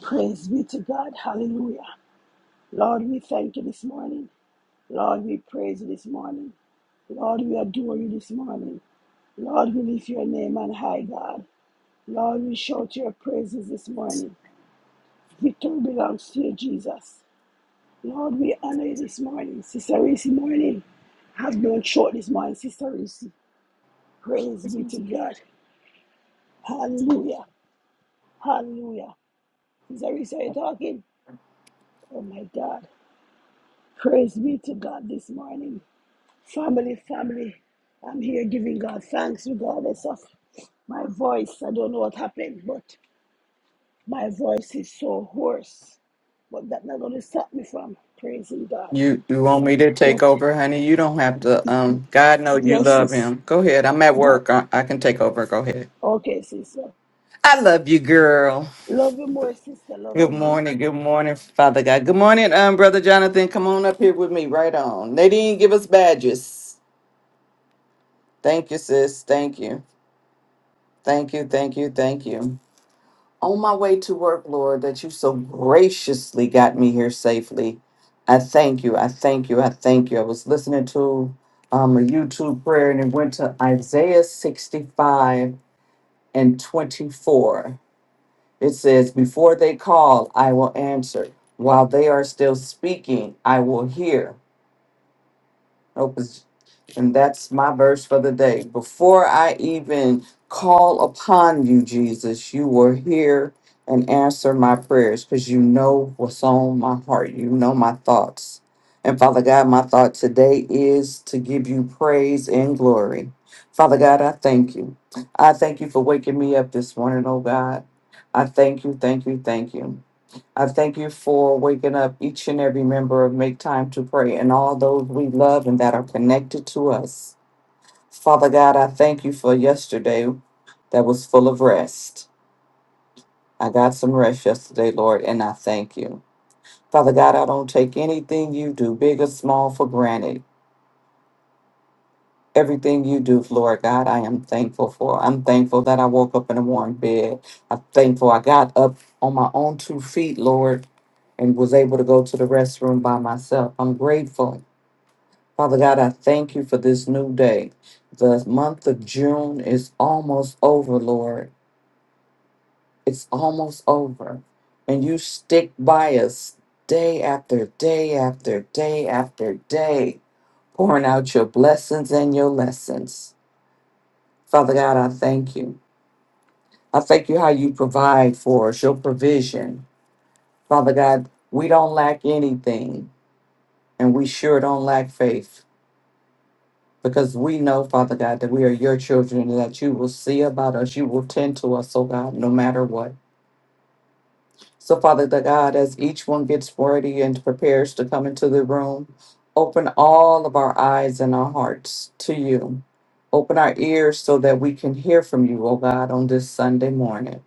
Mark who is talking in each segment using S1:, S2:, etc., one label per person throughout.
S1: Praise be to God. Hallelujah. Lord, we thank you this morning. Lord, we praise you this morning. Lord, we adore you this morning. Lord, we lift your name on high, God. Lord, we shout your praises this morning. Victory belongs to you, Jesus. Lord, we honor you this morning. Sister Reese, morning. Have no short this morning, Sister Reese. Praise be to God. Hallelujah. Hallelujah. Sister Reese, are you talking? Oh my God. Praise be to God this morning. Family, family, I'm here giving God thanks regardless of my voice. I don't know what happened, but my voice is so hoarse. But that's not going to stop me from praising God.
S2: You you want me to take
S1: What?
S2: over, honey? You don't have to. Um, God know you
S1: Yes,
S2: love
S1: sis.
S2: him. Go ahead. I'm at
S1: That.
S2: work. I, I can take over. Go ahead.
S1: Okay, sister.
S2: I love you, girl.
S1: Love you more, sister. Love
S2: Good
S1: you more.
S2: morning. Good morning, Father God. Good morning, um, brother Jonathan. Come on up here with me. Right on. They didn't give us badges. Thank you, sis. Thank you. Thank you. Thank you. Thank you. on my way to work, Lord, that you so graciously got me here safely. I thank you. I thank you. I thank you. I was listening to um, a YouTube prayer and it went to Isaiah 65 and 24. It says, Before they call, I will answer. While they are still speaking, I will hear. Opens, and that's my verse for the day. Before I even call upon you, Jesus, you were here and answer my prayers because you know what's on my heart. You know my thoughts. And Father God, my thought today is to give you praise and glory. Father God, I thank you. I thank you for waking me up this morning, oh God. I thank you, thank you, thank you. I thank you for waking up each and every member of Make Time to Pray and all those we love and that are connected to us. Father God, I thank you for yesterday that was full of rest. I got some rest yesterday, Lord, and I thank you. Father God, I don't take anything you do, big or small, for granted. Everything you do, Lord God, I am thankful for. I'm thankful that I woke up in a warm bed. I'm thankful I got up on my own two feet, Lord, and was able to go to the restroom by myself. I'm grateful. Father God, I thank you for this new day. The month of June is almost over, Lord. It's almost over. And you stick by us day after day after day after day, pouring out your blessings and your lessons. Father God, I thank you. I thank you how you provide for us, your provision. Father God, we don't lack anything, and we sure don't lack faith because we know, Father God, that we are your children and that you will see about us. You will tend to us, oh God, no matter what. So, Father the God, as each one gets ready and prepares to come into the room, open all of our eyes and our hearts to you. Open our ears so that we can hear from you, oh God, on this Sunday morning.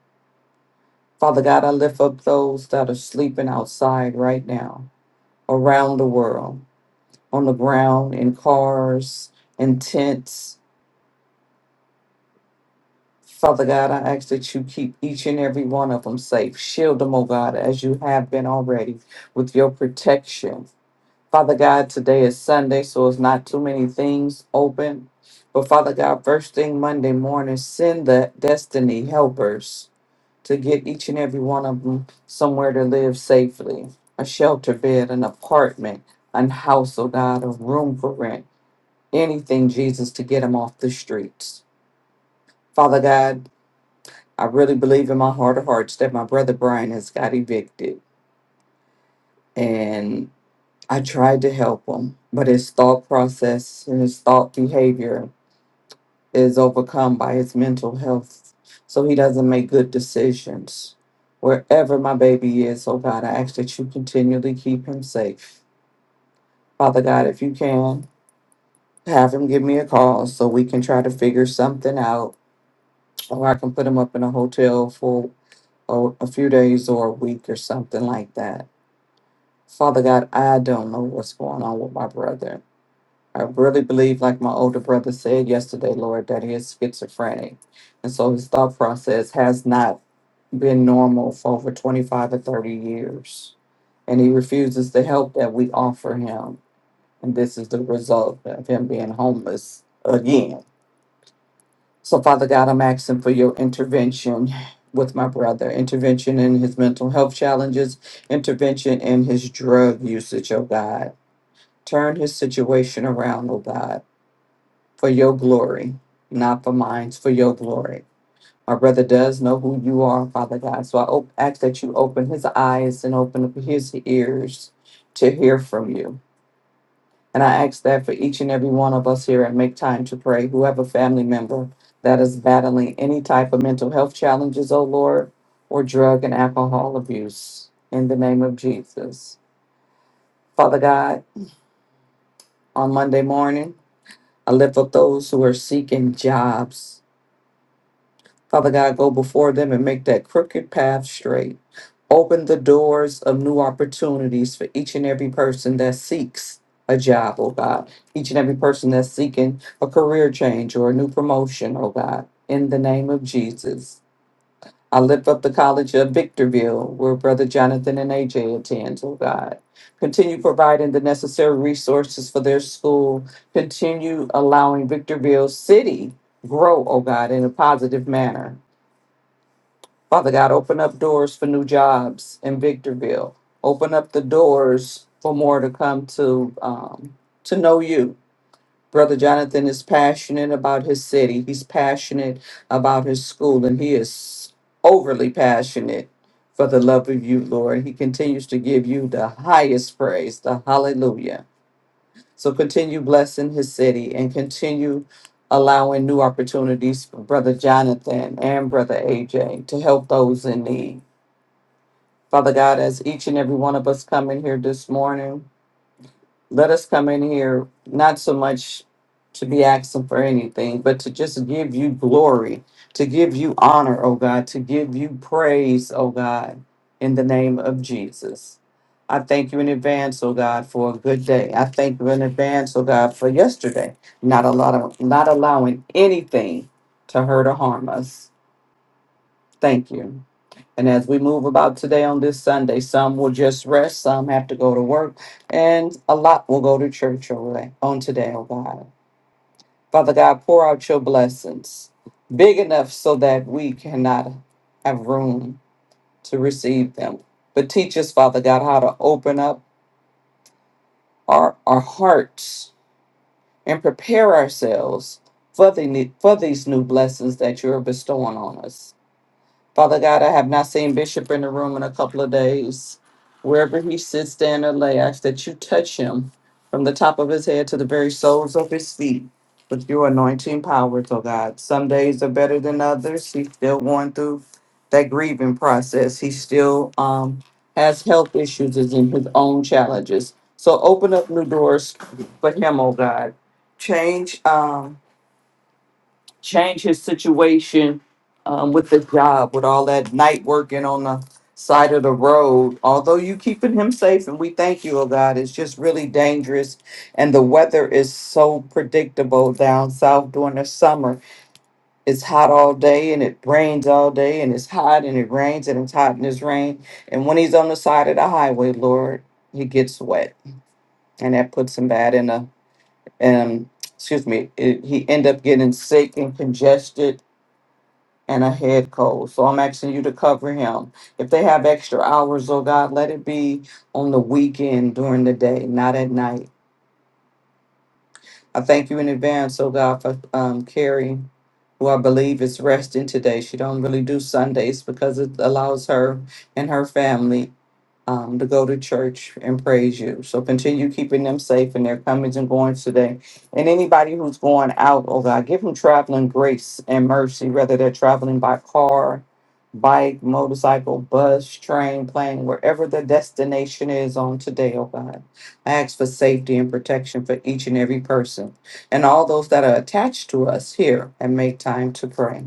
S2: Father God, I lift up those that are sleeping outside right now, around the world, on the ground, in cars, in tents. Father God, I ask that you keep each and every one of them safe. Shield them, oh God, as you have been already, with your protection. Father God, today is Sunday, so it's not too many things open. But Father God, first thing Monday morning, send the destiny helpers to get each and every one of them somewhere to live safely a shelter bed, an apartment, a house, oh God, a room for rent, anything, Jesus, to get them off the streets. Father God, I really believe in my heart of hearts that my brother Brian has got evicted. And I tried to help him, but his thought process and his thought behavior is overcome by his mental health. So he doesn't make good decisions. Wherever my baby is, oh God, I ask that you continually keep him safe. Father God, if you can, have him give me a call so we can try to figure something out, or I can put him up in a hotel for a, a few days or a week or something like that. Father God, I don't know what's going on with my brother I really believe, like my older brother said yesterday, Lord, that he is schizophrenic. And so his thought process has not been normal for over 25 or 30 years. And he refuses the help that we offer him. And this is the result of him being homeless again. So, Father God, I'm asking for your intervention with my brother, intervention in his mental health challenges, intervention in his drug usage, oh God. Turn his situation around, oh God. for your glory, not for mine, for your glory. My brother does know who you are, Father God. So I op- ask that you open his eyes and open up his ears to hear from you. And I ask that for each and every one of us here and Make Time to Pray, whoever family member that is battling any type of mental health challenges, oh Lord, or drug and alcohol abuse, in the name of Jesus. Father God, on Monday morning, I lift up those who are seeking jobs Father God, go before them and make that crooked path straight. Open the doors of new opportunities for each and every person that seeks a job, oh God. Each and every person that's seeking a career change or a new promotion, oh God. In the name of Jesus. I lift up the College of Victorville, where Brother Jonathan and AJ attend, oh God. Continue providing the necessary resources for their school. Continue allowing Victorville City grow, oh God, in a positive manner Father God, open up doors for new jobs in Victorville. Open up the doors for more to come to um, to know you. Brother Jonathan is passionate about his city. He's passionate about his school, and he is overly passionate for the love of you, Lord. He continues to give you the highest praise, the hallelujah. So continue blessing his city and continue allowing new opportunities for Brother Jonathan and Brother AJ to help those in need. Father God, as each and every one of us come in here this morning, let us come in here not so much to be asking for anything, but to just give you glory, to give you honor, oh God, to give you praise, oh God, in the name of Jesus. I thank you in advance, oh God, for a good day. I thank you in advance, oh God, for yesterday, not a lot of not allowing anything to hurt or harm us. Thank you. And as we move about today on this Sunday, some will just rest, some have to go to work, and a lot will go to church over- on today, oh God. Father God, pour out your blessings big enough so that we cannot have room to receive them. But teach us, Father God, how to open up our, our hearts and prepare ourselves for, the, ne- for these new blessings that you are bestowing on us. Father God, I have not seen Bishop in the room in a couple of days. Wherever he sits, stand, or lay, I ask that you touch him from the top of his head to the very soles of his feet with your anointing powers, oh God. Some days are better than others. He's still going through that grieving process. He still um, has health issues and in his own challenges. So open up new doors for him, oh God. Change. Um, change his situation um, with the job, with all that night working on the side of the road. Although you keeping him safe, and we thank you, oh God, it's just really dangerous. And the weather is so predictable down south during the summer. It's hot all day and it rains all day, and it's hot and it rains and it's hot and it's rain. And when he's on the side of the highway, Lord, he gets wet, and that puts him bad in a um. Excuse me. It, he end up getting sick and congested and a head cold. So I'm asking you to cover him. If they have extra hours, oh God, let it be on the weekend during the day, not at night. I thank you in advance, oh God, for um, Carrie, who I believe is resting today. She don't really do Sundays because it allows her and her family um, to go to church and praise you. So continue keeping them safe in their comings and goings today. And anybody who's going out, oh God, give them traveling grace and mercy, whether they're traveling by car, bike, motorcycle, bus, train, plane, wherever the destination is on today, oh God. I ask for safety and protection for each and every person and all those that are attached to us here and make time to pray.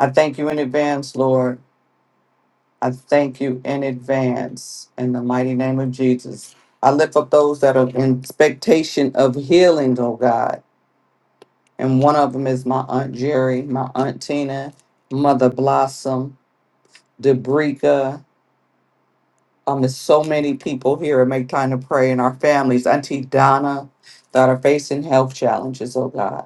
S2: I thank you in advance, Lord I thank you in advance in the mighty name of Jesus. I lift up those that are in expectation of healing, oh God. And one of them is my Aunt Jerry, my Aunt Tina, Mother Blossom, Debrica. Um, there's so many people here and make time to pray in our families. Auntie Donna that are facing health challenges, oh God.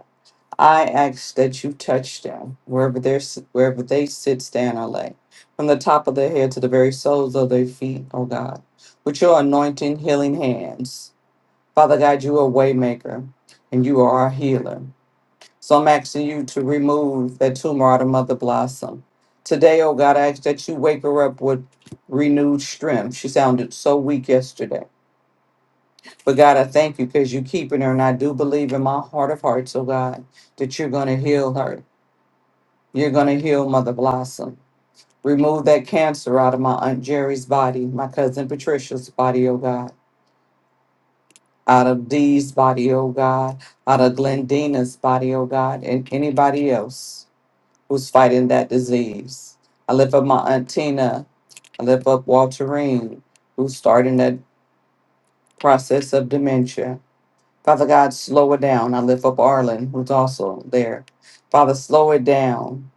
S2: I ask that you touch them wherever they wherever they sit, stand, or lay, from the top of their head to the very soles of their feet, O God, with your anointing, healing hands. Father God, you are a waymaker, and you are our healer. So I'm asking you to remove that tumor out of Mother Blossom today, O God. I ask that you wake her up with renewed strength. She sounded so weak yesterday, but God, I thank you because you're keeping her, and I do believe in my heart of hearts, O God, that you're going to heal her you're going to heal Mother Blossom. Remove that cancer out of my Aunt Jerry's body, my cousin Patricia's body, oh God, out of Dee's body, oh God, out of Glendina's body, oh God, and anybody else who's fighting that disease. I lift up my Aunt Tina. I lift up Walterine, who's starting that process of dementia. Father God, slow it down. I lift up Arlen, who's also there. Father, slow it down.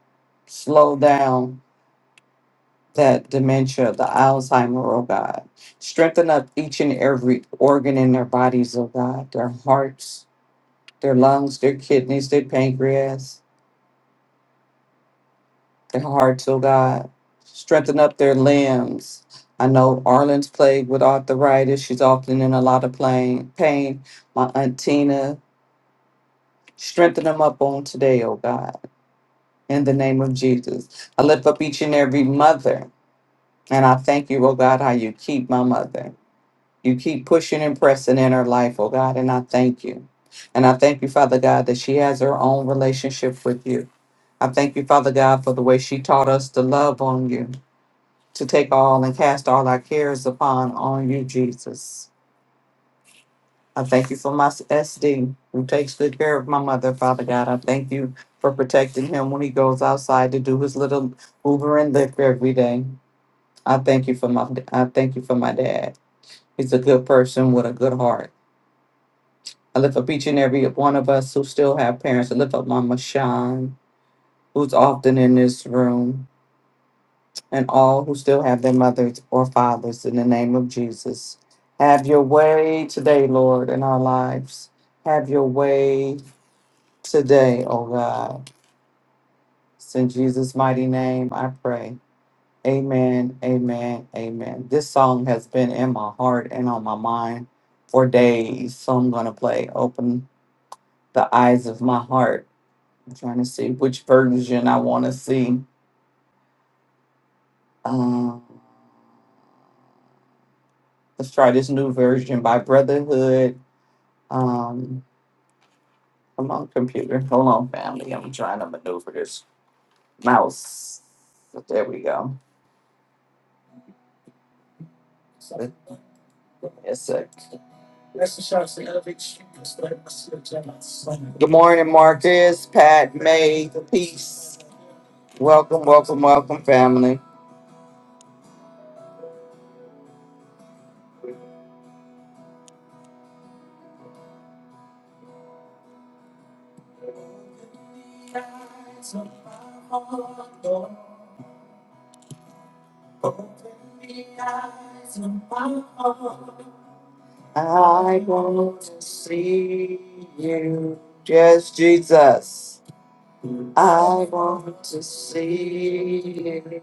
S2: Slow down that dementia, the Alzheimer, oh God. Strengthen up each and every organ in their bodies, oh God, their hearts, their lungs, their kidneys, their pancreas, their hearts, oh God. Strengthen up their limbs. I know Arlen's plagued with arthritis. She's often in a lot of plain, pain. My Aunt Tina, strengthen them up on today, oh God, in the name of Jesus. I lift up each and every mother, and I thank you, oh God, how you keep my mother. You keep pushing and pressing in her life, oh God, and I thank you. And I thank you, Father God, that she has her own relationship with you. I thank you, Father God, for the way she taught us to love on you, to take all and cast all our cares upon on you, Jesus. I thank you for my SD, who takes good care of my mother, Father God. I thank you for protecting him when he goes outside to do his little Uber and Lyft every day. I thank you for my I thank you for my dad. He's a good person with a good heart. I lift up each and every one of us who still have parents. I lift up Mama Sean, who's often in this room, and all who still have their mothers or fathers in the name of Jesus. Have your way today, Lord, in our lives. Have your way today, oh God. It's in Jesus' mighty name I pray. Amen, amen, amen. This song has been in my heart and on my mind for days, so I'm going to play Open the Eyes of My Heart I'm trying to see which version I want to see. Um, let's try this new version by Brotherhood. Um, come on, computer. Hold on, family. I'm trying to maneuver this mouse. But there we go. So it's a good morning, Marcus, Pat, May, peace. Welcome, welcome, welcome, family. I want to see you, just Jesus. I want to see. it.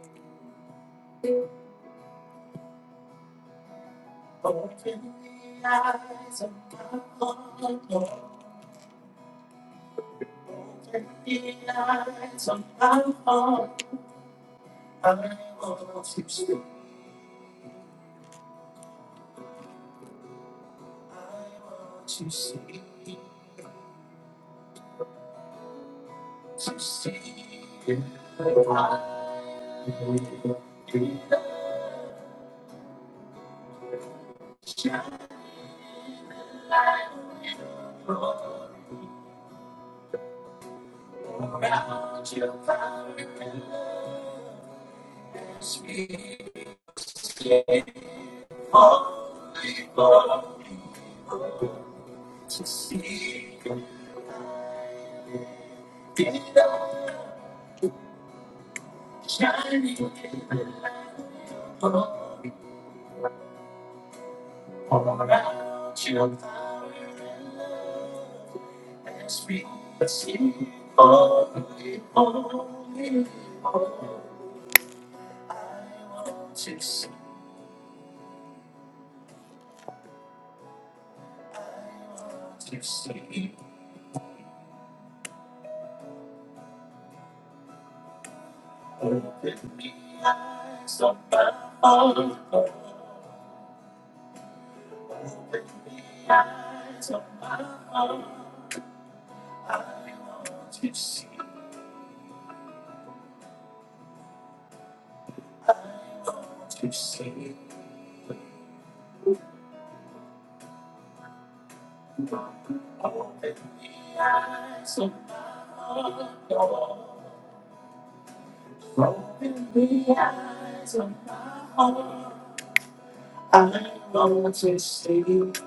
S2: I want to see. it.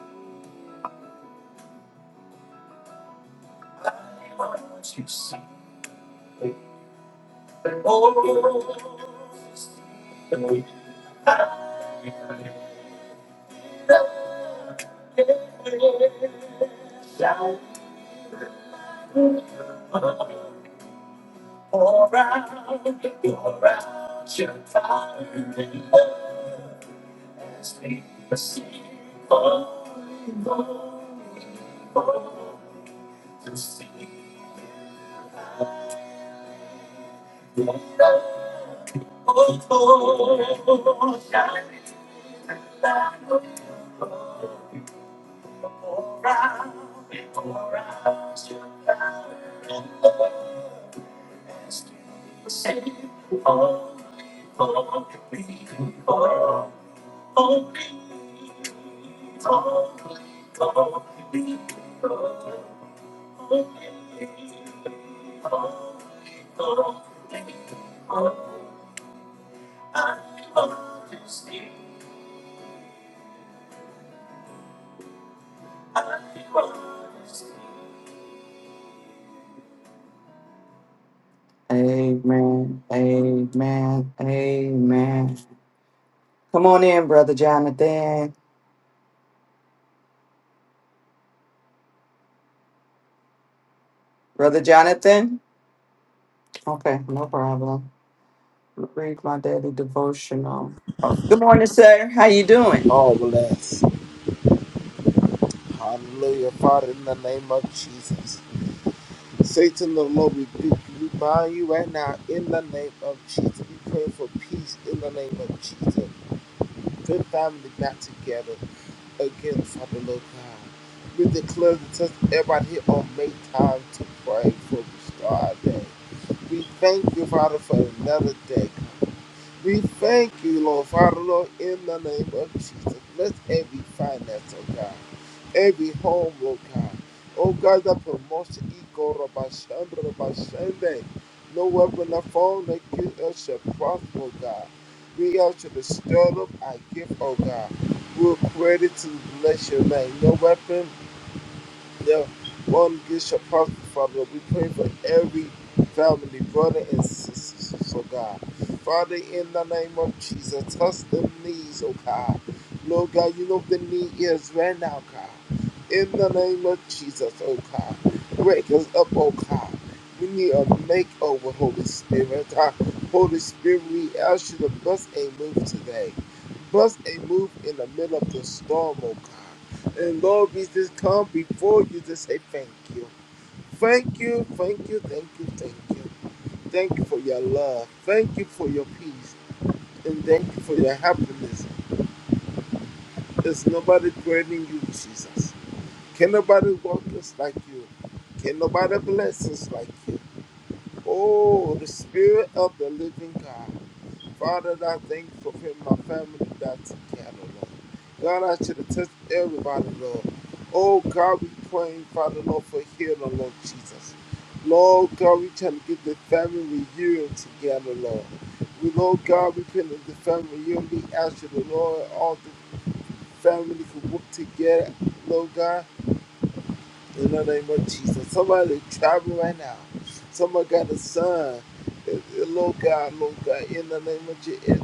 S2: Amen. Amen. Amen. Come on in, Brother Jonathan. Brother Jonathan? Okay, no problem. Read my daily devotional. Good morning, sir. How you doing?
S3: all bless. Hallelujah. Father, in the name of Jesus. Satan, the Lord, we rebuke you, We bind you right now in the name of Jesus. We pray for peace in the name of Jesus. Good family back together again, Father, Lord God. We declare the test everybody here on make time to pray for the start day. We thank you, Father, for another day. We thank you, Lord Father, Lord, in the name of Jesus. Bless every finance, oh God. Every home, oh God. Oh God, the promotion, Ego Rabashandra Rabashande. No weapon of form that gives us shall prosper, oh God. We are to the stir up our gift, oh God. We're created to bless your name. No weapon their one gets shall prosper, Father. We pray for every family, brother and sister, so God. Father, in the name of Jesus, touch the knees, oh God. Lord God, you know what the need is right now, God. In the name of Jesus, oh God. Wake us up, oh God. We need a makeover, Holy Spirit. God. Holy Spirit, we ask you to bust a move today. Bust a move in the middle of the storm, oh God. And Lord, we just come before you to say thank you. Thank you, thank you, thank you, thank you. Thank you for your love. Thank you for your peace. And thank you for your happiness. There's nobody greater than you, Jesus. Can nobody walk us like you? Can nobody bless us like you? Oh, the Spirit of the living God. Father, I thank you for him, my family that took care of, Lord. God, I should have touched everybody, Lord. Oh, God, we praying, Father, Lord, for healing, Lord Jesus. Lord God, we trying to get the family reunion together, Lord. We, Lord God, we praying that the family reunion. We ask you, the Lord, all the family can work together, Lord God. In the name of Jesus. Somebody traveling right now. Someone got a son. Eh, eh, Lord God, Lord God, in the name of Jesus.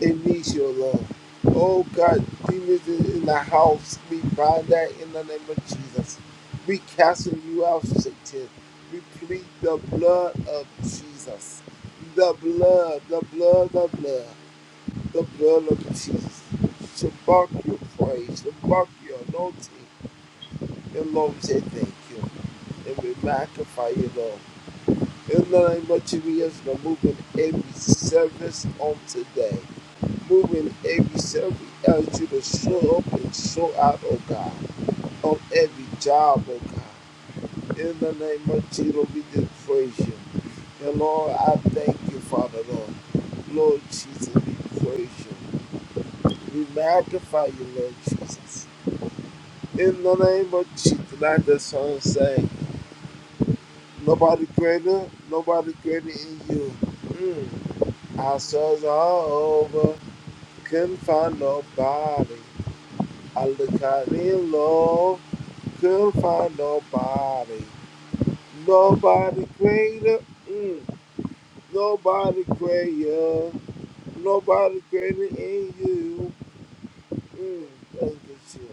S3: It needs your love. Oh God, demons in the house. We bind that in the name of Jesus. We cast you out, Satan. We plead the blood of Jesus. The blood, the blood, the blood, the blood of Jesus. Shabak your praise. Shabak your anointing. Dear Lord, we say thank you. And we magnify you, Lord. In the name of Jesus, Lord, move in every service on today. Move in every service as you to show up and show out, oh God, on every job, oh God. In the name of Jesus, we do praise you. And Lord, I thank you, Father, Lord. Lord Jesus, we praise you. We magnify you, Lord Jesus. In the name of Jesus, like the song saying. Nobody greater, nobody greater in you. Mm. I searched all over, couldn't find nobody. I look out in low, couldn't find nobody. Nobody greater, mm. nobody greater, nobody greater in you. Mm. Thank you, Jesus.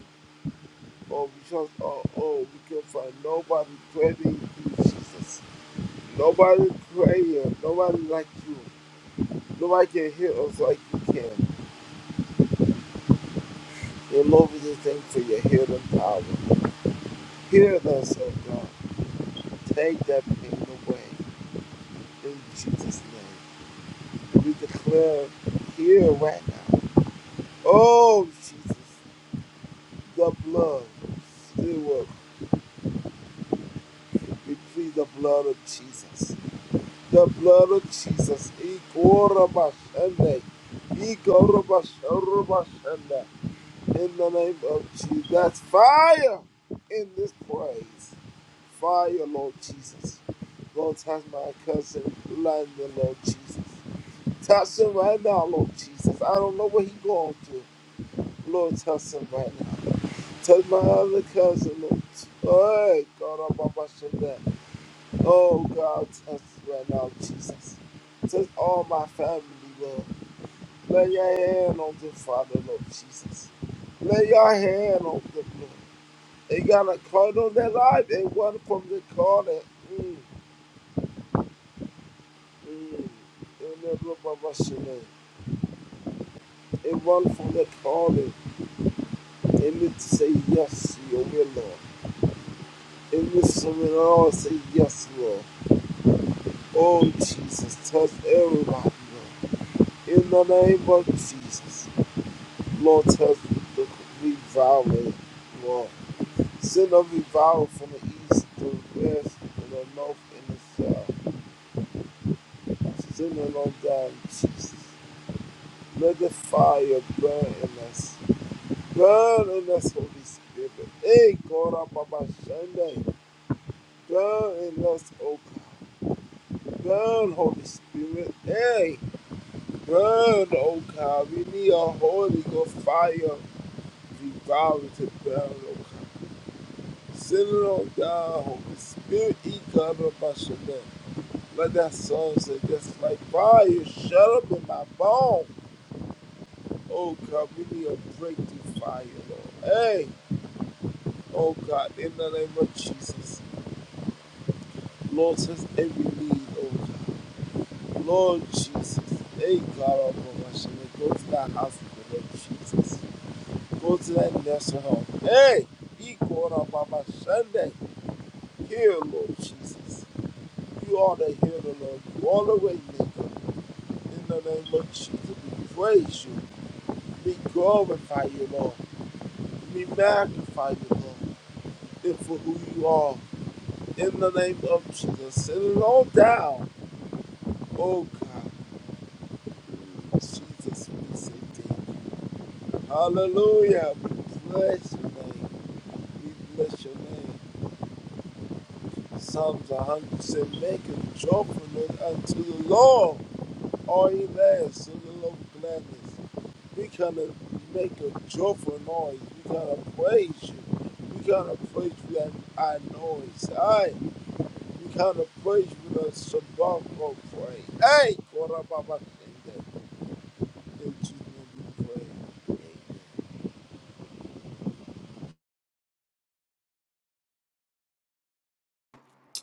S3: Oh, we trust, oh, oh, we can find nobody greater in you, Jesus. Nobody greater, nobody like you. Lord, you hear us like you can. Lord, Lord, we just thank you for your healing power. Hear us, oh God. Take that pain away. In Jesus' name. We declare here right now. Oh, Jesus, the blood still works. We plead the blood of Jesus. The blood of Jesus. Ikorabashande. Ikorabasharabashande. in the name of Jesus. That's fire in this praise, Fire, Lord Jesus. Lord, touch my cousin London, Lord Jesus. Touch him right now, Lord Jesus. I don't know what he going through. Lord, touch him right now. Lord. Touch my other cousin, Lord. Hey, God, I'm about to shut down. Oh, God, touch right now, Jesus. Touch all my family, Lord. Lay your hand on them, Father, Lord Jesus. Lay your hand on them, Lord. They got a card on their life. They won from the corner. Mm, mm. And they look at my shame. They run from the corner. They need to say yes to your will, Lord. They need to surrender all and say yes, Lord. Oh, Jesus, touch everybody, Lord. In the name of Jesus, Lord, touch the revival, Lord. Send every vial from the east to the west, to the north and the south. Send it on down, Jesus. Let the fire burn in us. Burn in us, Holy Spirit. Hey, God, Baba Sunday. Burn in us, O God. Burn, Holy Spirit. Hey, burn, O God. We need a Holy Ghost fire revival to burn, O God. Send it on down, Holy Spirit. E God, Baba Sunday. Let that song say just like fire shut up in my bone. Oh God, we need a breakthrough fire, Lord. Hey, oh God, in the name of Jesus. Lord says every need, oh God. Lord Jesus. Hey God oh God, I should go to that house hospital, Lord Jesus. Go to that nursing home. Hey, be called up on my Sunday. Heal, Lord Jesus. You are the healer, Lord. You are the way maker. In the name of Jesus, we praise you. We glorify you, Lord. We magnify you, Lord, and for who you are. In the name of Jesus. And it all down. Oh God. Jesus, we say thank you. Hallelujah. We bless your name. We bless your name. Psalms 100 said, Make a joyful note unto the Lord. all ye lands, in the aloud gladness. We gonna make a joyful noise. We gonna praise you. We gonna praise you at our noise. Aye. We gonna praise you with a sabbatical praise. Hey, Korababa. In Jesus' name we pray.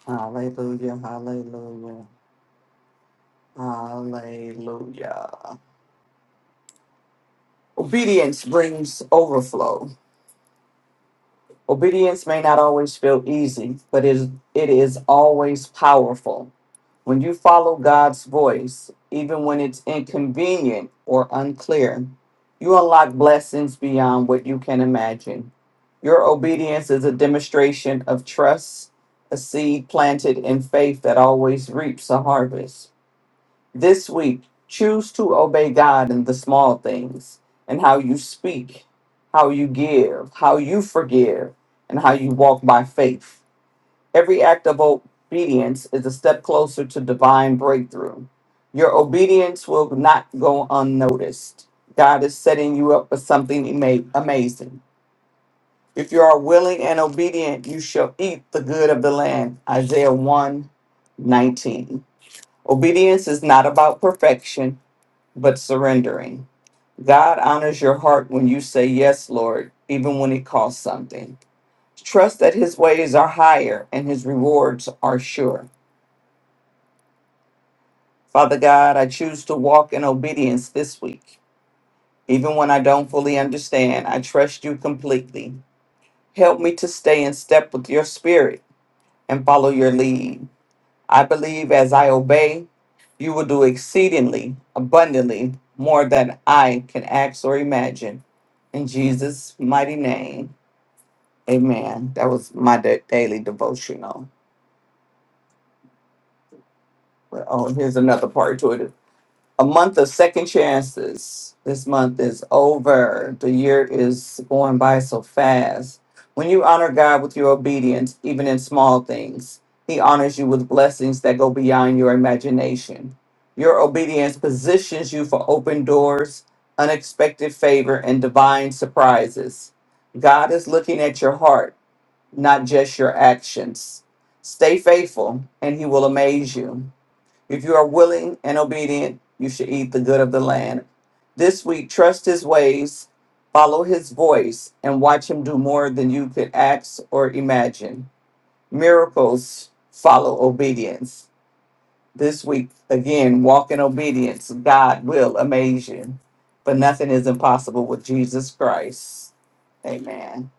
S2: Hallelujah. Hallelujah. Hallelujah. Obedience brings overflow. Obedience may not always feel easy, but is it is always powerful. When you follow God's voice, even when it's inconvenient or unclear, you unlock blessings beyond what you can imagine. Your obedience is a demonstration of trust, a seed planted in faith that always reaps a harvest. This week, choose to obey God in the small things and how you speak, how you give, how you forgive, and how you walk by faith. Every act of obedience is a step closer to divine breakthrough. Your obedience will not go unnoticed. God is setting you up for something ama- amazing. If you are willing and obedient, you shall eat the good of the land. Isaiah one, 19. Obedience is not about perfection but surrendering. God honors your heart when you say yes, Lord, even when it costs something. Trust that his ways are higher and his rewards are sure. Father God, I choose to walk in obedience this week. Even when I don't fully understand, I trust you completely. Help me to stay in step with your spirit and follow your lead. I believe as I obey, you will do exceedingly abundantly more than I can ask or imagine. In Jesus' mighty name, amen. That was my da- daily devotional. But, oh, here's another part to it. a month of second chances. This month is over. The year is going by so fast. When you honor God with your obedience, even in small things, He honors you with blessings that go beyond your imagination. Your obedience positions you for open doors, unexpected favor, and divine surprises. God is looking at your heart, not just your actions. Stay faithful, and He will amaze you. If you are willing and obedient, you should eat the good of the land. This week, trust his ways, follow his voice, and watch him do more than you could ask or imagine. Miracles follow obedience. This week, again, walk in obedience. God will amaze you. But nothing is impossible with Jesus Christ. Amen.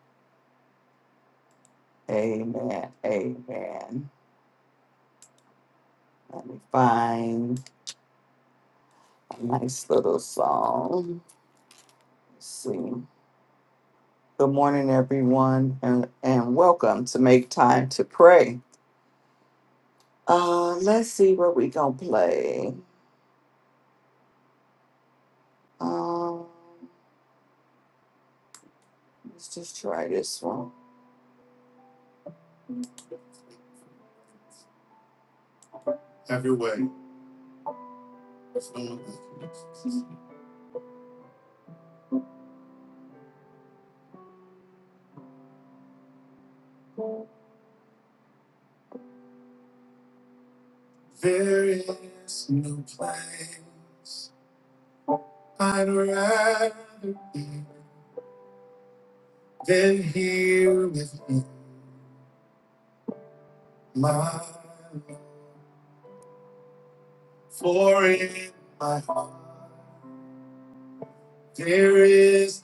S2: Amen. Amen. Let me find a nice little song. Let's see. Good morning, everyone, and, and welcome to Make Time to Pray. Uh, let's see what we gonna play. Um, let's just try this one. My life is-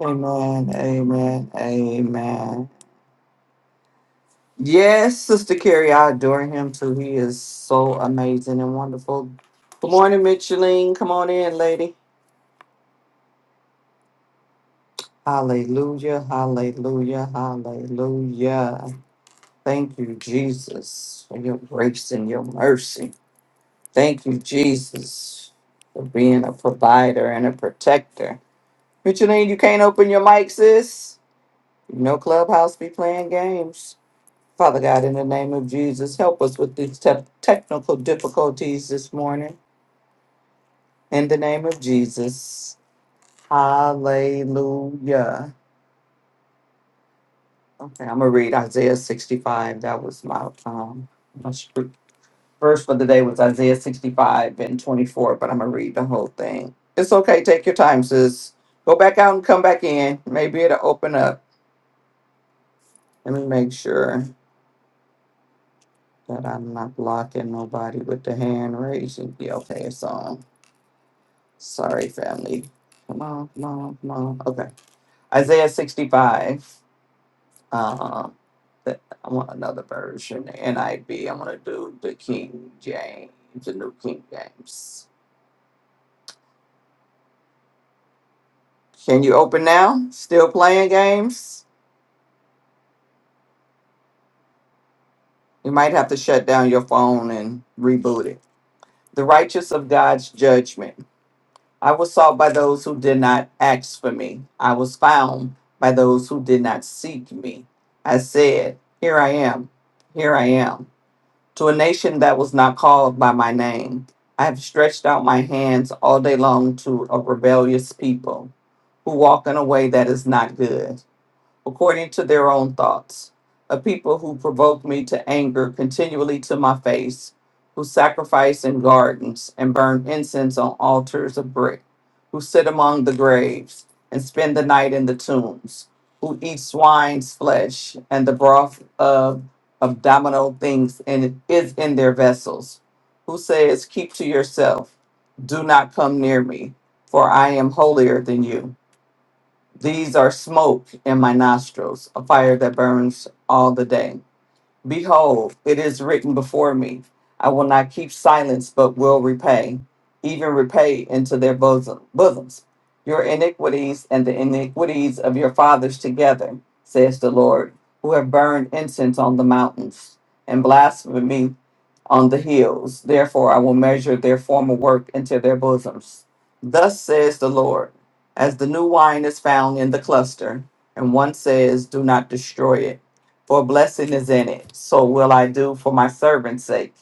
S2: Amen, amen, amen. Yes, Sister Carrie, I adore him too. He is so amazing and wonderful. Good morning, Micheline. Come on in, lady. Hallelujah, hallelujah, hallelujah. Thank you, Jesus, for your grace and your mercy. Thank you, Jesus, for being a provider and a protector. Micheline, you can't open your mic, sis. You know Clubhouse be playing games. Father God, in the name of Jesus, help us with these te- technical difficulties this morning. In the name of Jesus. Hallelujah. Okay, I'm going to read Isaiah 65. That was my um, my scripture. verse for the day was Isaiah 65 and 24, but I'm going to read the whole thing. It's okay. Take your time, sis. Go back out and come back in. Maybe it'll open up. Let me make sure that I'm not blocking nobody with the hand raising. Yeah, okay, it's on. Sorry, family. Come on, come on, come on. Okay. Isaiah 65. Um, that- I want another version. NIV. I V. I want to do the King James, the New King James. Can you open now? Still playing games? You might have to shut down your phone and reboot it. The righteous of God's judgment. I was sought by those who did not ask for me. I was found by those who did not seek me. I said, Here I am, here I am, to a nation that was not called by my name. I have stretched out my hands all day long to a rebellious people who walk in a way that is not good. according to their own thoughts, a people who provoke me to anger continually to my face, who sacrifice in gardens and burn incense on altars of brick, who sit among the graves and spend the night in the tombs, who eat swine's flesh and the broth of abdominal things and is in their vessels, who says, Keep to yourself, do not come near me, for I am holier than you these are smoke in my nostrils, a fire that burns all the day. Behold, it is written before me, I will not keep silence, but will repay, even repay into their bosom, bosoms your iniquities and the iniquities of your fathers together, says the Lord, who have burned incense on the mountains and blasphemy on the hills. Therefore, I will measure their former work into their bosoms. Thus says the Lord, as the new wine is found in the cluster, and one says, Do not destroy it for blessing is in it. So will I do for my servant's sake,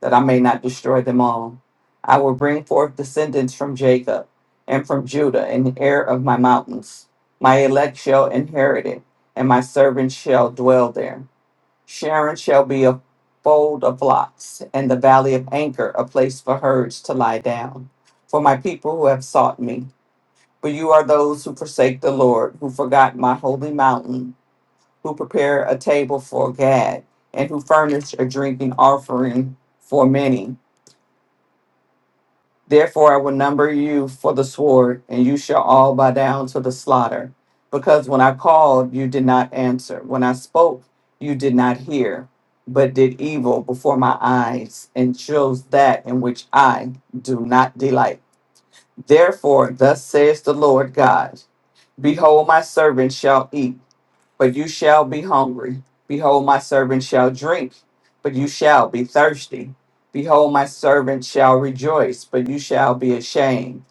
S2: that I may not destroy them all. I will bring forth descendants from Jacob and from Judah, an heir of my mountains. My elect shall inherit it, and my servants shall dwell there. Sharon shall be a fold of flocks, and the valley of Anchor a place for herds to lie down. For my people who have sought me, for you are those who forsake the Lord, who forgot my holy mountain who prepare a table for Gad, and who furnish a drinking offering for many. Therefore I will number you for the sword, and you shall all bow down to the slaughter. Because when I called, you did not answer. When I spoke, you did not hear, but did evil before my eyes, and chose that in which I do not delight. Therefore, thus says the Lord God Behold, my servant shall eat but you shall be hungry. Behold, my servant shall drink, but you shall be thirsty. Behold, my servant shall rejoice, but you shall be ashamed.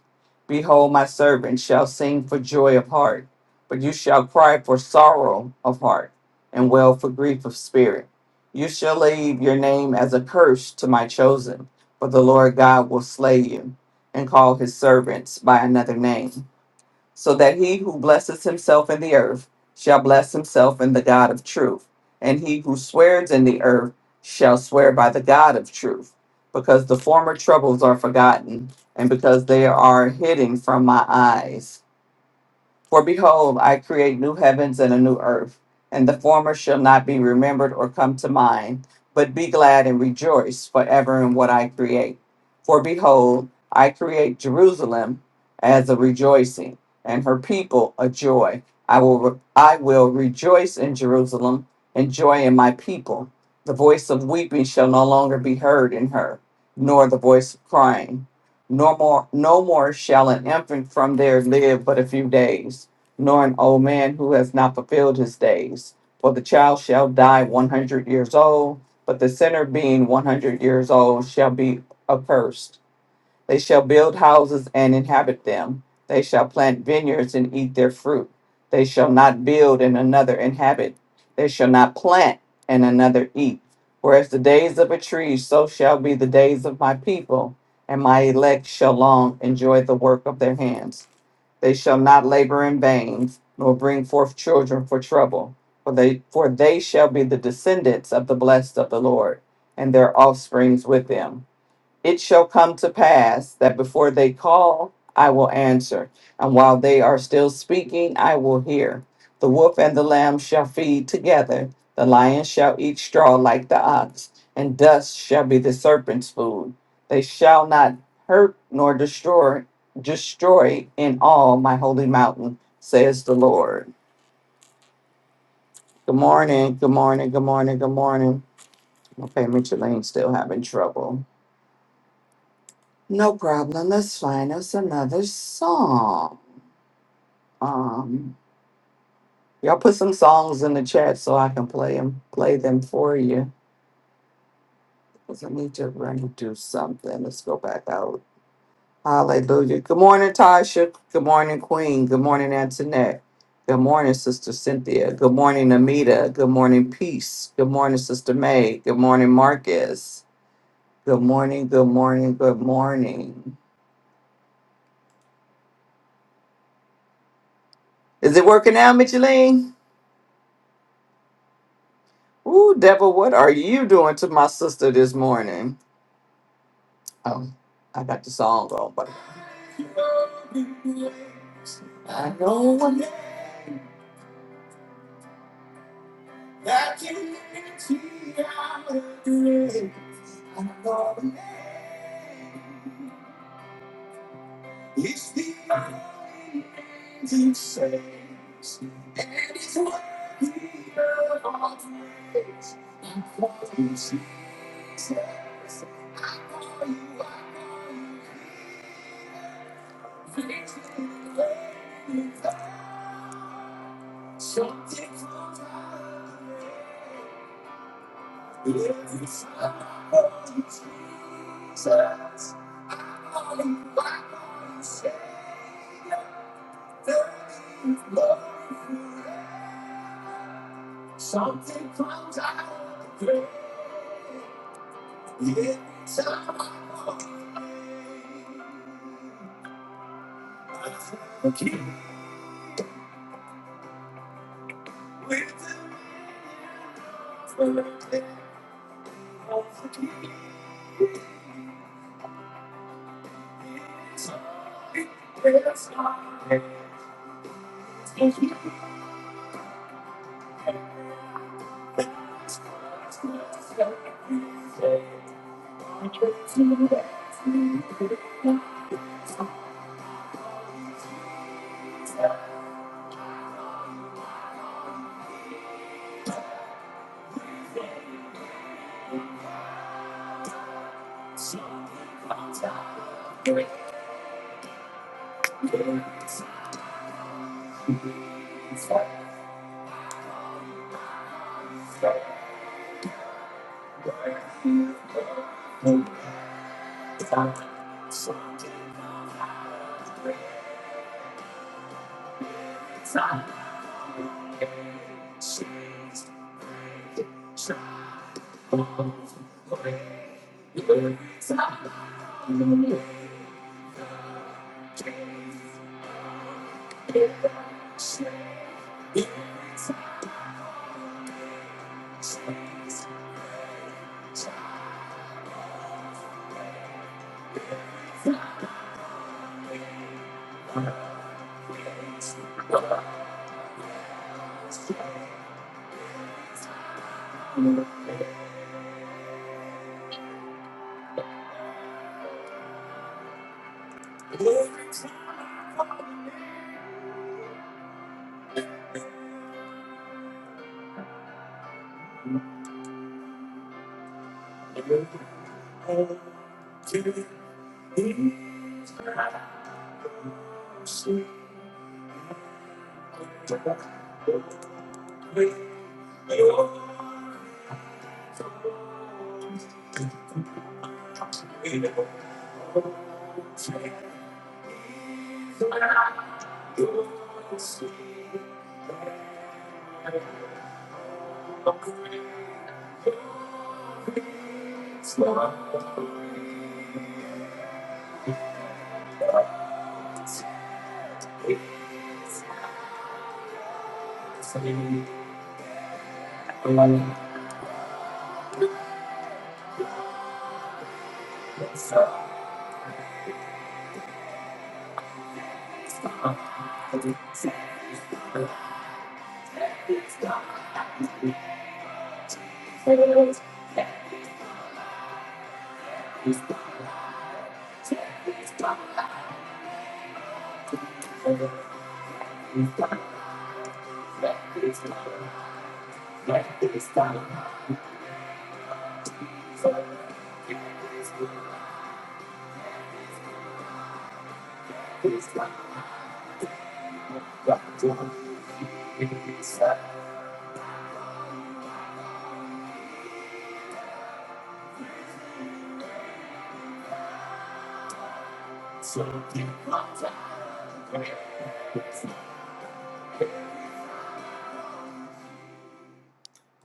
S2: Behold, my servant shall sing for joy of heart, but you shall cry for sorrow of heart, and wail for grief of spirit. You shall leave your name as a curse to my chosen, for the Lord God will slay you, and call his servants by another name so that he who blesses himself in the earth shall bless himself in the God of truth, and he who swears in the earth shall swear by the God of truth, because the former troubles are forgotten, and because they are hidden from my eyes. For behold, I create new heavens and a new earth, and the former shall not be remembered or come to mind, but be glad and rejoice forever in what I create. For behold, I create Jerusalem as a rejoicing, and her people a joy. I will I will rejoice in Jerusalem and joy in my people. The voice of weeping shall no longer be heard in her, nor the voice of crying. No more, no more shall an infant from there live but a few days, nor an old man who has not fulfilled his days. For the child shall die one hundred years old, but the sinner being one hundred years old shall be accursed. They shall build houses and inhabit them. They shall plant vineyards and eat their fruit. They shall not build and another inhabit. They shall not plant and another eat. For as the days of a tree, so shall be the days of my people, and my elect shall long enjoy the work of their hands. They shall not labor in vain, nor bring forth children for trouble, for they for they shall be the descendants of the blessed of the Lord, and their offsprings with them. It shall come to pass that before they call, I will answer, and while they are still speaking, I will hear. The wolf and the lamb shall feed together, the lion shall eat straw like the ox, and dust shall be the serpent's food. They shall not hurt nor destroy destroy in all my holy mountain, says the Lord. Good morning, good morning, good morning, good morning. Okay, Micheline still having trouble. No problem. That's fine. That's another song. Um, y'all put some songs in the chat so I can play them, play them for you. Cause I need to run and do something. Let's go back out. Hallelujah. Good morning, Tasha. Good morning, Queen. Good morning, Antoinette. Good morning, Sister Cynthia. Good morning, Amita. Good morning, Peace. Good morning, Sister May. Good morning, Marcus. Good morning. Good morning. Good morning. Is it working out, Micheline? Ooh, Deborah, what are you doing to my sister this morning? Oh, I got the song wrong, but I know one.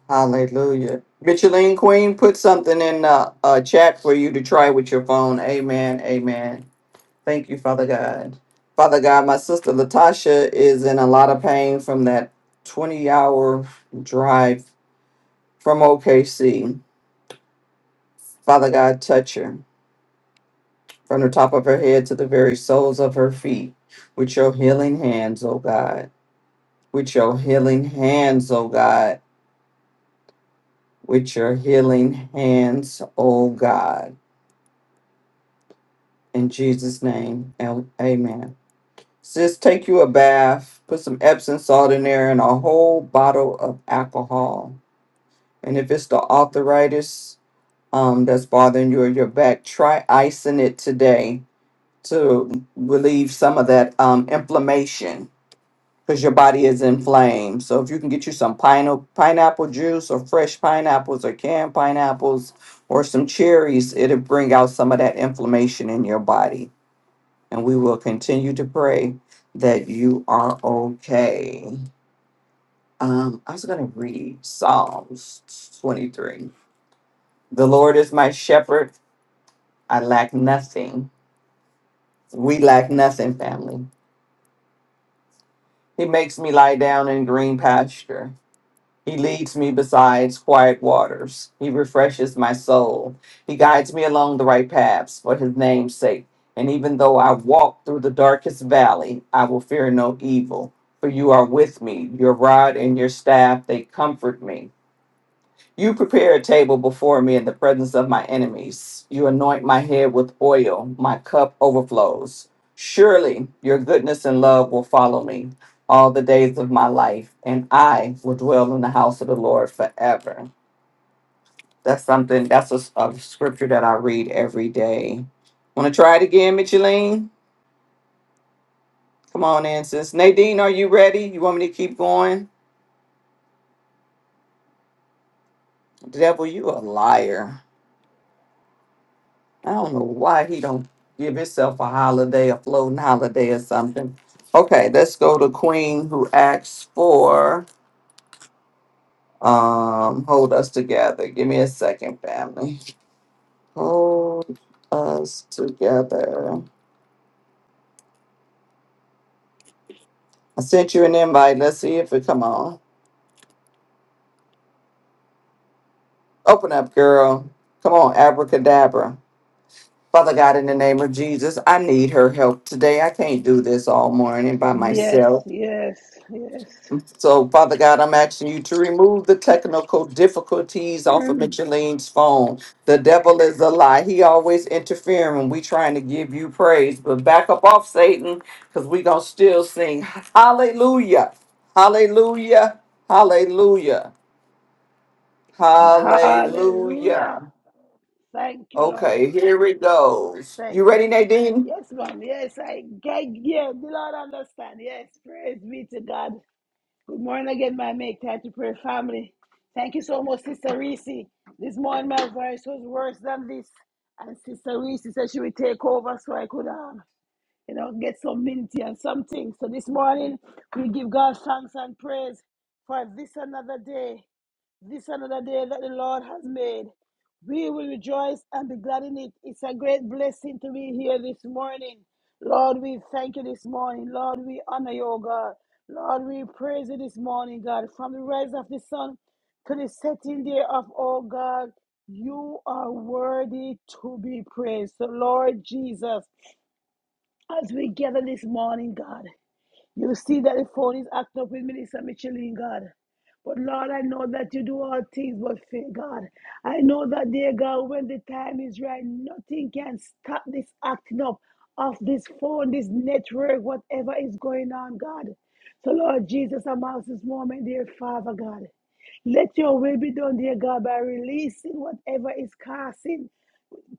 S2: Hallelujah. Micheline Queen, put something in the uh, chat for you to try with your phone. Amen. Amen. Thank you, Father God. Father God, my sister Latasha is in a lot of pain from that 20 hour drive from OKC. Father God, touch her. from the top of her head to the very soles of her feet with your healing hands, O God. With your healing hands, O God. With your healing hands, O God. In Jesus' name, am- amen. Sis, take you a bath, put some Epsom salt in there, and a whole bottle of alcohol. And if it's the arthritis um, that's bothering you or your back, try icing it today to relieve some of that um, inflammation because your body is inflamed. So if you can get you some pine- pineapple juice or fresh pineapples or canned pineapples or some cherries, it'll bring out some of that inflammation in your body. And we will continue to pray that you are okay. Um, I was going to read Psalms 23. The Lord is my shepherd. I lack nothing. We lack nothing, family. He makes me lie down in green pasture. He leads me beside quiet waters. He refreshes my soul. He guides me along the right paths for his name's sake. And even though I walk through the darkest valley, I will fear no evil. For you are with me. Your rod and your staff, they comfort me. You prepare a table before me in the presence of my enemies. You anoint my head with oil. My cup overflows. Surely your goodness and love will follow me all the days of my life, and I will dwell in the house of the Lord forever. That's something, that's a a scripture that I read every day. Want to try it again, Micheline? Come on in, sis. Nadine, are you ready? You want me to keep going? Devil, you a liar. I don't know why he don't give himself a holiday, a floating holiday or something. Okay, let's go to Queen who asks for um hold us together. Give me a second, family. Hold us together. I sent you an invite. Let's see if it come on. Open up, girl. Come on, abracadabra. Father God, in the name of Jesus, I need her help today. I can't do this all morning by
S1: Yes,
S2: myself.
S1: yes, yes.
S2: So, Father God, I'm asking you to remove the technical difficulties off of Micheline's phone. The devil is a lie. He always interfering when we trying to give you praise. But back up off Satan, because we gonna still sing Hallelujah. Hallelujah. Hallelujah. Hallelujah.
S1: Hallelujah. Thank you, Lord
S2: Okay,
S1: God.
S2: here it goes. You
S1: Thank you.
S2: ready, Nadine?
S1: Yes, ma'am. Yes, I get. Yeah, the Lord understand. Yes, praise be to God. Good morning again, my make time to pray family. Thank you so much, Sister Reese. This morning my voice was worse than this. And Sister Reese said she would take over so I could um, you know, get some minty and something. So this morning we give God thanks and praise for this another day. This another day that the Lord has made. We will rejoice and be glad in it. It's a great blessing to be here this morning. Lord, we thank you this morning. Lord, we honor you, O God. Lord, we praise you this morning, God. From the rise of the sun to the setting day of all God, you are worthy to be praised. So, Lord Jesus, as we gather this morning, God. You see that the phone is acting up with Minister Michelin, God. But Lord, I know that you do all things but fear, God. I know that, dear God, when the time is right, nothing can stop this acting up of this phone, this network, whatever is going on, God. So, Lord Jesus, I'm out this moment, dear Father, God. Let your will be done, dear God, by releasing whatever is casting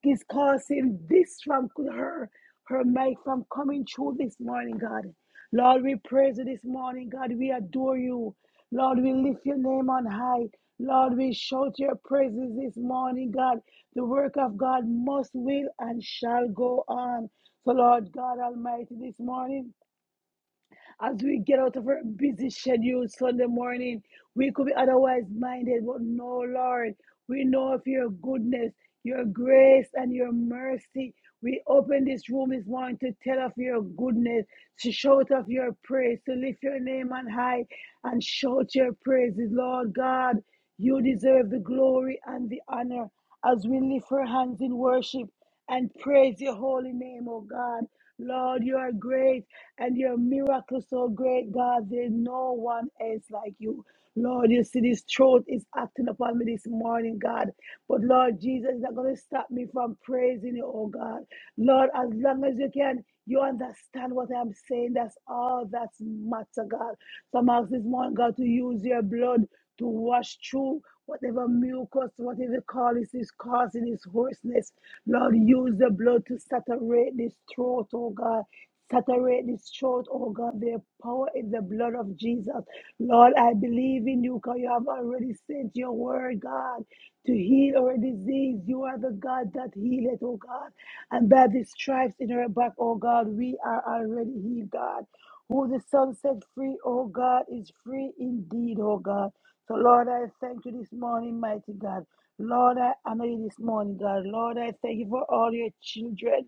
S1: is causing this from her, her mic from coming through this morning, God. Lord, we praise you this morning, God. We adore you. Lord, we lift your name on high. Lord, we shout your praises this morning, God. The work of God must, will, and shall go on. So, Lord God Almighty, this morning, as we get out of our busy schedule Sunday morning, we could be otherwise minded, but no, Lord, we know of your goodness, your grace, and your mercy. We open this room this morning to tell of your goodness, to shout of your praise, to lift your name on high and shout your praises, Lord God. You deserve the glory and the honor as we lift our hands in worship and praise your holy name, O God. Lord, you are great and your miracles so great, God. There's no one else like you. Lord, you see this truth is acting upon me this morning, God. But Lord Jesus is not going to stop me from praising you, oh God. Lord, as long as you can, you understand what I'm saying. That's all that's matter, God. Some I'm asking this morning, God, to use your blood to wash through whatever mucus, whatever colic is causing this hoarseness. Lord, use the blood to saturate this throat, oh God. Saturate this throat, oh God. Their power in the blood of Jesus. Lord, I believe in you because you have already sent your word, God, to heal our disease. You are the God that healeth, oh God. And by the stripes in our back, oh God, we are already healed, God. Who the Son set free, oh God, is free indeed, oh God. So, Lord, I thank you this morning, mighty God. Lord, I honor you this morning, God. Lord, I thank you for all your children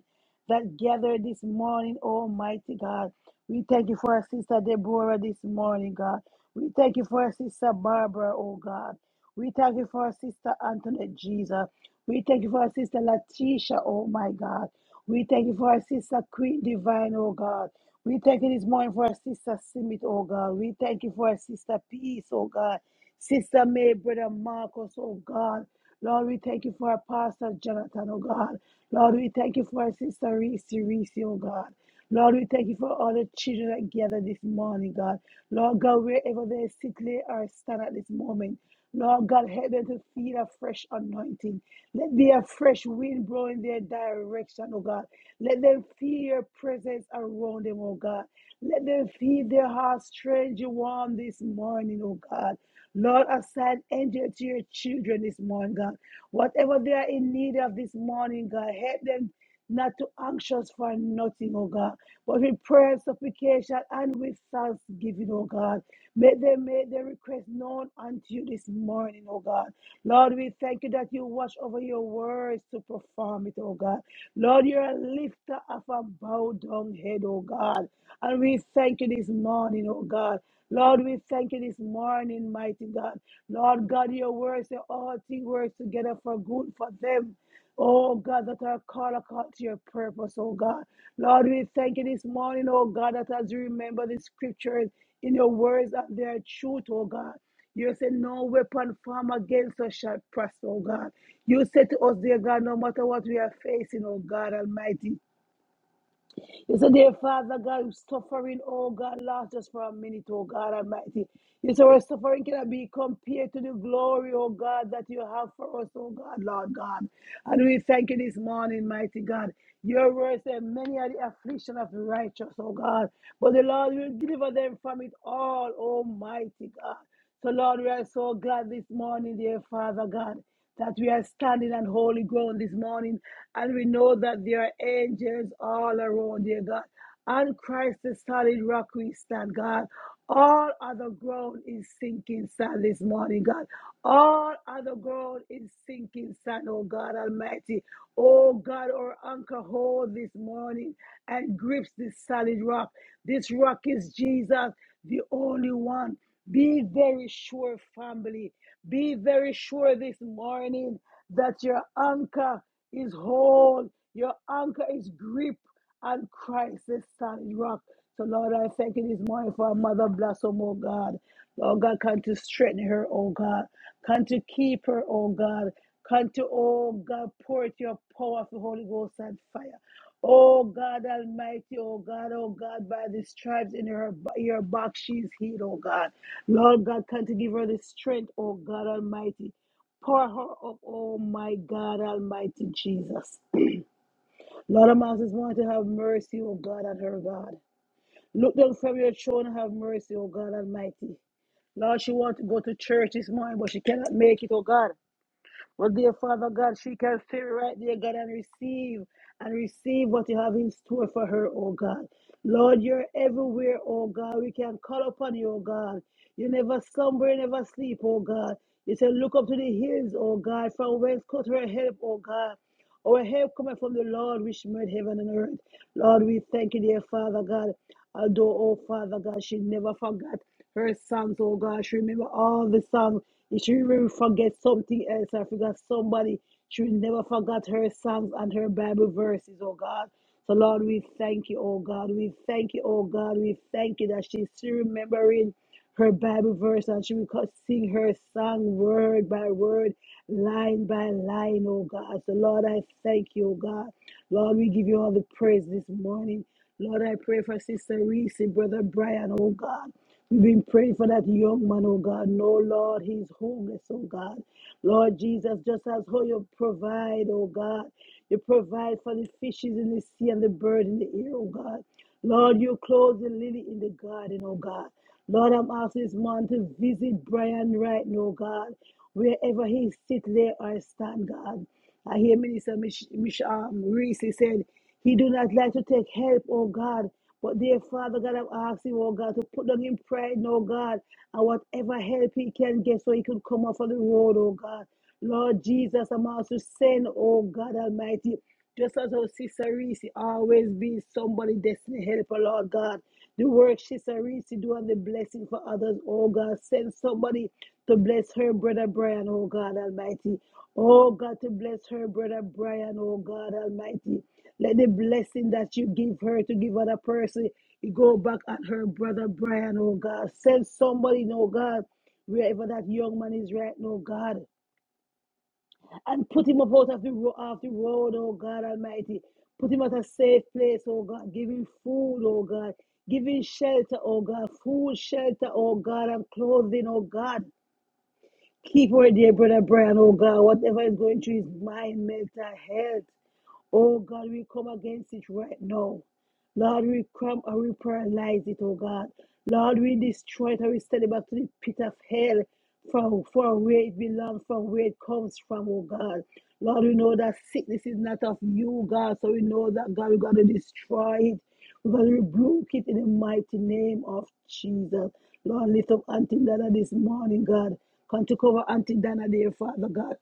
S1: that gathered this morning, Almighty God. We thank you for our sister Deborah this morning, God. We thank you for our sister Barbara, oh God. We thank you for our sister Antoinette Jesus. We thank you for our sister Latisha, oh my God. We thank you for our sister Queen Divine, oh God. We thank you this morning for our sister Simit, oh God. We thank you for our sister Peace, oh God. Sister May, brother Marcos, oh God. Lord, we thank you for our pastor Jonathan, oh God. Lord, we thank you for our sister Reese, Reese, oh God. Lord, we thank you for all the children that gather this morning, God. Lord God, wherever they sit, lay or stand at this moment. Lord God, help them to feel a fresh anointing. Let there be a fresh wind blow in their direction, oh God. Let them feel your presence around them, oh God. Let them feel their hearts strange and warm this morning, oh God. Lord, assign angel to your children this morning, God. Whatever they are in need of this morning, God, help them not to anxious for nothing, oh God, but with prayer, supplication, and with thanksgiving, oh God. May they make their request known unto you this morning, oh God. Lord, we thank you that you watch over your words to perform it, oh God. Lord, you're a lifter of a bowed down head, oh God. And we thank you this morning, oh God. Lord, we thank you this morning, mighty God. Lord God, your words say all things work together for good for them. Oh God, that are called according to your purpose, oh God. Lord, we thank you this morning, oh God, that as we remember the scriptures, in your words are there truth, oh God. You said, No weapon formed against us shall prosper, oh God. You said to us, dear God, no matter what we are facing, oh God Almighty. You said, dear Father God, we're suffering, oh God, last just for a minute, oh God Almighty. You said, our suffering cannot be compared to the glory, oh God, that you have for us, oh God, Lord God. And we thank you this morning, mighty God. Your word said, many are the affliction of the righteous, oh God, but the Lord will deliver them from it all, almighty God. So, Lord, we are so glad this morning, dear Father God, that we are standing on holy ground this morning and we know that there are angels all around, dear God. On Christ, the solid rock we stand, God. All other ground is sinking sand this morning, God. All other ground is sinking sand, oh God Almighty. Oh God, our anchor hold this morning and grips this solid rock. This rock is Jesus, the only one. Be very sure, family. Be very sure this morning that your anchor is whole, your anchor is grip on Christ, the solid rock. So, Lord, I thank you this morning for our mother bless her, oh God. Lord God, come to strengthen her, oh God. Come to keep her, oh God. Come to, oh God, pour out your power of the Holy Ghost and fire. Oh God Almighty, oh God, oh God, by the stripes in her, your back, she's healed, oh God. Lord God, come to give her the strength, oh God Almighty. Pour her up, oh my God, Almighty Jesus. Lord of Moses, want to have mercy, oh God, on her, God. Look down from your throne and have mercy, oh God Almighty. Lord, she want to go to church this morning, but she cannot make it, oh God. Well, dear Father God, she can feel right there, God, and receive and receive what you have in store for her, oh God. Lord, you're everywhere, oh God. We can call upon you, oh God. You never slumber, you never sleep, oh God. You say, look up to the hills, oh God, from whence comes her help, oh God. Our help coming from the Lord, which made heaven and earth. Lord, we thank you, dear Father God. Although, oh Father God, she never forgot her songs, oh God. She remember all the songs. If she remember forget something else, I forgot somebody. She will never forget her songs and her Bible verses, oh God. So Lord, we thank you, oh God. We thank you, oh God. We thank you that she's still remembering her Bible verse and she will co- sing her song word by word, line by line, oh God. So Lord, I thank you, oh God. Lord, we give you all the praise this morning. Lord, I pray for Sister Reese, Brother Brian, oh God. We pray for that young man, oh God. No, Lord, he's homeless, oh God. Lord Jesus, just as how you provide, oh God. You provide for the fishes in the sea and the bird in the air, oh God. Lord, you clothe the lily in the garden, oh God. Lord, I'm asking this man to visit Brian right now, God. Wherever he sit, there or stand, God. I hear Minister Mich- Mich- um, Reese said, he do not like to take help, oh God. But dear Father God, I'm asking, oh God, to put down in pride, no God, and whatever help he can get so he could come off of the road, oh God. Lord Jesus, I'm also saying, oh God Almighty, just as our sister Reese always be somebody destiny helper, Lord God. The work sister Reese do and the blessing for others, oh God. Send somebody to bless her brother Brian, oh God Almighty. Oh God, to bless her brother Brian, oh God Almighty. Let the blessing that you give her to give other person, you go back at her brother Brian, oh God. Send somebody, oh God, wherever that young man is right now, God, and put him up out of the, ro- off the road, oh God Almighty. Put him at a safe place, oh God. Give him food, oh God. Give him shelter, oh God. Food, shelter, oh God, and clothing, oh God. Keep her dear brother Brian, oh God. Whatever is going through his mind, mental health. Oh God, we come against it right now. Lord, we come and we paralyze it, oh God. Lord, we destroy it and we send it back to the pit of hell from, from where it belongs, from where it comes from, oh God. Lord, we know that sickness is not of you, God. So we know that, God, we're going to destroy it. We're going to rebuke it in the mighty name of Jesus. Lord, lift up Auntie Dana this morning, God. Come to cover Auntie Dana, dear Father God.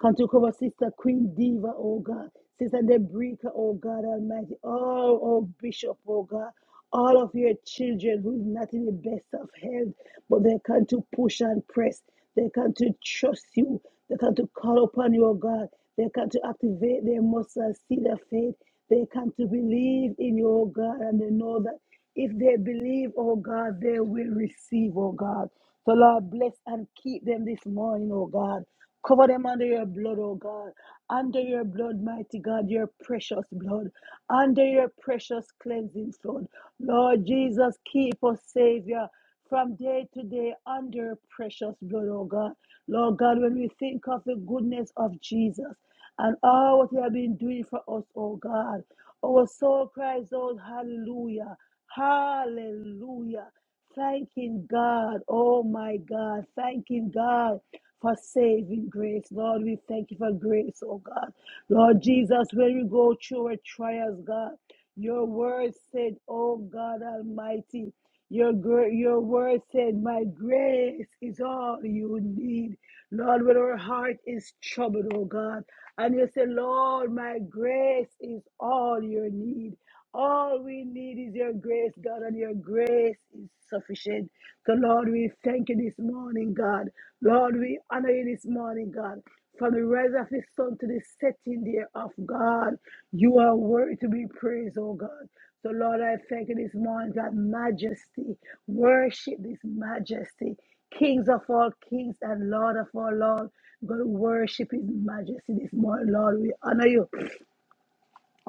S1: Come to cover Sister Queen Diva, oh God. Sister Debrica, oh God Almighty. All, oh Bishop, oh God. All of your children who is not in the best of health, but they come to push and press. They come to trust you. They come to call upon you, oh God. They come to activate their muscles, see their faith. They come to believe in you, oh God, and they know that. If they believe, oh God, they will receive, oh God. So, Lord, bless and keep them this morning, oh God. Cover them under your blood, oh God. Under your blood, mighty God, your precious blood. Under your precious cleansing flood. Lord Jesus, keep us, Savior, from day to day under your precious blood, oh God. Lord God, when we think of the goodness of Jesus, and all what you have been doing for us, oh God. Our soul cries out, Hallelujah, Hallelujah. Thanking God, oh my God, thanking God for saving grace. Lord, we thank you for grace, oh God. Lord Jesus, when we go through our trials, God, your word said, oh God Almighty, your, your word said, my grace is all you need. Lord, when our heart is troubled, oh God, and you say, Lord, my grace is all your need. All we need is your grace, God, and your grace is sufficient. So, Lord, we thank you this morning, God. Lord, we honor you this morning, God. From the rise of the sun to the setting there of God, you are worthy to be praised, oh God. So, Lord, I thank you this morning, that majesty. Worship this majesty kings of all kings and Lord of all lords. God, worship His majesty this morning, Lord. We honor you.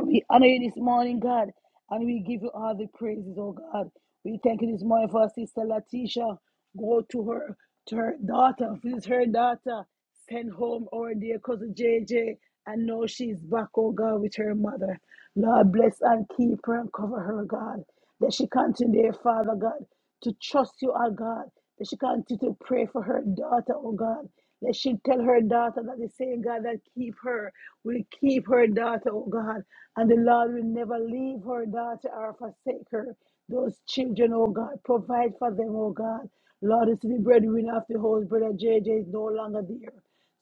S1: We honor you this morning, God, and we give you all the praises, oh God. We thank you this morning for our sister Latisha. Go to her, to her daughter, visit her daughter. Send home our dear cousin JJ. I know she's back, oh God, with her mother. Lord, bless and keep her and cover her, God. That she continue, dear Father God, to trust you, oh God. That she continue to pray for her daughter, oh God. That she tell her daughter that the same God that keep her will keep her daughter, oh God. And the Lord will never leave her daughter or forsake her. Those children, oh God, provide for them, oh God. Lord, it's the breadwinner of the whole brother JJ is no longer there.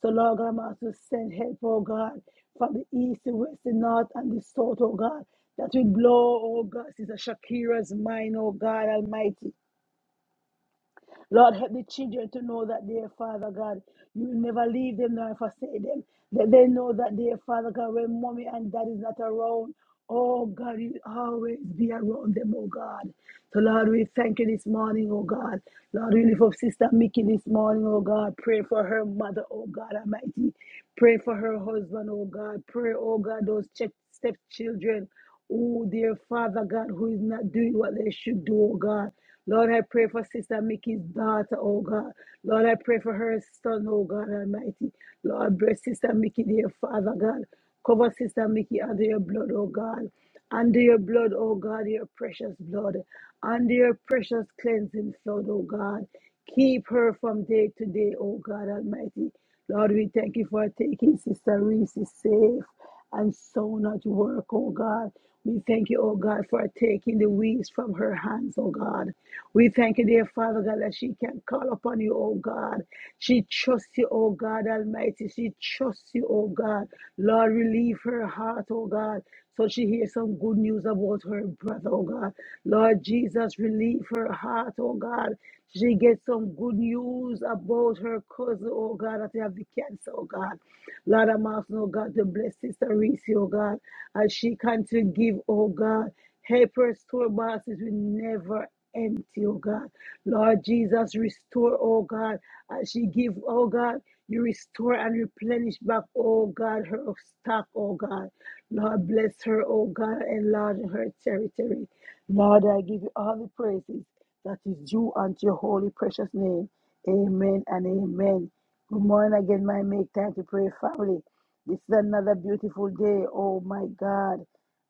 S1: So, Lord God, I'm also send help, oh God, from the east, the west, the north, and the south, oh God, that will blow, oh God, Sister Shakira's mind, oh God Almighty. Lord, help the children to know that, dear Father God, you will never leave them nor forsake them. That they know that, dear Father God, when mommy and daddy is not around, oh God, you always be around them, oh God. So, Lord, we thank you this morning, oh God. Lord, we lift up Sister Mickey this morning, oh God. Pray for her mother, oh God Almighty. Pray for her husband, oh God. Pray, oh God, those step stepchildren, oh dear Father God, who is not doing what they should do, oh God. Lord, I pray for Sister Mickey's daughter, oh God. Lord, I pray for her son, oh God Almighty. Lord, bless Sister Mickey, dear Father God. Cover Sister Mickey under your blood, oh God. Under your blood, oh God, your precious blood. Under your precious cleansing blood, oh God. Keep her from day to day, oh God Almighty. Lord, we thank you for taking Sister Reese safe and so not work, oh God. We thank you, oh God, for taking the weeds from her hands, oh God. We thank you, dear Father God, that she can call upon you, oh God. She trusts you, oh God Almighty. She trusts you, oh God. Lord, relieve her heart, oh God. So she hears some good news issues about her breath, oh God. Lord Jesus, relieve her heart, oh God. She gets some good news about her cousin, oh God, that they have the cancer, oh God. Lord, I'm asking, oh God, to bless Sister Reese, oh God, as she can to give, oh God. Help her store boxes will never empty, oh God. Lord Jesus, restore, oh God, as she give, oh God, you restore and replenish back, oh God, her stock, oh God. Lord, bless her, oh God, enlarge her territory. Lord, I give you all the praises that is due unto your holy, precious name. Amen and amen. Good morning again, my make time to pray family. This is another beautiful day, oh my God,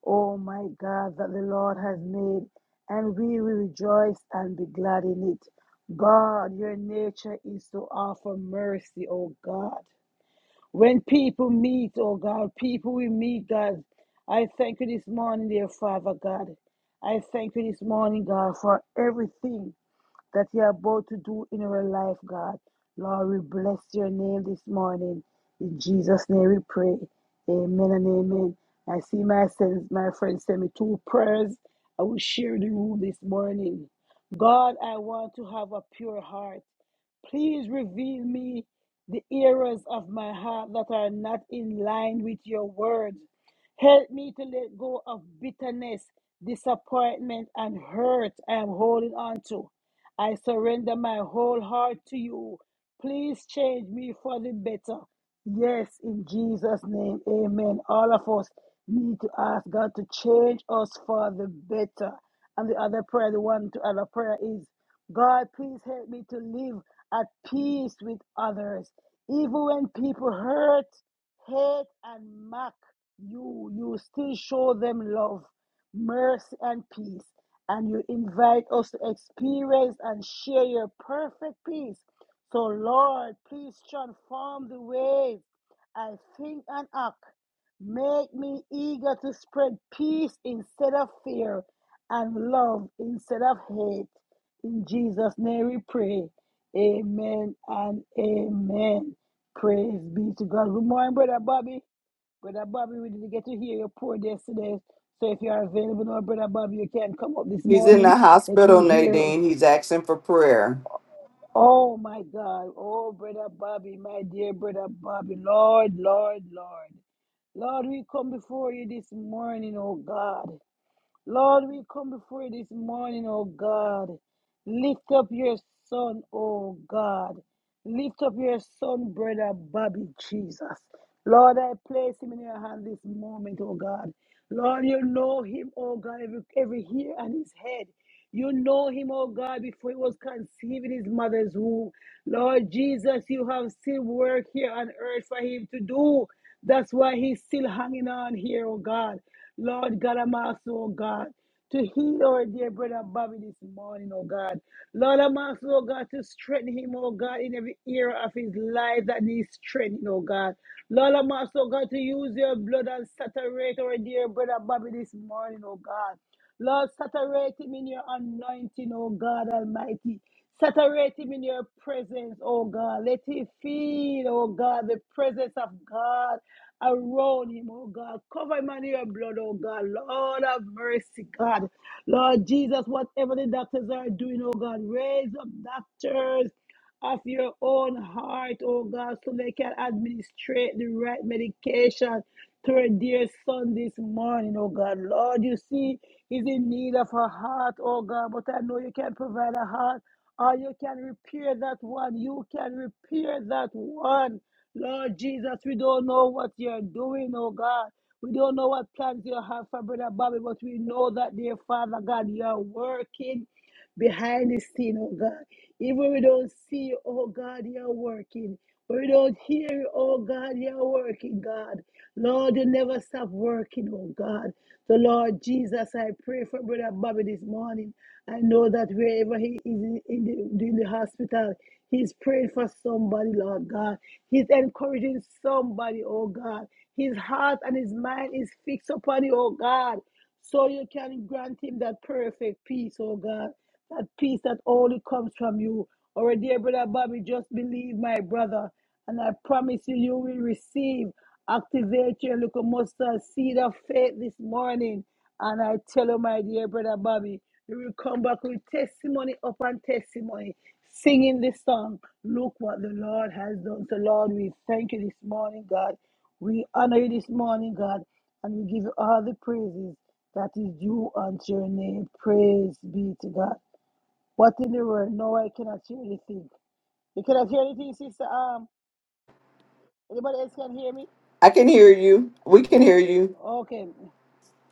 S1: oh my God, that the Lord has made, and we will rejoice and be glad in it. God, your nature is to offer mercy, oh God. When people meet, oh God, people will meet, God. I thank you this morning, dear Father God. I thank you this morning, God, for everything that you're about to do in our life, God. Lord, we bless your name this morning. In Jesus' name we pray. Amen and amen. I see my friends, my friends send me two prayers. I will share the room this morning. God, I want to have a pure heart. Please reveal me the errors of my heart that are not in line with your word. Help me to let go of bitterness, disappointment, and hurt I am holding on to. I surrender my whole heart to you. Please change me for the better. Yes, in Jesus' name, amen. All of us need to ask God to change us for the better. And the other prayer, the one to other prayer is God, please help me to live at peace with others. Even when people hurt, hate, and mock you, you still show them love, mercy, and peace and you invite us to experience and share your perfect peace. So, Lord, please transform the ways I think and act. Make me eager to spread peace instead of fear and love instead of hate. In Jesus' name we pray. Amen and amen. Praise be to God. Good morning, Brother Bobby. Brother Bobby, we didn't get to hear your prayer yesterday. So if you are available now, Brother Bobby, you can come up this
S2: He's in
S1: morning.
S2: the
S1: Let we
S2: hospital,
S1: hear.
S2: Nadine. He's asking for prayer.
S1: Oh my God. Oh, Brother Bobby, my dear Brother Bobby. Lord, Lord, Lord. Lord, we come before you this morning, oh God. Lord, we come before you this morning, oh God. Lift up your son, oh God. Lift up your son, brother Bobby Jesus. Lord, I place him in your hand this moment, oh God. Lord, you know him, oh God, every, every hair on his head. You know him, oh God, before he was conceived in his mother's womb. Lord Jesus, you have still work here on earth for him to do. That's why he's still hanging on here, oh God. Lord God, I'm asking, oh God to heal our dear brother Bobby this morning, oh God. Lord, I'm asking, oh God, to strengthen him, oh God, in every era of his life that needs strengthening, oh God. Lord, I'm asking, oh God, to use your blood and saturate our dear brother Bobby this morning, oh God. Lord, saturate him in your anointing, oh God Almighty. Saturate him in your presence, oh God. Let him feel, oh God, the presence of God around him, oh God. Cover him under your blood, oh God. Lord have mercy, God. Lord Jesus, whatever the doctors are doing, oh God, raise up doctors of your own heart, oh God, so they can administrate the right medication to her dear son this morning, oh God. Lord, you see, he's in need of a heart, oh God, but I know you can provide a heart or you can repair that one. You can repair that one. Lord Jesus, we don't know what you're doing, oh God. We don't know what plans you have for Brother Bobby, but we know that, dear Father God, you're working behind the scene, oh God. Even when we don't see you, oh God, you're working. When we don't hear you, oh God, you're working, God. Lord, you never stop working, oh God. So, Lord Jesus, I pray for Brother Bobby this morning. I know that wherever he is in in the, in the hospital, he's praying for somebody, Lord God. He's encouraging somebody, oh God. His heart and his mind is fixed upon you, oh God. So you can grant him that perfect peace, oh God, that peace that only comes from you. Our dear brother Bobby, just believe my brother, and I promise you, you will receive. Activate your little mustard seed of faith this morning. And I tell you, my dear brother Bobby, you will come back with testimony upon testimony, singing this song. Look what the Lord has done. So, Lord, we thank you this morning, God. We honor you this morning, God, and we give you all the praises that is due unto your name. Praise be to God. What in the world? No, I cannot hear anything. You cannot hear anything, sister. Um, anybody else can hear me?
S2: I can hear you. We can hear
S1: Oh,
S2: you.
S1: okay.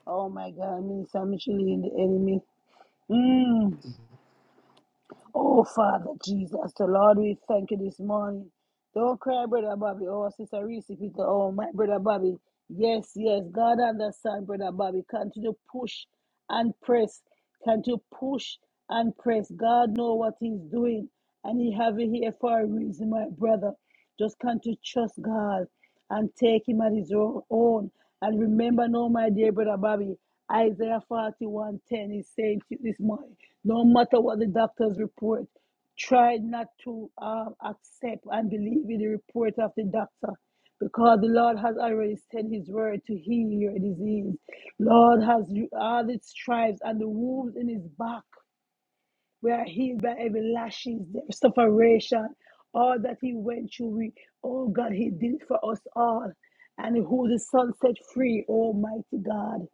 S1: Oh my God, Minister Micheline, the enemy. Mm. Oh, Father Jesus, the Lord, we thank you this morning. Don't cry, Brother Bobby. Oh, Sister Reese, Peter. Oh, my Brother Bobby. Yes, yes. God understand, Brother Bobby. Continue to push and press. Continue to push and press. God know what he's doing. And he have it here for a reason, my brother. Just continue to trust God and take him at his own. And remember now, my dear brother Bobby, Isaiah 41:10 is saying to this morning, no matter what the doctors report, try not to um, accept and believe in the report of the doctor because the Lord has already sent his word to heal your disease. Lord has all the stripes and the wounds in his back. We are healed by every lashes, their sufferation, all that he went through. We, oh God, he did it for us all. And who the Son set free, Almighty God,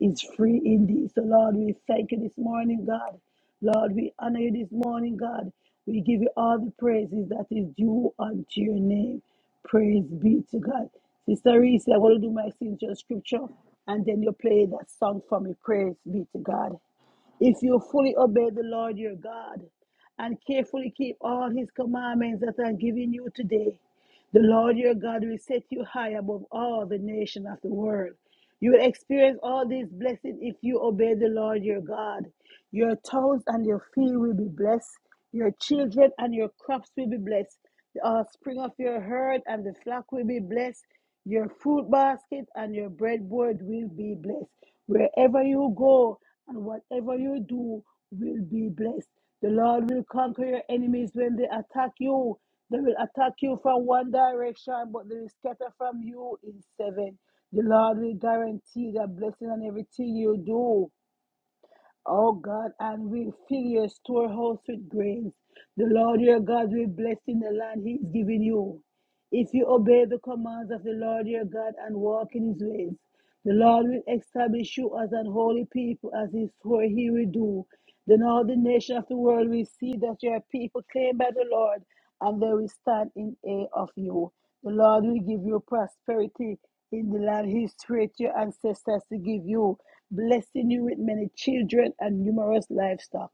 S1: is free indeed. So, Lord, we thank you this morning, God. Lord, we honor you this morning, God. We give you all the praises that is due unto your name. Praise be to God. Sister Reese, i want to do my signature scripture, and then you play that song for me. Praise be to God. If you fully obey the Lord your God and carefully keep all his commandments that I'm giving you today, the Lord your God will set you high above all the nations of the world. You will experience all these blessings if you obey the Lord your God. Your toes and your feet will be blessed. Your children and your crops will be blessed. The offspring of your herd and the flock will be blessed. Your fruit basket and your breadboard will be blessed. Wherever you go and whatever you do will be blessed. The Lord will conquer your enemies when they attack you. They will attack you from one direction, but they will scatter from you in seven. The Lord will guarantee the blessing on everything you do. O God, and will fill your storehouse with grains. The Lord your God will bless in the land he is giving you. If you obey the commands of the Lord your God and walk in his ways, the Lord will establish you as an holy people, as he swore he will do. Then all the nations of the world will see that you are people claimed by the Lord and they will stand in awe of you. The Lord will give you prosperity in the land He swore to your ancestors to give you, blessing you with many children and numerous livestock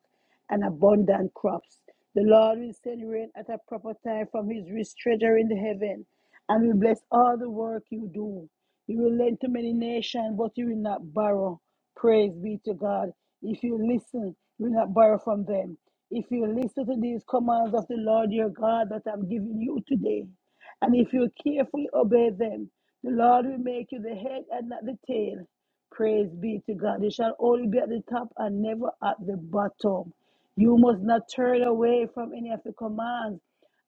S1: and abundant crops. The Lord will send rain at a proper time from his rich treasure in the heaven, and will bless all the work you do. You will lend to many nations, but you will not borrow. Praise be to God. If you listen, you will not borrow from them. If you listen to these commands of the Lord your God that I'm giving you today, and if you carefully obey them, the Lord will make you the head and not the tail. Praise be to God. You shall only be at the top and never at the bottom. You must not turn away from any of the commands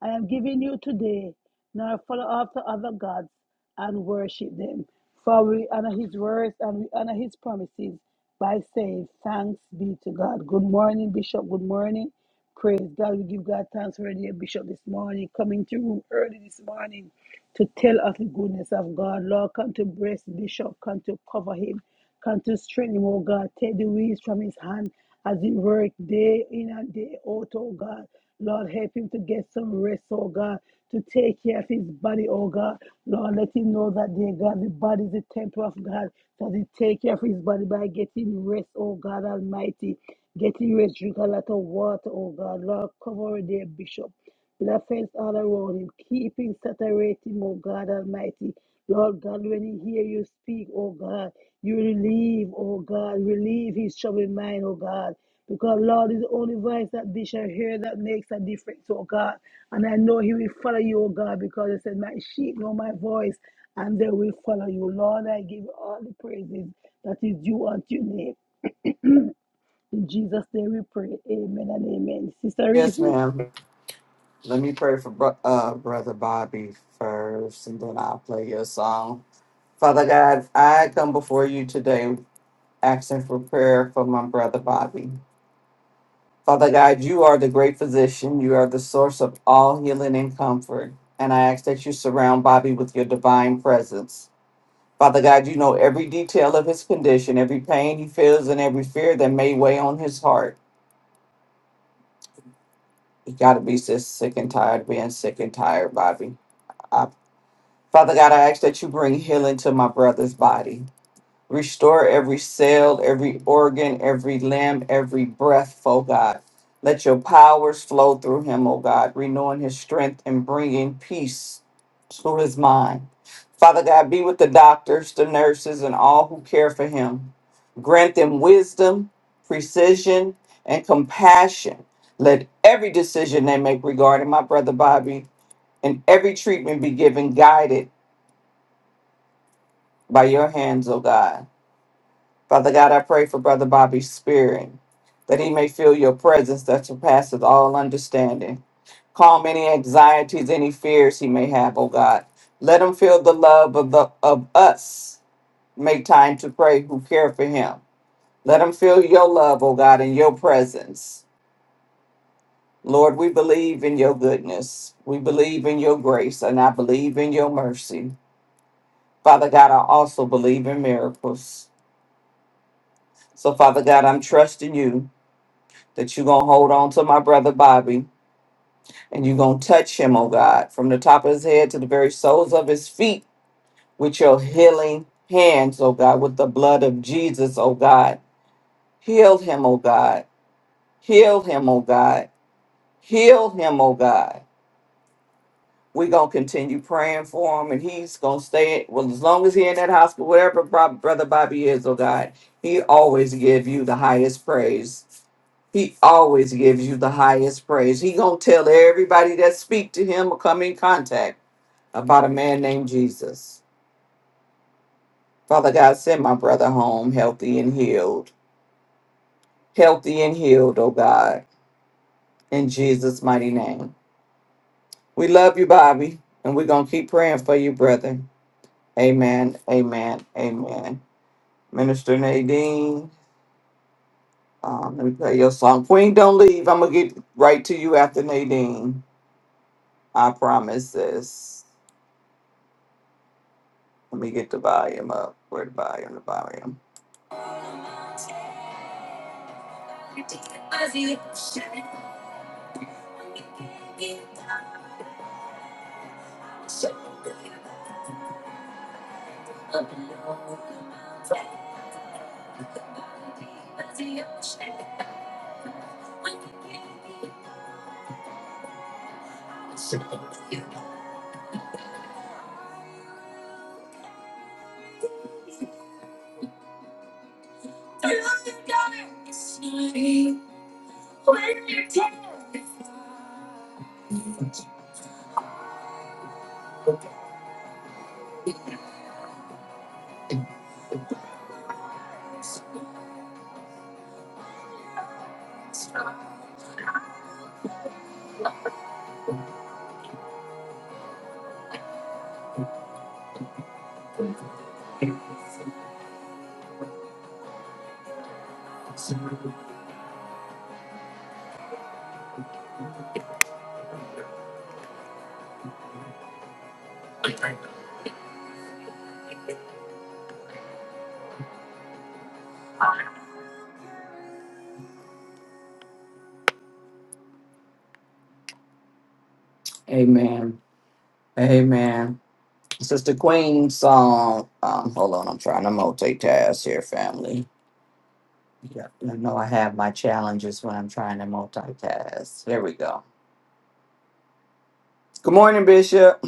S1: I am giving you today, nor follow after other gods and worship them. For we honor his words and we honor his promises by saying, Thanks be to God. Good morning, Bishop. Good morning. Praise God. We give God thanks for dear Bishop this morning, coming to room early this morning to tell us the goodness of God. Lord, come to bless Bishop, come to cover him, come to strengthen him, oh God. Take the weeds from his hand as he work day in and day out, oh God. Lord, help him to get some rest, oh God, to take care of his body, oh God. Lord, let him know that, dear God, the body is the temple of God. So he take care of his body by getting rest, oh God Almighty. Getting rest, drink a lot of water, oh God. Lord, cover their bishop. Laughing all around him, keeping saturating, oh God Almighty. Lord God, when he hear you speak, oh God, you relieve, oh God, relieve his troubled mind, oh God. Because Lord is the only voice that they shall hear that makes a difference, oh God. And I know he will follow you, oh God, because you said, My sheep know my voice, and they will follow you. Lord, I give you all the praises that is due unto your name. In Jesus' name we pray. Amen and amen. Sister
S2: Yes,
S1: Reese?
S2: ma'am. Let me pray for bro- uh, Brother Bobby first, and then I'll play your song. Father God, I come before you today asking for prayer for my brother Bobby. Father God, you are the great physician. You are the source of all healing and comfort. And I ask that you surround Bobby with your divine presence. Father God, you know every detail of his condition, every pain he feels, and every fear that may weigh on his heart. He got to be just sick and tired of being sick and tired, Bobby. Father God, I ask that you bring healing to my brother's body. Restore every cell, every organ, every limb, every breath, oh God. Let your powers flow through him, oh God, renewing his strength and bringing peace to his mind. Father God, be with the doctors, the nurses, and all who care for him. Grant them wisdom, precision, and compassion. Let every decision they make regarding my brother Bobby and every treatment be given guided by your hands, O God. Father God, I pray for Brother Bobby's spirit, that he may feel your presence that surpasses all understanding. Calm any anxieties, any fears he may have, O God. Let him feel the love of, the, of us. Make time to pray who care for him. Let him feel your love, O God, in your presence. Lord, we believe in your goodness. We believe in your grace, and I believe in your mercy. Father God, I also believe in miracles. So, Father God, I'm trusting you that you're going to hold on to my brother Bobby and you're going to touch him, oh God, from the top of his head to the very soles of his feet with your healing hands, oh God, with the blood of Jesus, oh God. Heal him, oh God. Heal him, oh God. Heal him, oh God. We're going to continue praying for him and he's going to stay, well, as long as he in that hospital, wherever Bro- brother Bobby is, oh God, he always give you the highest praise. He always gives you the highest praise. He gonna tell everybody that speak to him or come in contact about a man named Jesus. Father God, send my brother home healthy and healed. Healthy and healed, oh God, in Jesus' mighty name. We love you, Bobby, and we're gonna keep praying for you, brother. Amen. Amen. Amen. Minister Nadine, um, let me play your song. Queen, don't leave. I'm gonna get right to you after Nadine. I promise this. Let me get the volume up. Where the volume? The volume. Amen. Amen. Sister Queen song. Um, hold on, I'm trying to multitask here, family. Yeah, I know I have my challenges when I'm trying to multitask. There we go. Good morning, Bishop.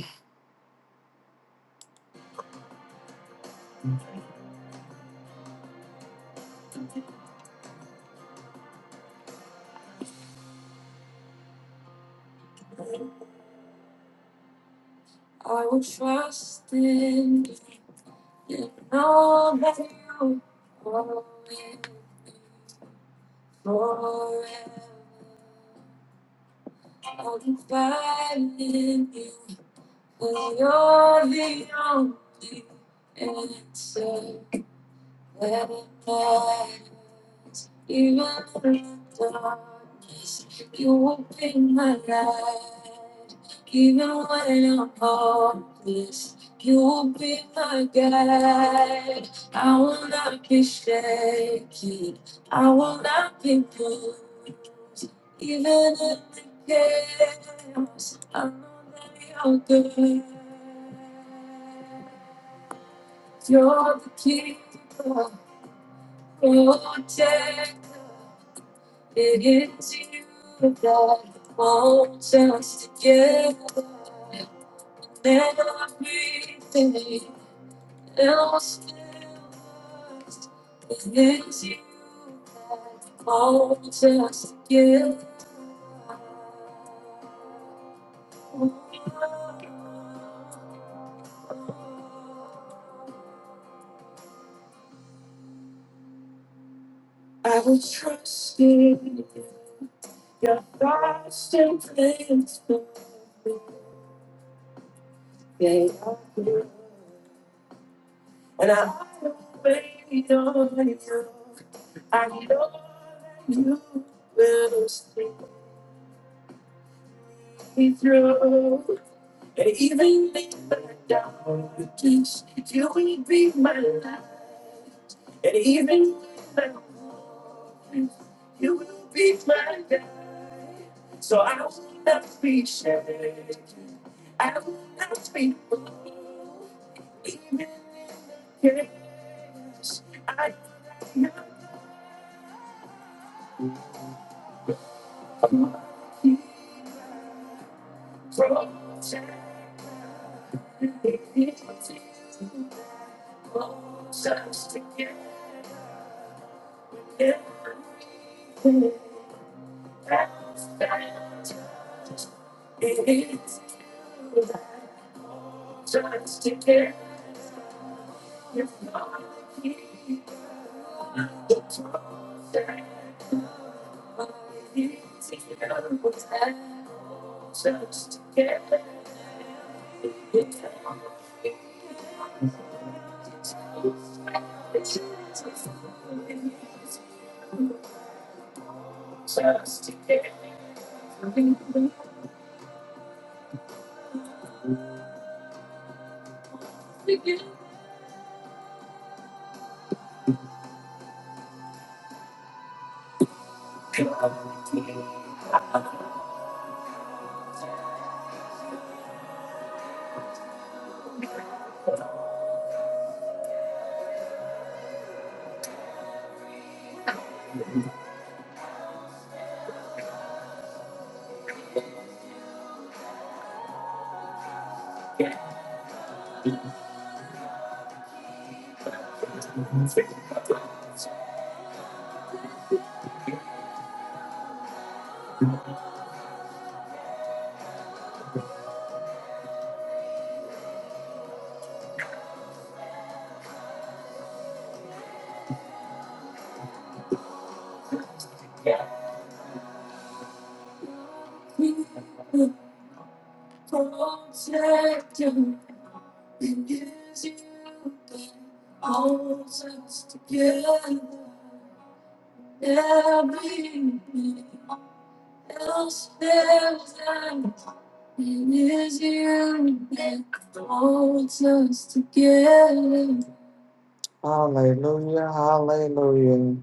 S2: Hallelujah. Hallelujah.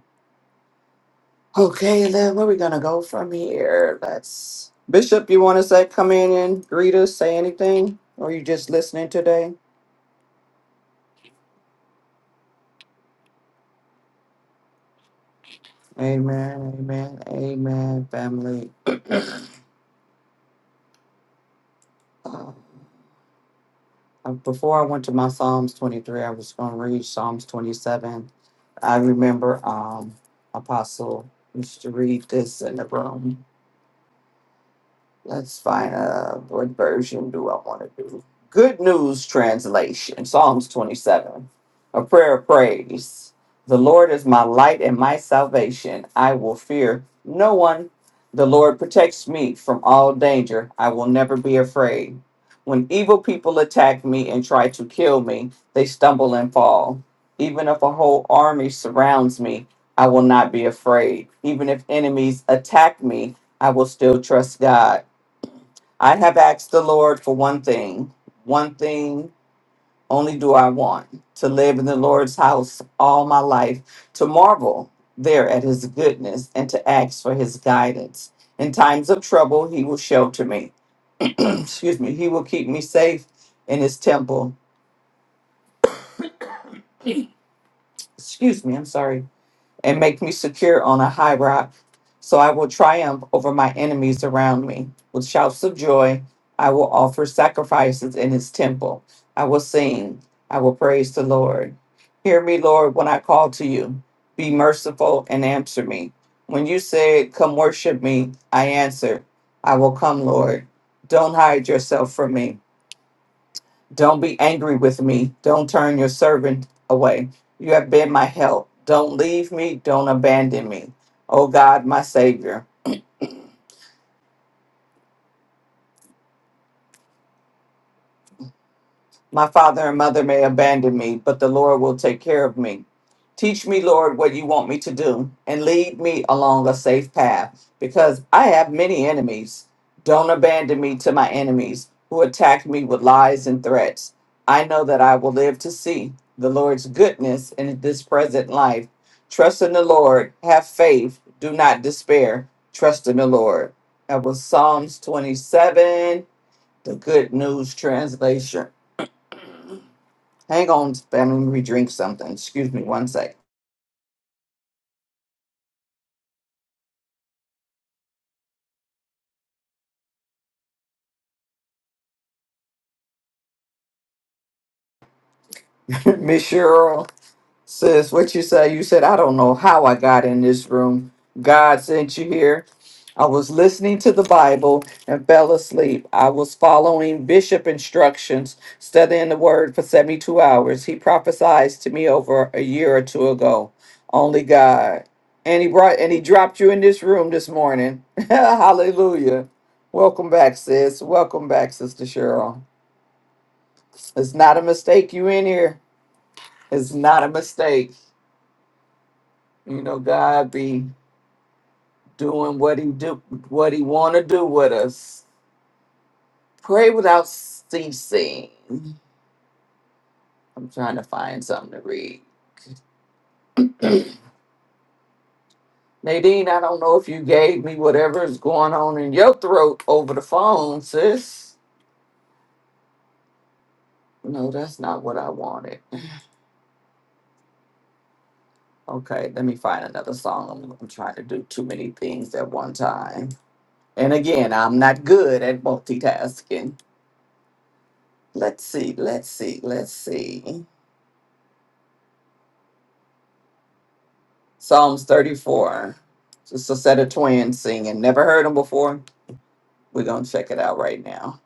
S2: Okay, then where we gonna go from here? Let's Bishop, you wanna say come in and greet us, say anything? Or you just listening today? Amen, amen, amen, family. Uh, uh, before I went to my Psalms 23, I was going to read Psalms 27. I remember um, Apostle used to read this in the room. Let's find out what version do I want to do. Good News Translation, Psalms 27, a prayer of praise. The Lord is my light and my salvation. I will fear no one. The Lord protects me from all danger. I will never be afraid. When evil people attack me and try to kill me, they stumble and fall. Even if a whole army surrounds me, I will not be afraid. Even if enemies attack me, I will still trust God. I have asked the Lord for one thing. One thing only do I want to live in the Lord's house all my life, to marvel there at his goodness and to ask for his guidance. In times of trouble, he will shelter me. Excuse me. He will keep me safe in his temple. Excuse me. I'm sorry. and make me secure on a high rock. So I will triumph over my enemies around me. With shouts of joy, I will offer sacrifices in his temple. I will sing, I will praise the Lord. Hear me, Lord, when I call to you. Be merciful and answer me. When you said, Come worship me, I answered, I will come, Lord. Don't hide yourself from me. Don't be angry with me. Don't turn your servant away. You have been my help. Don't leave me. Don't abandon me. O God, my Savior. My father and mother may abandon me, but the Lord will take care of me. Teach me, Lord, what you want me to do, and lead me along a safe path, because I have many enemies. Don't abandon me to my enemies who attack me with lies and threats. I know that I will live to see the Lord's goodness in this present life. Trust in the Lord, have faith, do not despair. Trust in the Lord. That was Psalms 27, the Good News Translation. Hang on, family. We drink something. Excuse me one sec. Miss Cheryl says, What you say? You said, I don't know how I got in this room. God sent you here. I was listening to the Bible and fell asleep. I was following bishop instructions, studying the word for 72 hours. He prophesied to me over a year or two ago. Only God. And he brought and he dropped you in this room this morning. Hallelujah. Welcome back, sis. Welcome back, Sister Cheryl. It's not a mistake you in here. It's not a mistake. You know, God be doing what he do what he wanna do with us. Pray without ceasing. I'm trying to find something to read. Nadine, I don't know if you gave me whatever is going on in your throat over the phone, sis. No, that's not what I wanted. Okay, let me find another song. I'm, I'm trying to do too many things at one time. And again, I'm not good at multitasking. Let's see, let's see, let's see. Psalms 34. Just a set of twins singing. Never heard them before. We're going to check it out right now.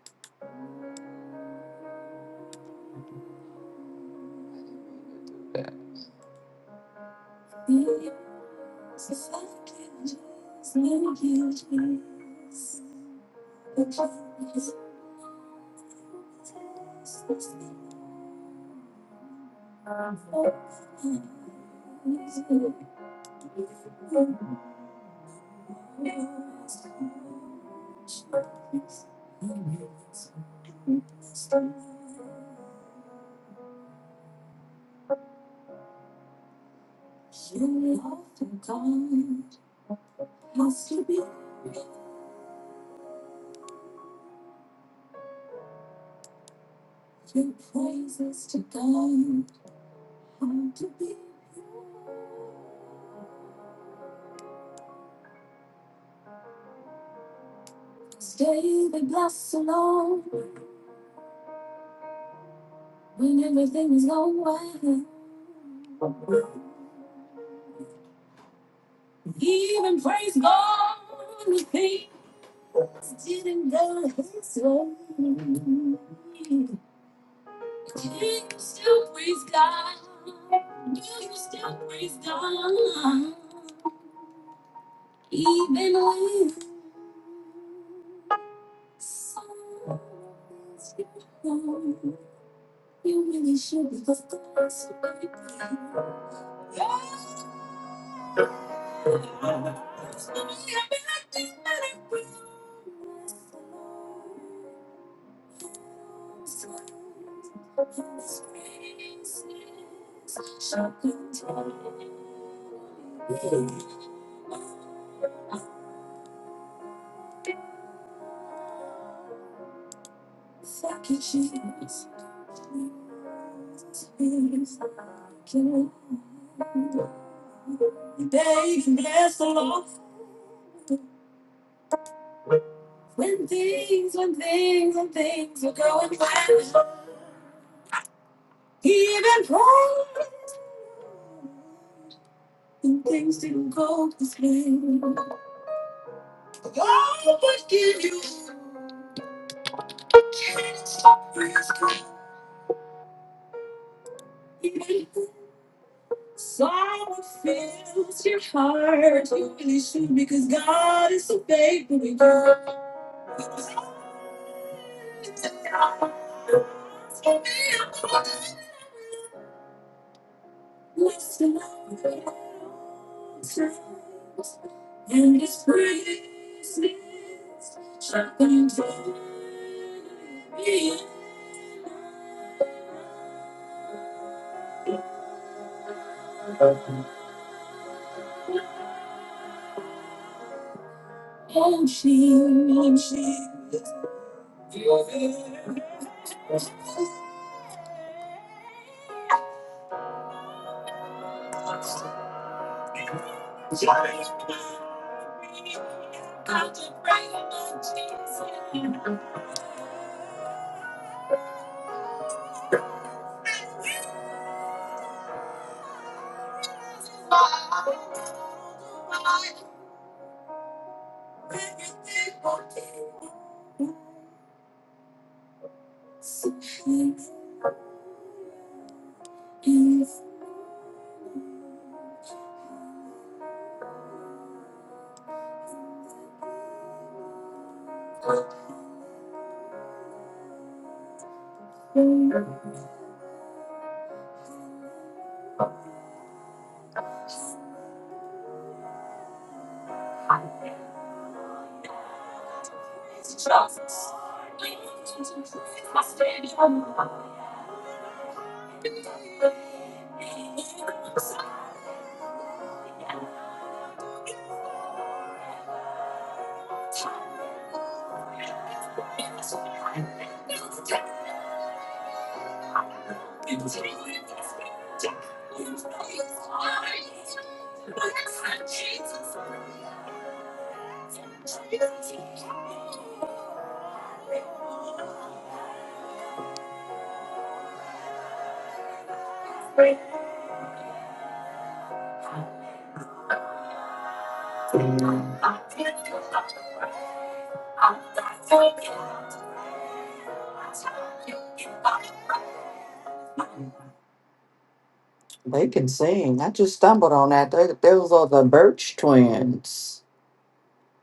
S2: They can sing. I just stumbled on that. They, those are the Birch twins.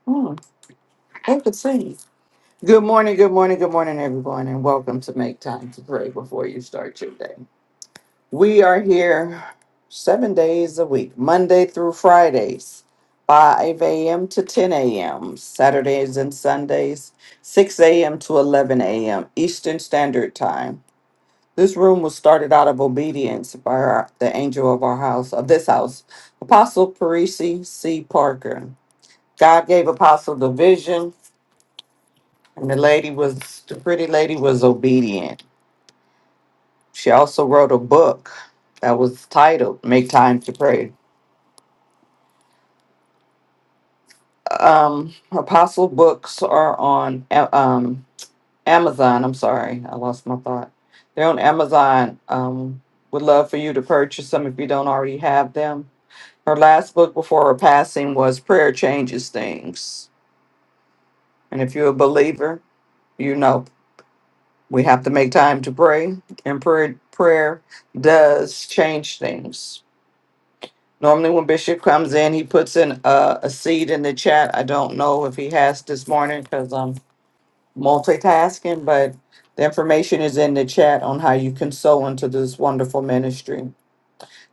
S2: Hmm, they could sing. Good morning, good morning, good morning, everyone, and welcome to Make Time to Pray Before You Start Your Day. We are here seven days a week, Monday through Fridays, 5 a.m. to 10 a.m., Saturdays and Sundays, 6 a.m. to 11 a.m. Eastern Standard Time. This room was started out of obedience by our, the angel of our house, of this house, Apostle Parisi C. Parker. God gave Apostle the vision, and the lady was, the pretty lady was obedient. She also wrote a book that was titled Make Time to Pray um apostle books are on A- um amazon i'm sorry i lost my thought they're on amazon um would love for you to purchase them if you don't already have them her last book before her passing was prayer changes things and if you're a believer you know we have to make time to pray and prayer prayer does change things normally when bishop comes in he puts in a, a seed in the chat i don't know if he has this morning because I'm multitasking, but the information is in the chat on how you can sow into this wonderful ministry.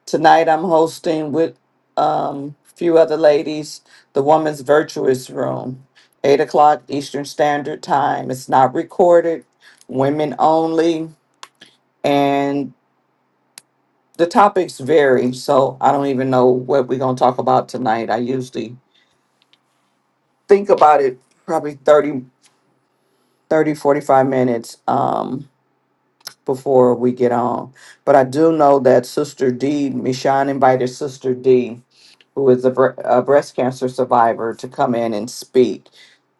S2: Tonight, I'm hosting with um, a few other ladies the Woman's Virtuous Room, 8 o'clock Eastern Standard Time. It's not recorded, women only, and the topics vary. So I don't even know what we're going to talk about tonight. I usually think about it probably 30, 30, 45 minutes. Um. before we get on. But I do know that Sister D, Michonne invited Sister D, who is a, bre- a breast cancer survivor, to come in and speak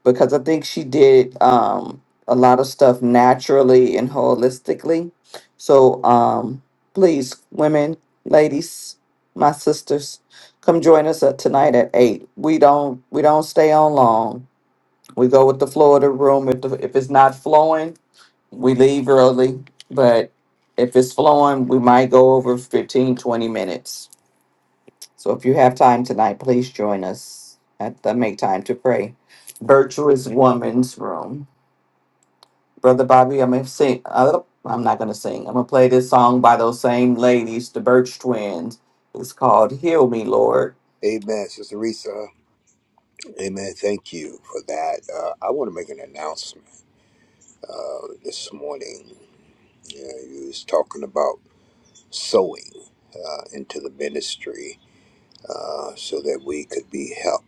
S2: because I think she did um, a lot of stuff naturally and holistically. So um, please, women, ladies, my sisters, come join us at, tonight at eight. We don't we don't stay on long. We go with the flow of the room. If the, if it's not flowing, we leave early, but if it's flowing, we might go over 15, 20 minutes. So if you have time tonight, please join us at the Make Time to Pray Virtuous Woman's Room. Brother Bobby, I'm gonna sing. Uh, I'm not gonna sing. I'm gonna play this song by those same ladies, the Birch Twins. It's called "Heal Me, Lord."
S4: Amen, Sister Risa. Amen. Thank you for that. Uh, I want to make an announcement uh, this morning. You, know, you was talking about sowing uh, into the ministry uh, so that we could be help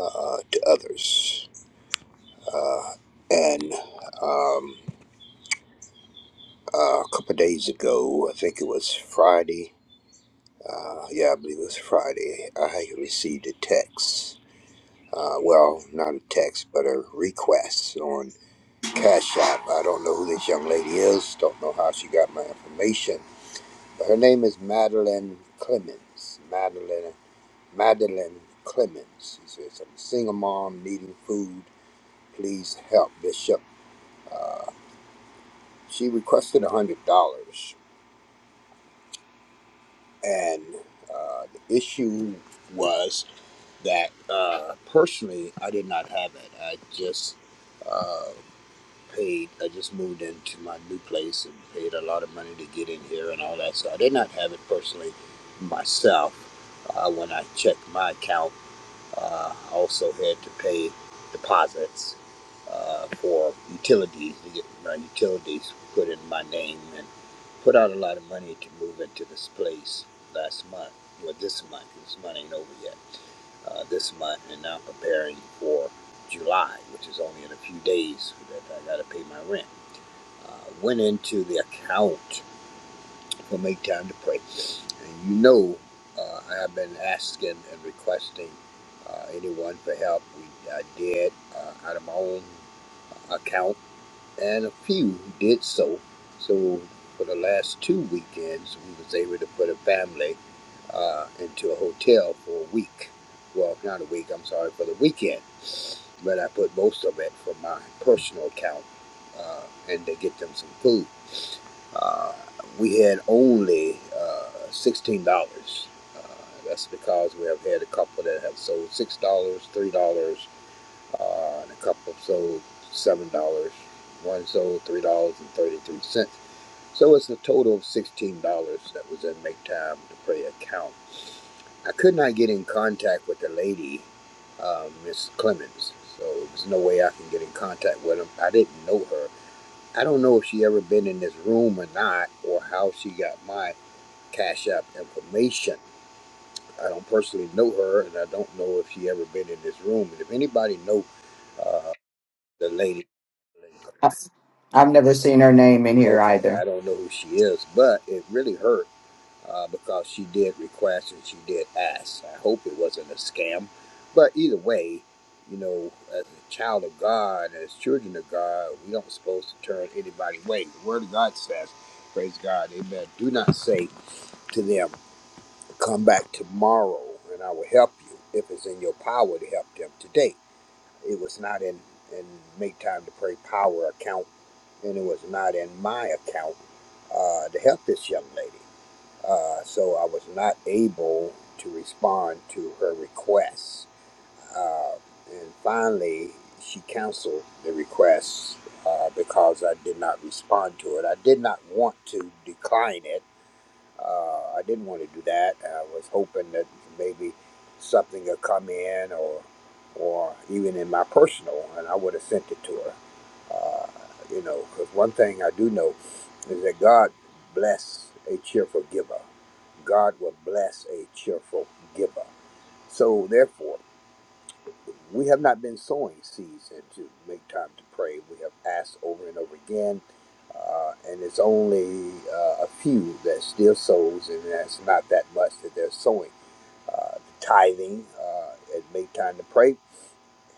S4: uh, to others. Uh, and um, uh, a couple of days ago, I think it was Friday. Uh, yeah, I believe it was Friday. I received a text. Uh, well, not a text, but a request on Cash App. I don't know who this young lady is. Don't know how she got my information. But her name is Madeline Clemens. Madeline Madeline Clemens. She says, "I'm a single mom needing food. Please help Bishop." Uh, she requested a hundred dollars, and uh, the issue was that uh, personally, I did not have it. I just uh, paid. I just moved into my new place and paid a lot of money to get in here and all that. So I did not have it personally myself uh, when I checked my account. Uh, I also had to pay deposits uh, for utilities to get my utilities put in my name and put out a lot of money to move into this place last month. Well, this month, this month ain't over yet. Uh, this month, and now preparing for July, which is only in a few days that I got to pay my rent. Uh, went into the account will make time to pray. And you know, uh, I have been asking and requesting uh, anyone for help. We, I did uh, out of my own account, and a few did so. So for the last two weekends, we was able to put a family uh, into a hotel for a week. Well, not a week. I'm sorry for the weekend, but I put most of it from my personal account, uh, and to get them some food. Uh, we had only uh, $16. Uh, that's because we have had a couple that have sold $6, dollars, $3, uh, and a couple have sold $7. One sold $3.33. So it's a total of $16 that was in Make Time to Pray account. I could not get in contact with the lady, uh, Miss Clemens. So there's no way I can get in contact with him. I didn't know her. I don't know if she ever been in this room or not, or how she got my Cash App information. I don't personally know her, and I don't know if she ever been in this room. And if anybody know uh, the lady,
S2: I- I've never seen her name in here
S4: okay, I
S2: either.
S4: don't know who she is, but it really hurt uh, because she did request and she did ask. I hope it wasn't a scam. But either way, you know, as a child of God, as children of God, we don't supposed to turn anybody away. The Word of God says, praise God, amen. Do not say to them, come back tomorrow and I will help you if it's in your power to help them today. It was not in, in make time to pray power account and it was not in my account uh, to help this young lady uh, so I was not able to respond to her requests, Uh, and finally, she canceled the request uh, because I did not respond to it. I did not want to decline it uh, I didn't want to do that. I was hoping that maybe something would come in, or or even in my personal, and I would have sent it to her. Uh, you know, because one thing I do know is that God bless a cheerful giver. God will bless a cheerful giver. So therefore. We have not been sowing seeds and to make time to pray. We have asked over and over again, uh, and it's only uh, a few that still sows, and that's not that much that they're sowing. Uh, the tithing uh, at make time to pray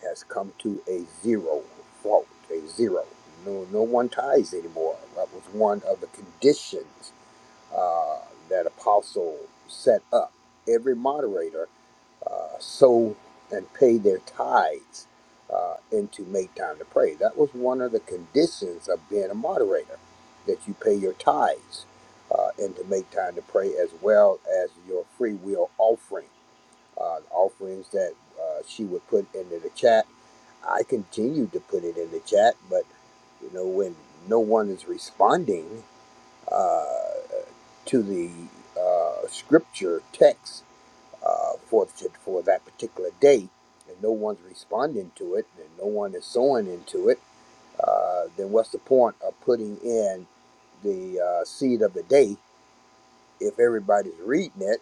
S4: has come to a zero fault, a zero. No, no one tithes anymore. That was one of the conditions uh, that Apostle set up. Every moderator uh, sow and pay their tithes uh, and to make time to pray. That was one of the conditions of being a moderator, that you pay your tithes uh, and to make time to pray, as well as your free will offering, uh, offerings that uh, she would put into the chat. I continued to put it in the chat, but you know when no one is responding uh, to the uh, scripture text uh, forfeit for that particular day, and no one's responding to it, and no one is sowing into it, uh, then what's the point of putting in the uh, seed of the day if everybody's reading it,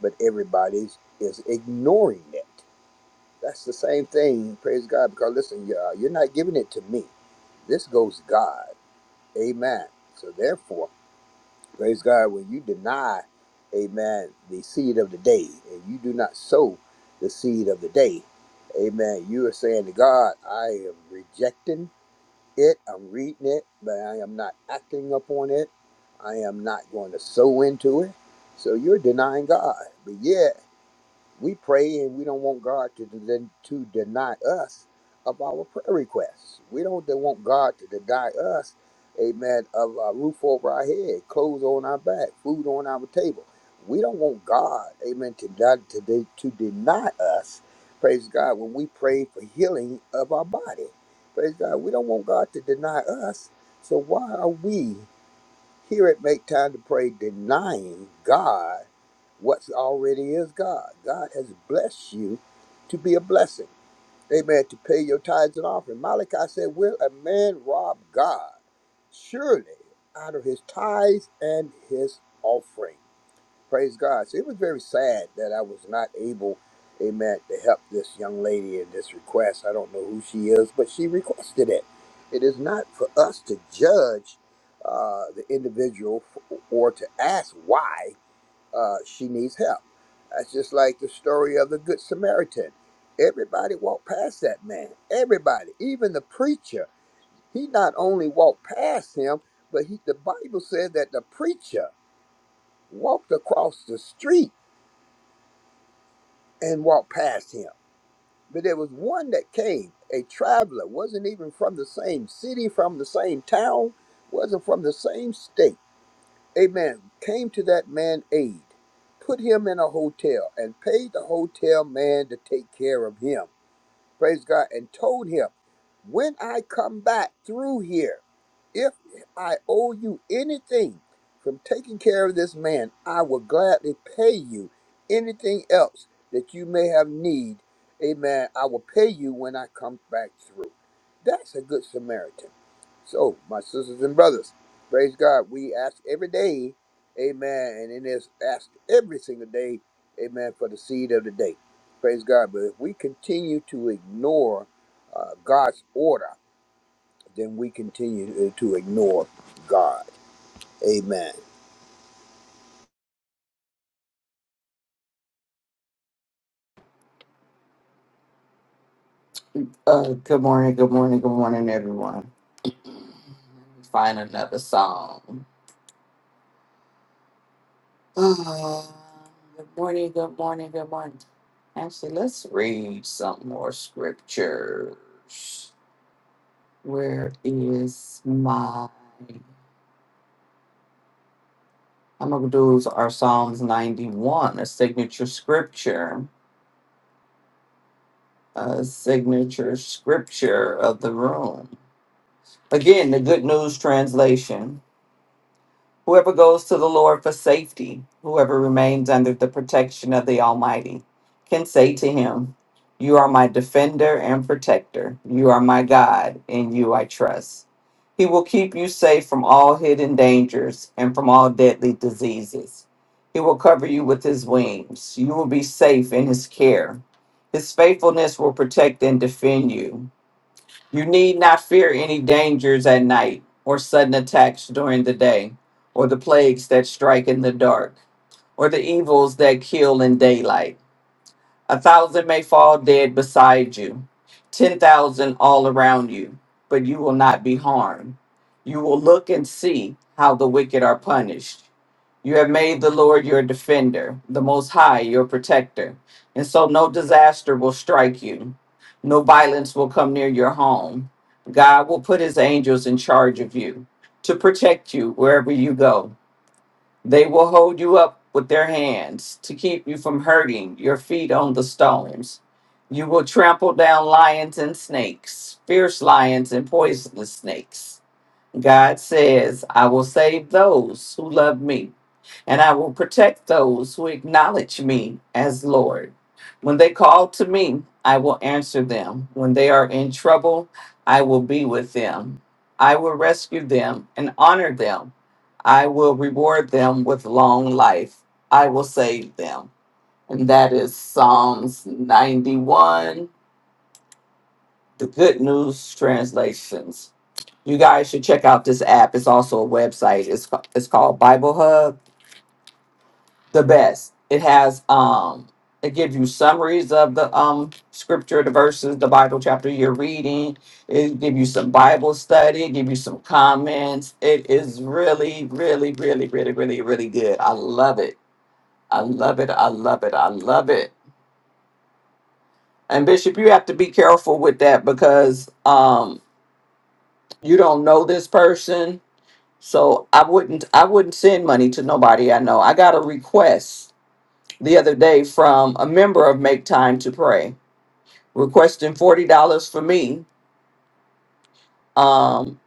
S4: but everybody's is ignoring it? That's the same thing. Praise God, because listen, uh, you're not giving it to me. This goes to God. Amen. So therefore. Praise God. When you deny, amen, the seed of the day, and you do not sow the seed of the day, amen, you are saying to God, I am rejecting it, I'm reading it, but I am not acting upon it. I am not going to sow into it. So you're denying God. But yet. We pray and we don't want God to, den- to deny us of our prayer requests. We don't de- want God to deny us, amen, of a roof over our head, clothes on our back, food on our table. We don't want God, amen, to, die, to, de- to deny us, praise God, when we pray for healing of our body. Praise God. We don't want God to deny us. So why are we? Here at Make Time to Pray, denying God what's already is God. God has blessed you to be a blessing. Amen. To pay your tithes and offering. Malachi said, Will a man rob God? Surely out of his tithes and his offering. Praise God. So it was very sad that I was not able, amen, to help this young lady in this request. I don't know who she is, but she requested it. It is not for us to judge uh, the individual f- or to ask why uh, she needs help. That's just like the story of the Good Samaritan. Everybody walked past that man. Everybody, even the preacher. He not only walked past him, but he, the Bible said that the preacher walked across the street and walked past him. But there was one that came, a traveler, wasn't even from the same city, from the same town, wasn't from the same state. Amen. Came to that man aid, put him in a hotel, and paid the hotel man to take care of him praise God, and told him, When I come back through here, if I owe you anything from taking care of this man, I will gladly pay you anything else that you may have need. Amen. I will pay you when I come back through. That's a good Samaritan. So, my sisters and brothers, praise God. We ask every day, amen, and it is asked every single day, amen, for the seed of the day. Praise God. But if we continue to ignore uh, God's order, then we continue uh, to ignore God. Amen.
S2: Uh, good morning, good morning, good morning, everyone. Find another song. Ah, good morning, good morning, good morning. Actually, let's read some more scriptures. Where is my. I'm going to do our Psalms 91, a signature scripture, a signature scripture of the room. Again, the Good News Translation. Whoever goes to the Lord for safety, whoever remains under the protection of the Almighty, can say to him, You are my defender and protector. You are my God. In you I trust. He will keep you safe from all hidden dangers and from all deadly diseases. He will cover you with his wings. You will be safe in his care. His faithfulness will protect and defend you. You need not fear any dangers at night, or sudden attacks during the day, or the plagues that strike in the dark, or the evils that kill in daylight a thousand may fall dead beside you, ten thousand all around you, but you will not be harmed. You will look and see how the wicked are punished. You have made the Lord your defender, the Most High your protector, and so no disaster will strike you. No violence will come near your home. God will put his angels in charge of you to protect you wherever you go. They will hold you up with their hands to keep you from hurting your feet on the stones. You will trample down lions and snakes, fierce lions and poisonous snakes. God says, I will save those who love me and I will protect those who acknowledge me as Lord. When they call to me, I will answer them. When they are in trouble, I will be with them. I will rescue them and honor them. I will reward them with long life. I will save them. And that is Psalms 91, the Good News Translations. You guys should check out this app. It's also a website. It's, it's called Bible Hub the best. It has um it gives you summaries of the um scripture, the verses, the Bible chapter you're reading. It give you some Bible study, it give you some comments. It is really, really, really, really, really, really good. I love it. I love it. I love it. I love it. And Bishop, you have to be careful with that because um you don't know this person. So I wouldn't I wouldn't send money to nobody I know. I got a request the other day from a member of Make Time to Pray requesting $40 for me. Um,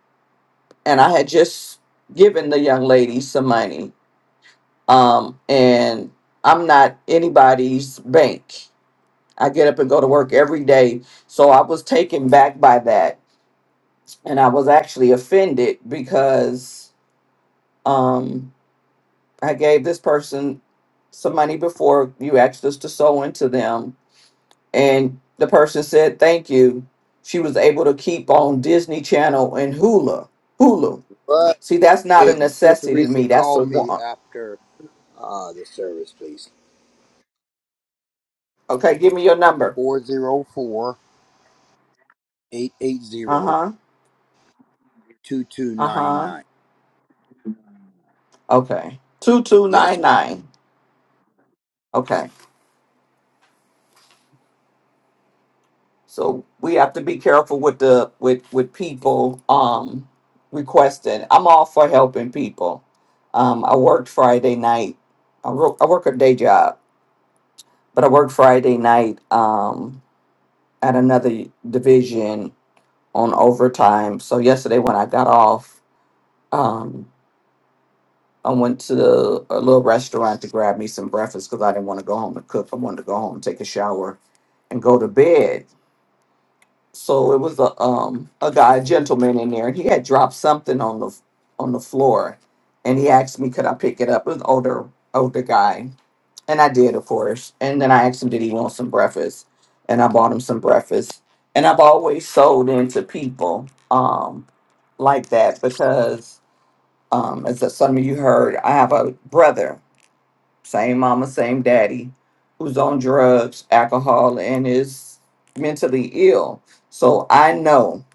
S2: and I had just given the young lady some money. Um, and I'm not anybody's bank. I get up and go to work every day. So I was taken back by that. And I was actually offended because um, I gave this person some money before you asked us to sow into them and the person said thank you she was able to keep on disney channel and hulu hulu
S4: But
S2: see that's not a
S4: hey, Sister
S2: necessity to
S4: Reese,
S2: me that's
S4: call
S2: a
S4: me
S2: want
S4: after uh, the service, please.
S2: okay give me your number
S4: 404 eight eight zero
S2: uh-huh
S4: two two nine
S2: uh-huh
S4: nine.
S2: okay
S4: Yes, ma'am.
S2: 2299 okay so we have to be careful with the with with people um requesting i'm all for helping people um i worked friday night i, work I work a day job but i worked friday night um at another division on overtime. So yesterday when I got off, um, I went to the, a little restaurant to grab me some breakfast because I didn't want to go home and cook. I wanted to go home, take a shower, and go to bed. So it was a um a guy, a gentleman in there, and he had dropped something on the on the floor, and he asked me could I pick it up. It was an older older guy, And I did, of course. And then I asked him, did he want some breakfast? And I bought him some breakfast. And I've always sold into people um, like that because, um, as some of you heard, I have a brother, same mama, same daddy, who's on drugs, alcohol, and is mentally ill. So I know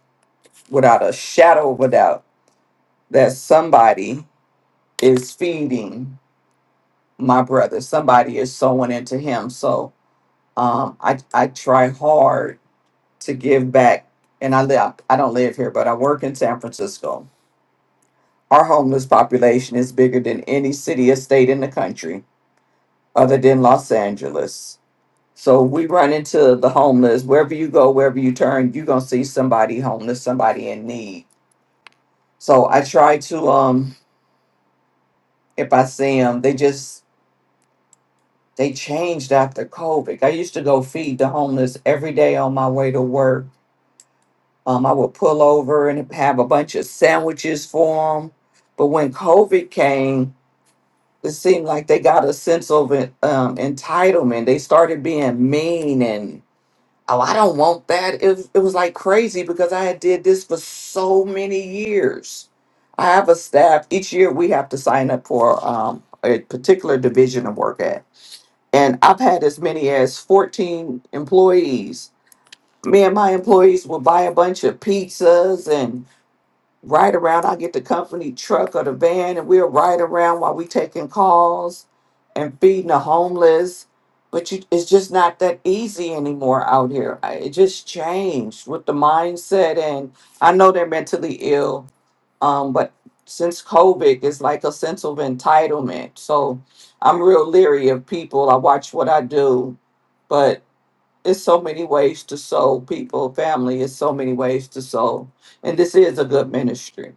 S2: without a shadow of a doubt that somebody is feeding my brother, somebody is sowing into him. So, Um, I I try hard to give back, and I live. I don't live here, but I work in San Francisco. Our homeless population is bigger than any city or state in the country, other than Los Angeles. So we run into the homeless wherever you go, wherever you turn, you're gonna see somebody homeless, somebody in need. So I try to, um, if I see them, they just they changed after COVID. I used to go feed the homeless every day on my way to work Um, I would pull over and have a bunch of sandwiches for them. But when COVID came, it seemed like they got a sense of um, entitlement. They started being mean and oh, I don't want that. It was, it was like crazy because I had did this for so many years. I have a staff. Each year we have to sign up for um, a particular division of work at, and I've had as many as fourteen employees. Me and my employees would buy a bunch of pizzas and ride around. I get the company truck or the van, and we'll ride around while we taking calls and feeding the homeless. But you, it's just not that easy anymore out here. I- It just changed with the mindset, and I know they're mentally ill. Um, but since COVID, it's like a sense of entitlement. So I'm real leery of people. I watch what I do, but it's so many ways to sow people, family. It's so many ways to sow, and this is a good ministry.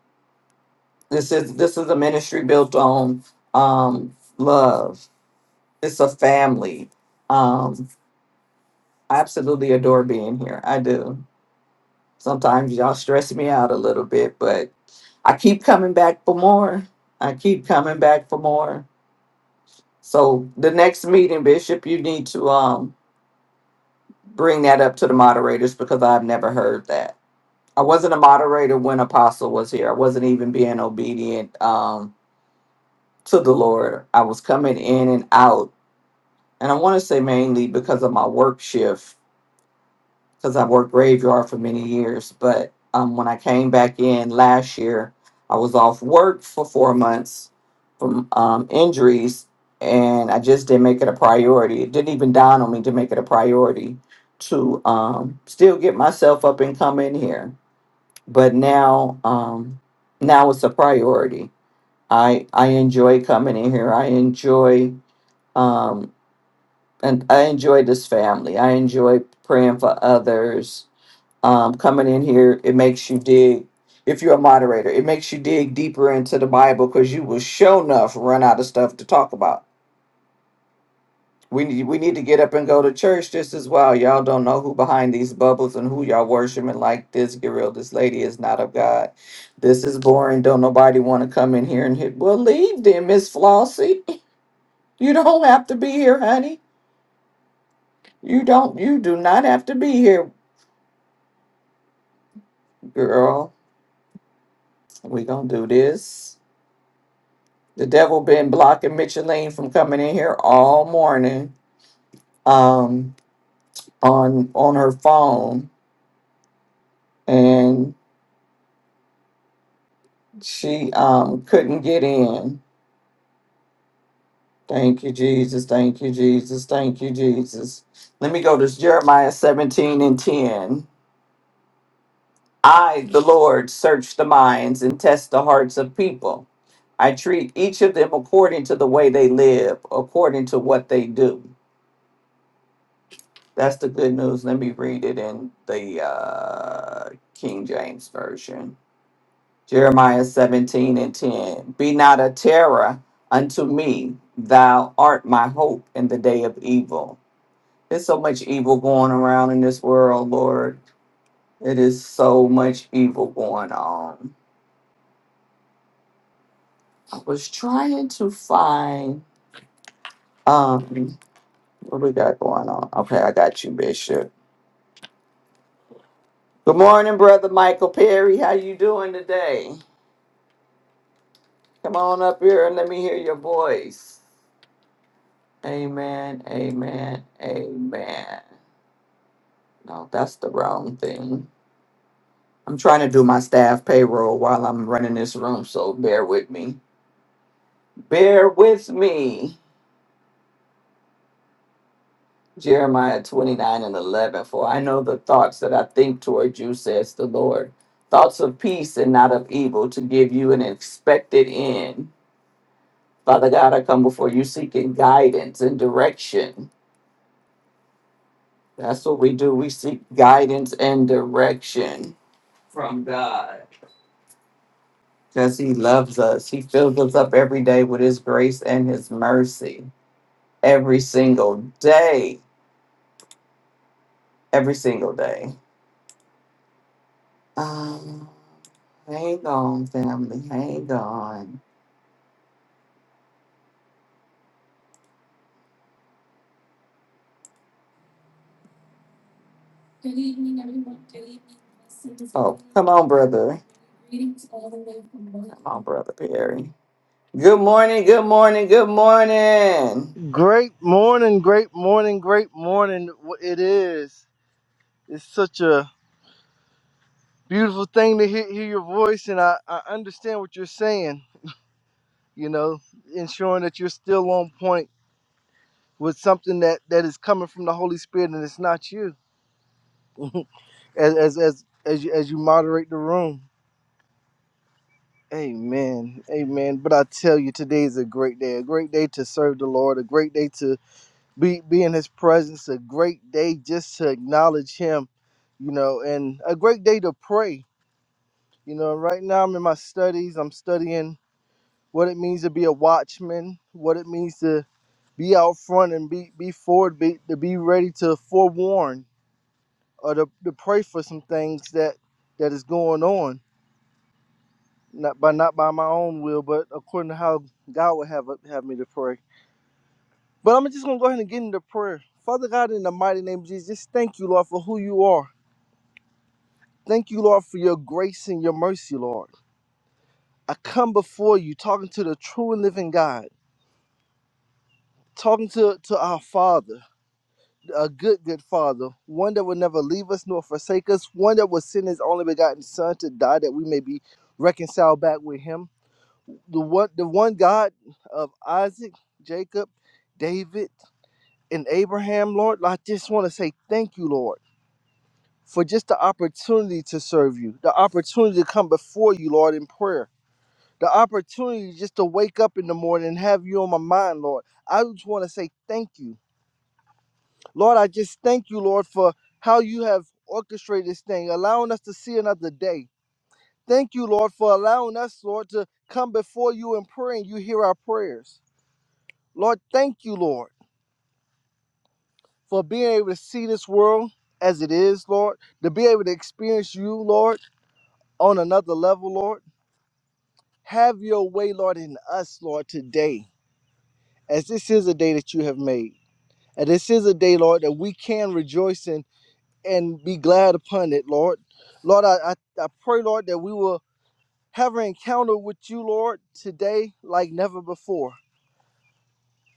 S2: This is this is a ministry built on um, love. It's a family. Um, I absolutely adore being here. I do. Sometimes y'all stress me out a little bit, but I keep coming back for more. I keep coming back for more. So the next meeting, Bishop, you need to um, bring that up to the moderators because I've never heard that. I wasn't a moderator when Apostle was here. I wasn't even being obedient um, to the Lord. I was coming in and out and I want to say mainly because of my work shift, because I worked graveyard for many years. But um, when I came back in last year, I was off work for four months from um, injuries, and I just didn't make it a priority. It didn't even dawn on me to make it a priority to um, still get myself up and come in here. But now, um, now it's a priority. I I enjoy coming in here. I enjoy. Um, and I enjoy this family. I enjoy praying for others. Um, coming in here, it makes you dig. If you're a moderator, it makes you dig deeper into the Bible because you will show enough run out of stuff to talk about. We need we need to get up and go to church just as well. Y'all don't know who behind these bubbles and who y'all worshiping like this. Get real, this lady is not of God. This is boring. Don't nobody want to come in here and hit. Well, leave then, Miss Flossie. You don't have to be here, honey. You don't. You do not have to be here. Girl, we gonna do this. The devil been blocking Micheline from coming in here all morning, um, on on her phone, and she um couldn't get in. Thank you, Jesus. Thank you, Jesus. Thank you, Jesus. Let me go to Jeremiah 17 and 10. I, the Lord, search the minds and test the hearts of people. I treat each of them according to the way they live, according to what they do. That's the good news. Let me read it in the uh, King James Version. Jeremiah 17 and 10. Be not a terror unto me. Thou art my hope in the day of evil. There's so much evil going around in this world, Lord. It is so much evil going on. I was trying to find um what we got going on. Okay, I got you, Bishop. Good morning, brother Michael Perry. How you doing today? Come on up here and let me hear your voice. Amen, amen, amen. No, that's the wrong thing. I'm trying to do my staff payroll while I'm running this room, so bear with me. Bear with me. Jeremiah 29 and 11. For I know the thoughts that I think toward you, says the Lord. Thoughts of peace and not of evil to give you an expected end. Father God, I come before you seeking guidance and direction. That's what we do. We seek guidance and direction from God. Because He loves us. He fills us up every day with His grace and His mercy. Every single day. Every single day. Um, hang on, family. Hang on. Good evening, everyone. Good evening. Blessings. Oh, come on, brother. Greetings all the way from London. Come on, brother Perry. Good morning. Good morning. Good morning.
S5: Great morning, great morning, great morning. It is. It's such a beautiful thing to hear, hear your voice, and I, I understand what you're saying. You know, ensuring that you're still on point with something that, that is coming from the Holy Spirit, and it's not you. As as as as you, as you moderate the room. Amen, amen. But I tell you, today is a great day. A great day to serve the Lord. A great day to. be be in his presence a great day just to acknowledge him you know and a great day to pray you know right now i'm in my studies i'm studying what it means to be a watchman what it means to be out front and be be forward be, to be ready to forewarn or to, to pray for some things that that is going on not by not by my own will but according to how god would have have me to pray but i'm just gonna go ahead and get into prayer father god in the mighty name of jesus just thank you lord for who you are Thank you, Lord, for your grace and your mercy, Lord. I come before you talking to the true and living God, talking to, to our Father, a good, good Father, one that will never leave us nor forsake us, one that will send his only begotten Son to die that we may be reconciled back with him. The one, the one God of Isaac, Jacob, David, and Abraham, Lord, I just want to say thank you, Lord, for just the opportunity to serve you, the opportunity to come before you, Lord, in prayer the opportunity just to wake up in the morning and have you on my mind, Lord. I just want to say thank you. Lord, I just thank you, Lord, for how you have orchestrated this thing, allowing us to see another day. Thank you, Lord, for allowing us, Lord, to come before you and pray and you hear our prayers. Lord, thank you, Lord, for being able to see this world as it is, Lord, to be able to experience you, Lord, on another level, Lord. Have your way, Lord, in us, Lord, today, as this is a day that you have made. And this is a day, Lord, that we can rejoice in and be glad upon it, Lord. Lord, I, I, I pray, Lord, that we will have an encounter with you, Lord, today like never before.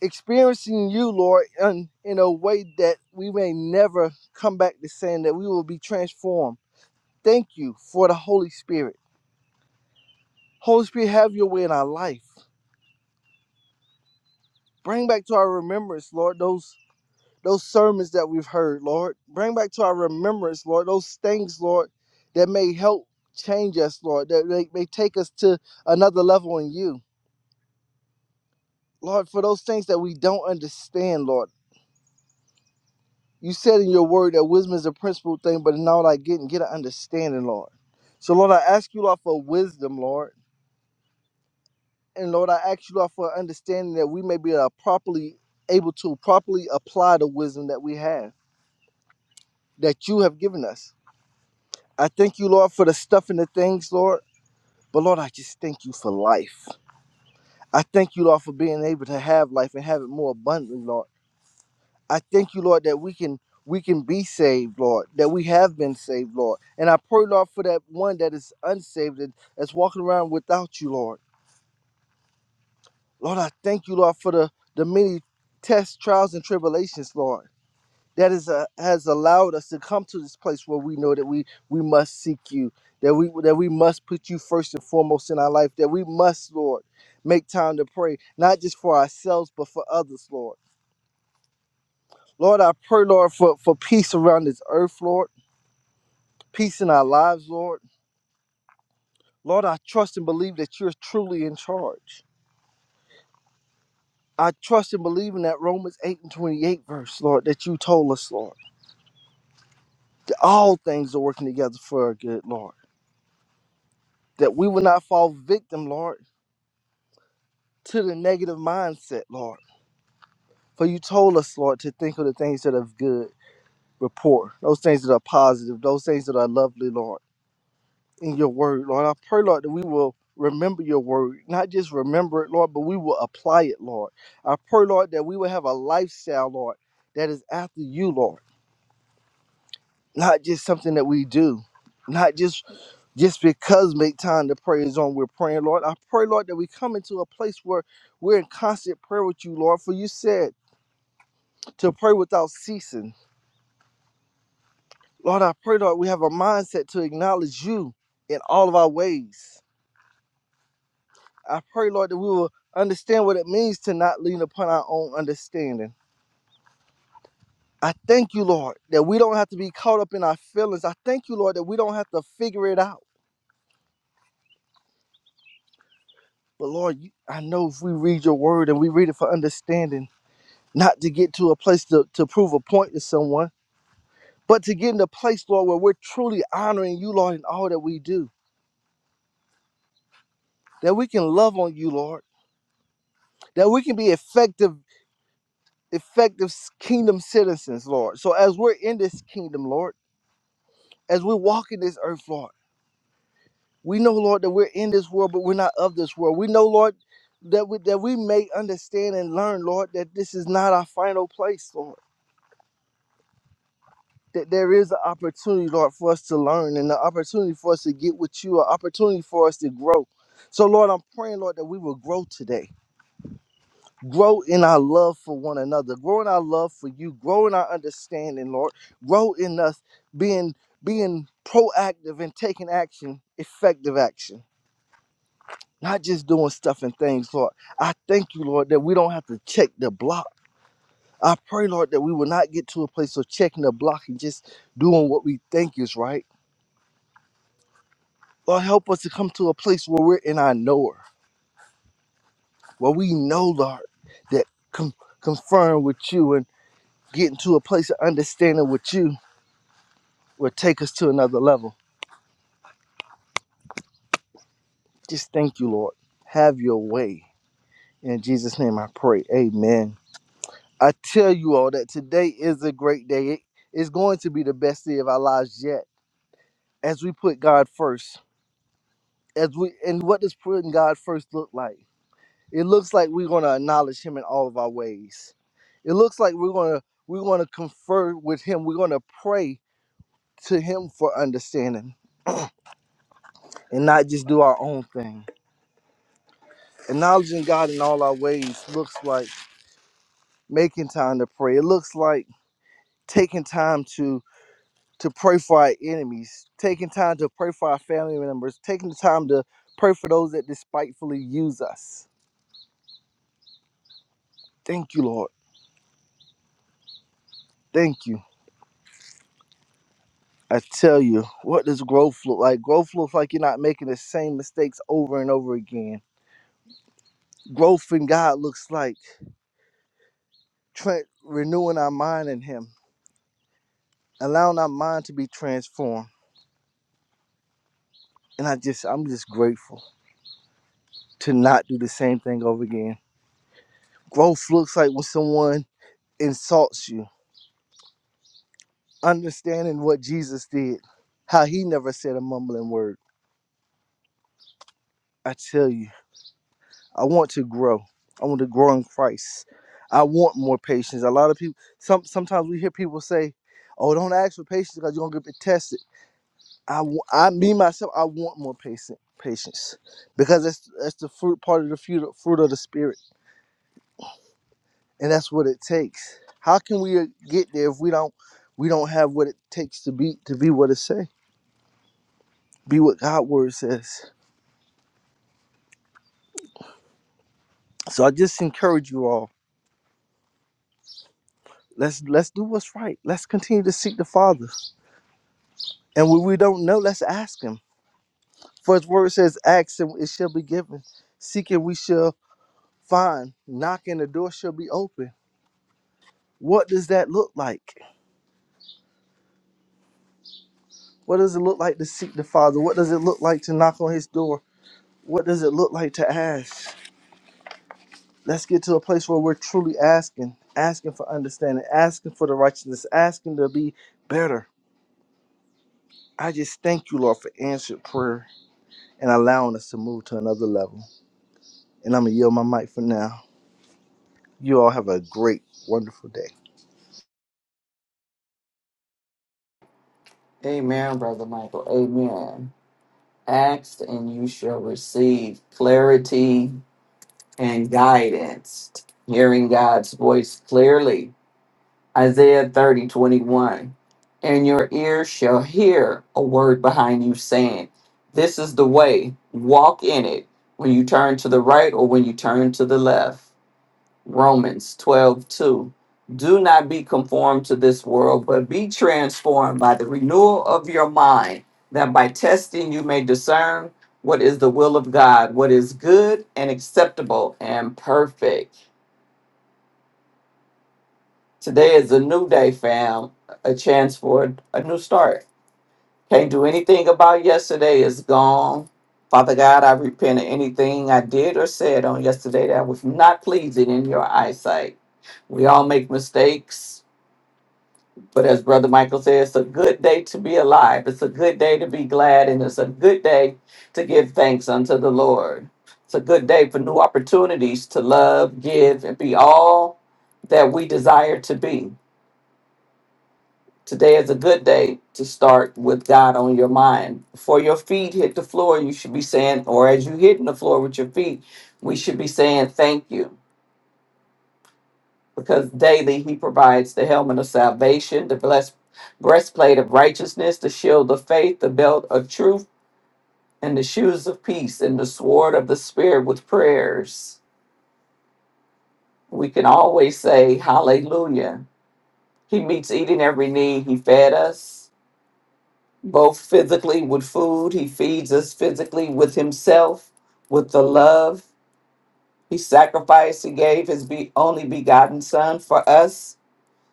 S5: Experiencing you, Lord, in, in a way that we may never come back to saying that we will be transformed. Thank you for the Holy Spirit. Holy Spirit, have your way in our life. Bring back to our remembrance, Lord, those those sermons that we've heard, Lord. Bring back to our remembrance, Lord, those things, Lord, that may help change us, Lord, that may, may take us to another level in you. Lord, for those things that we don't understand, Lord. You said in your word that wisdom is a principal thing, but in all I get and get an understanding, Lord. So, Lord, I ask you, Lord, for wisdom, Lord. And Lord, I ask you, Lord, for understanding that we may be uh, properly able to properly apply the wisdom that we have, that you have given us. I thank you, Lord, for the stuff and the things, Lord. But Lord, I just thank you for life. I thank you, Lord, for being able to have life and have it more abundantly, Lord. I thank you, Lord, that we can we can be saved, Lord, that we have been saved, Lord. And I pray, Lord, for that one that is unsaved and that's walking around without you, Lord. Lord, I thank you, Lord, for the the many tests, trials, and tribulations, Lord. that is a, has allowed us to come to this place where we know that we we must seek you that we that we must put you first and foremost in our life that we must lord make time to pray not just for ourselves but for others lord lord i pray lord for for peace around this earth lord peace in our lives lord lord i trust and believe that you're truly in charge i trust and believe in that romans 8 and 28 verse lord that you told us lord that all things are working together for our good lord that we will not fall victim lord to the negative mindset, Lord. For you told us, Lord, to think of the things that are of good report, those things that are positive, those things that are lovely, Lord, in your word, Lord. I pray, Lord, that we will remember your word, not just remember it, Lord, but we will apply it, Lord. I pray, Lord, that we will have a lifestyle, Lord, that is after you, Lord, not just something that we do. Not just just because make time to pray is on, we're praying, Lord. I pray, Lord, that we come into a place where we're in constant prayer with you, Lord. For you said to pray without ceasing. Lord, I pray, Lord, we have a mindset to acknowledge you in all of our ways. I pray, Lord, that we will understand what it means to not lean upon our own understanding. I thank you, Lord, that we don't have to be caught up in our feelings. I thank you, Lord, that we don't have to figure it out. But Lord, you, I know if we read your word and we read it for understanding, not to get to a place to, to prove a point to someone, but to get in a place, Lord, where we're truly honoring you, Lord, in all that we do, that we can love on you, Lord that we can be effective effective kingdom citizens lord so as we're in this kingdom lord as we walk in this earth lord we know lord that we're in this world but we're not of this world we know lord that we that we may understand and learn lord that this is not our final place lord that there is an opportunity lord for us to learn and an opportunity for us to get with you an opportunity for us to grow so lord i'm praying lord that we will grow today grow in our love for one another grow in our love for you grow in our understanding lord grow in us being being proactive and taking action effective action not just doing stuff and things lord i thank you lord that we don't have to check the block i pray lord that we will not get to a place of checking the block and just doing what we think is right lord help us to come to a place where we're in our knower where we know lord that com- confirm with you and get into a place of understanding with you will take us to another level. Just thank you, Lord. Have your way. In Jesus' name I pray. Amen. I tell you all that today is a great day. It- It's going to be the best day of our lives yet. As we put God first. As we and what does putting God first look like? It looks like we're gonna acknowledge him in all of our ways. It looks like we're gonna we're gonna confer with him. We're gonna pray to him for understanding and not just do our own thing. Acknowledging God in all our ways looks like making time to pray. It looks like taking time to to pray for our enemies, taking time to pray for our family members, taking the time to pray for those that despitefully use us. Thank you, Lord. Thank you. I tell you, what does growth look like? Growth looks like you're not making the same mistakes over and over again. Growth in God looks like tra- renewing our mind in Him, allowing our mind to be transformed. And I just, I'm just grateful to not do the same thing over again growth looks like when someone insults you, understanding what Jesus did, how he never said a mumbling word. I tell you, I want to grow. I want to grow in Christ. I want more patience. A lot of people, some sometimes we hear people say, "Oh, don't ask for patience because you're gonna get tested." I, wa- I, me myself, I want more patience, patience, because that's that's the fruit part of the fruit, fruit of the spirit, and that's what it takes. How can we uh, get there if we don't we don't have what it takes to be to be what it say, be what God word says? So I just encourage you all. Let's let's do what's right. Let's continue to seek the Father. And when we don't know, let's ask Him. For His word says, "Ask and it shall be given. Seek and we shall find. Knock and the door shall be open." What does that look like? What does it look like to seek the Father? What does it look like to knock on His door? What does it look like to ask? Let's get to a place where we're truly asking, asking for understanding, asking for the righteousness, asking to be better. I just thank you, Lord, for answered prayer. and allowing us to move to another level. And I'm going to yield my mic for now. You all have a great, wonderful day.
S2: Amen, brother Michael. Amen. Ask and you shall receive clarity and guidance, hearing God's voice clearly. Isaiah 30 21, And your ears shall hear a word behind you saying, This is the way, walk in it, when you turn to the right or when you turn to the left. Romans 12 2, Do not be conformed to this world, but be transformed by the renewal of your mind, that by testing you may discern what is the will of God, what is good and acceptable and perfect. Today is a new day, fam, a chance for a new start. Can't do anything about yesterday, it's gone. Father God, I repent of anything I did or said on yesterday that was not pleasing in your eyesight. We all make mistakes. But as Brother Michael says, it's a good day to be alive. It's a good day to be glad, and it's a good day to give thanks unto the Lord. It's a good day for new opportunities to love, give, and be all that we desire to be. Today is a good day to start with God on your mind. Before your feet hit the floor, you should be saying, or as you hitting the floor with your feet, we should be saying, Thank you. because daily he provides the helmet of salvation, the blessed breastplate of righteousness, the shield of faith, the belt of truth, and the shoes of peace, and the sword of the spirit with prayers. We can always say hallelujah. He meets eating every need. He fed us both physically with food. He feeds us physically with himself, with the love. He sacrificed, he gave his be- only begotten son for us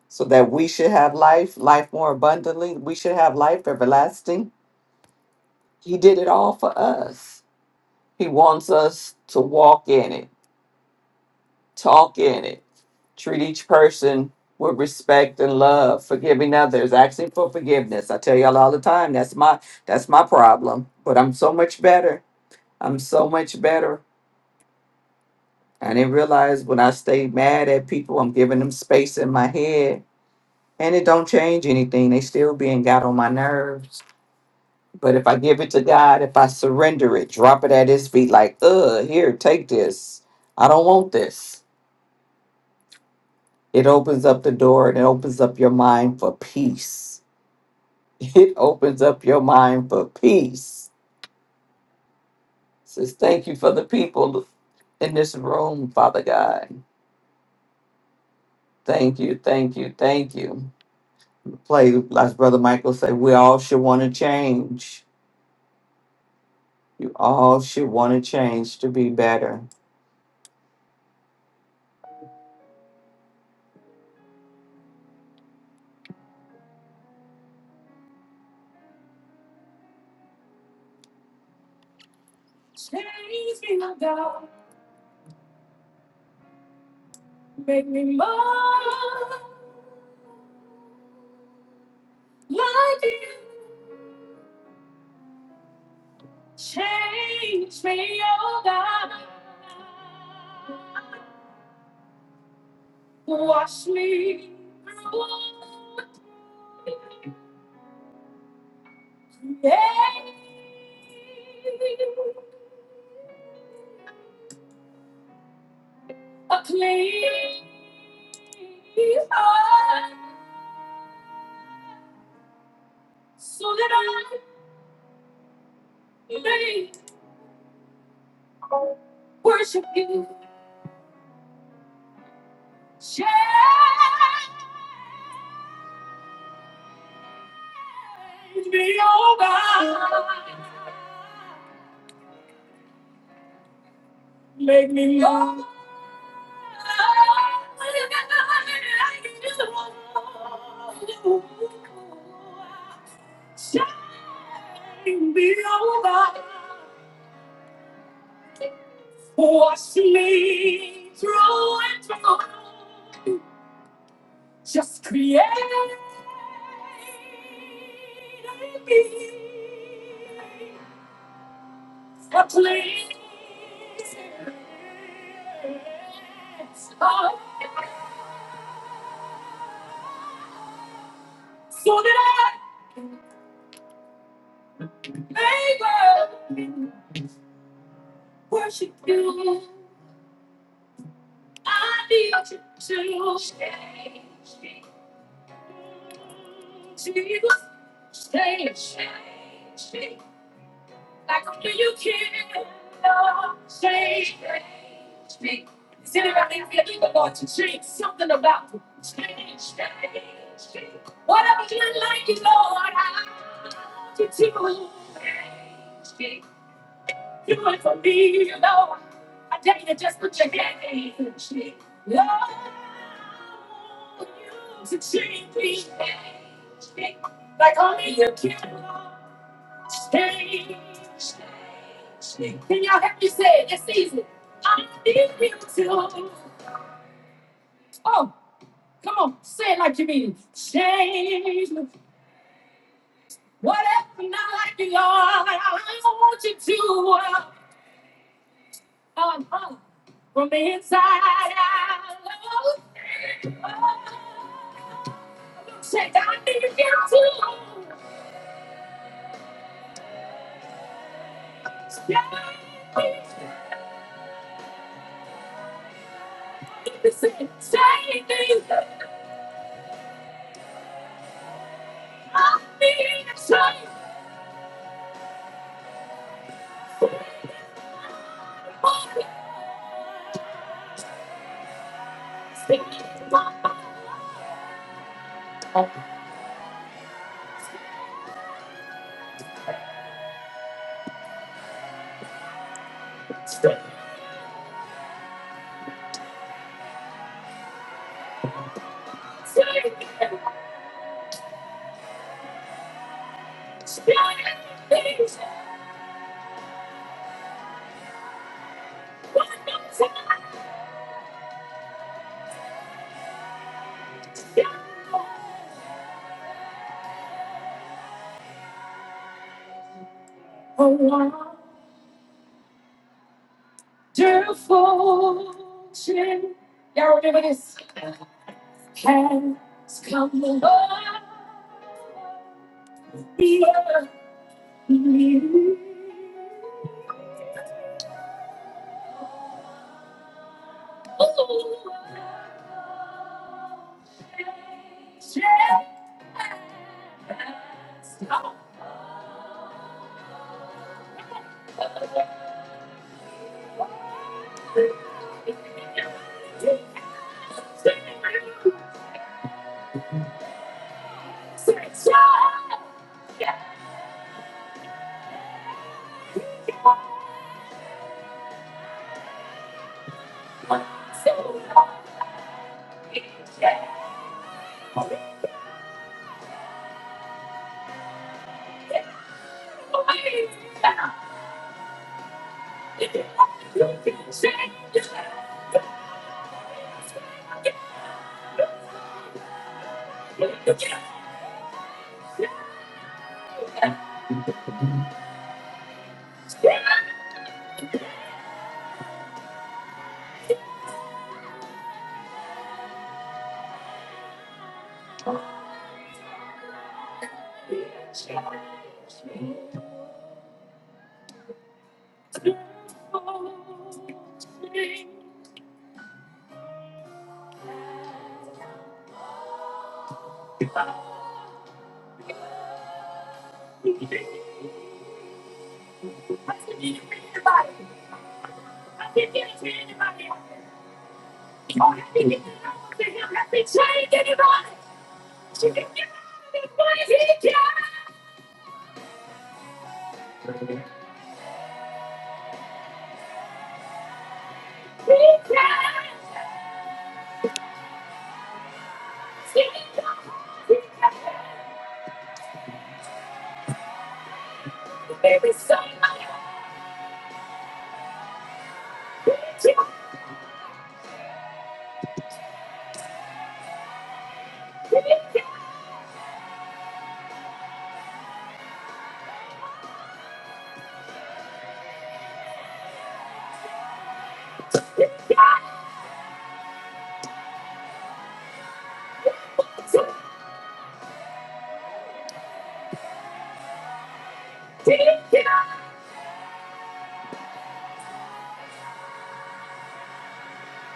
S2: so that we should have life, life more abundantly. We should have life everlasting. He did it all for us. He wants us to walk in it, talk in it, treat each person with respect and love, forgiving others, asking for forgiveness. I tell y'all all the time, that's my that's my problem. But I'm so much better. I'm so much better. I didn't realize when I stay mad at people, I'm giving them space in my head. And it don't change anything. They still being got on my nerves But if I give it to God, if I surrender it, drop it at His feet, like, uh, here, take this. I don't want this. It opens up the door and it opens up your mind for peace. It opens up your mind for peace. Says, thank you for the people in this room, Father God. Thank you, thank you, thank you. Play, like Brother Michael said, we all should want to change. You all should want to change to be better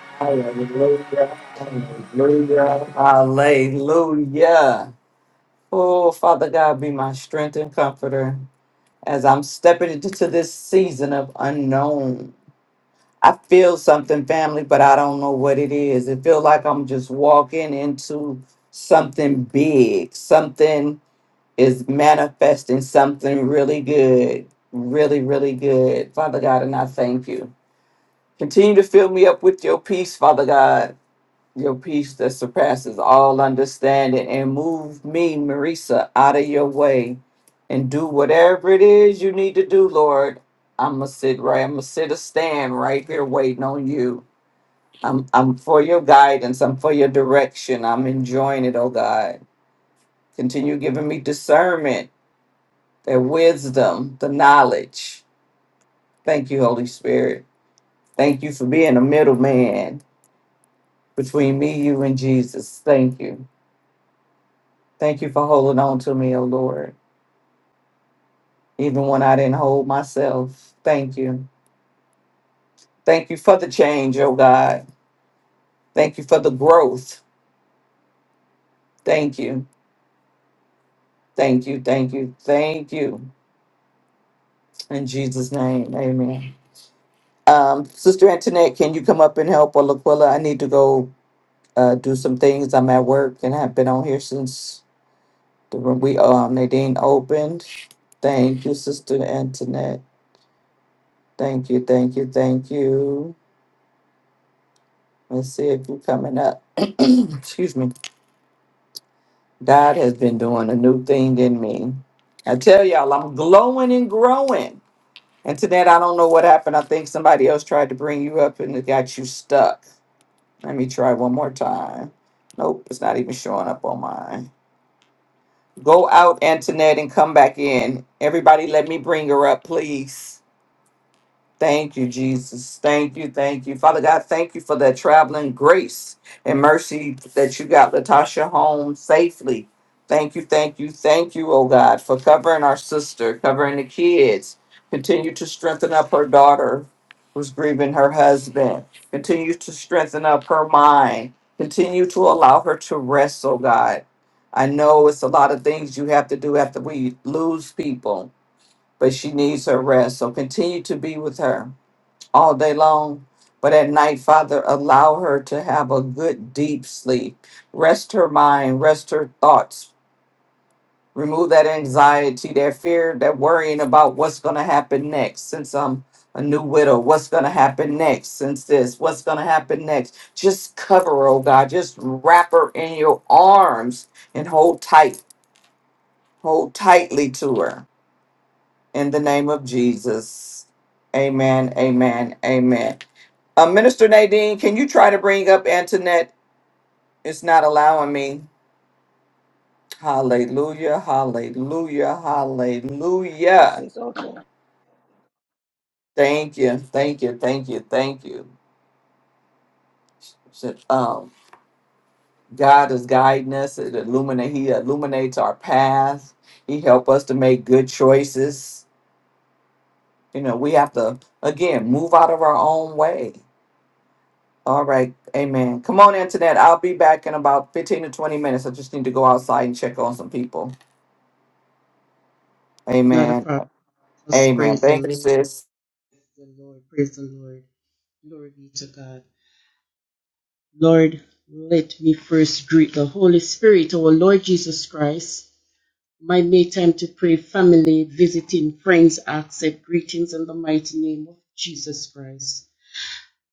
S2: Hallelujah. Hallelujah. Hallelujah. Oh, Father God, be my strength and comforter as I'm stepping into this season of unknown. I feel something, family, but I don't know what it is. It feels like I'm just walking into something big, something is manifesting something really good, really, really good. Father God, and I thank you. Continue to fill me up with your peace, Father God, your peace that surpasses all understanding, and move me, Marisa, out of your way and do whatever it is you need to do, Lord. I'm gonna sit right, I'm gonna sit or stand right here waiting on you. I'm, I'm for your guidance. I'm for your direction. I'm enjoying it, oh God. Continue giving me discernment that wisdom, the knowledge. Thank you, Holy Spirit. Thank you for being a middleman between me, you, and Jesus. Thank you. Thank you for holding on to me, oh Lord, even when I didn't hold myself. Thank you. Thank you for the change, oh God. Thank you for the growth. Thank you. Thank you. Thank you. Thank you. In Jesus' name, amen. Um, Sister Antoinette, can you come up and help? Or Laquilla, I need to go uh, do some things. I'm at work and have been on here since The room we um Nadine opened. Thank you, Sister Antoinette. Thank you, thank you, thank you. Let's see if you're coming up. Excuse me. God has been doing a new thing in me. I tell y'all, I'm glowing and growing. And to that, I don't know what happened. I think somebody else tried to bring you up and it got you stuck. Let me try one more time. Nope, it's not even showing up on mine. Go out, Antoinette, and come back in. Everybody, let me bring her up, please. Thank you, Jesus. Thank you, thank you. Father God, thank you for that traveling grace and mercy that you got Latasha home safely. Thank you, thank you, thank you, oh God, for covering our sister, covering the kids. Continue to strengthen up her daughter who's grieving her husband. Continue to strengthen up her mind. Continue to allow her to rest, oh God. I know it's a lot of things you have to do after we lose people, but she needs her rest. So continue to be with her all day long. But at night, Father, allow her to have a good, deep sleep. Rest her mind, rest her thoughts. Remove that anxiety, that fear, that worrying about what's going to happen next since I'm a new widow. What's going to happen next since this? What's going to happen next? Just cover her, oh God. Just wrap her in your arms and hold tight. Hold tightly to her in the name of Jesus. Amen, amen, amen. Uh, Minister Nadine, can you try to bring up Antoinette? It's not allowing me. Hallelujah, hallelujah,
S1: Yes,
S2: hallelujah.
S1: yes, okay.
S2: Thank you, thank you, thank you, thank you. So, Um, God is guiding us. It illuminate, he illuminates our path. He help us to make good choices. You know, we have to, again, move out of our own way All right. Amen. Come on, Antoinette. I'll be back in about 15 to 20 minutes. I just need to go outside and check on some people.
S6: Not a
S2: Amen.
S6: problem. Just
S2: Amen.
S6: praise the
S2: Thank you,
S6: Lord.
S2: sis.
S6: Praise the Lord. Praise the Lord. Glory be to God. Lord, let me first greet the Holy Spirit, our Lord Jesus Christ. My May time to pray, family, visiting, friends, accept greetings in the mighty name of Jesus Christ.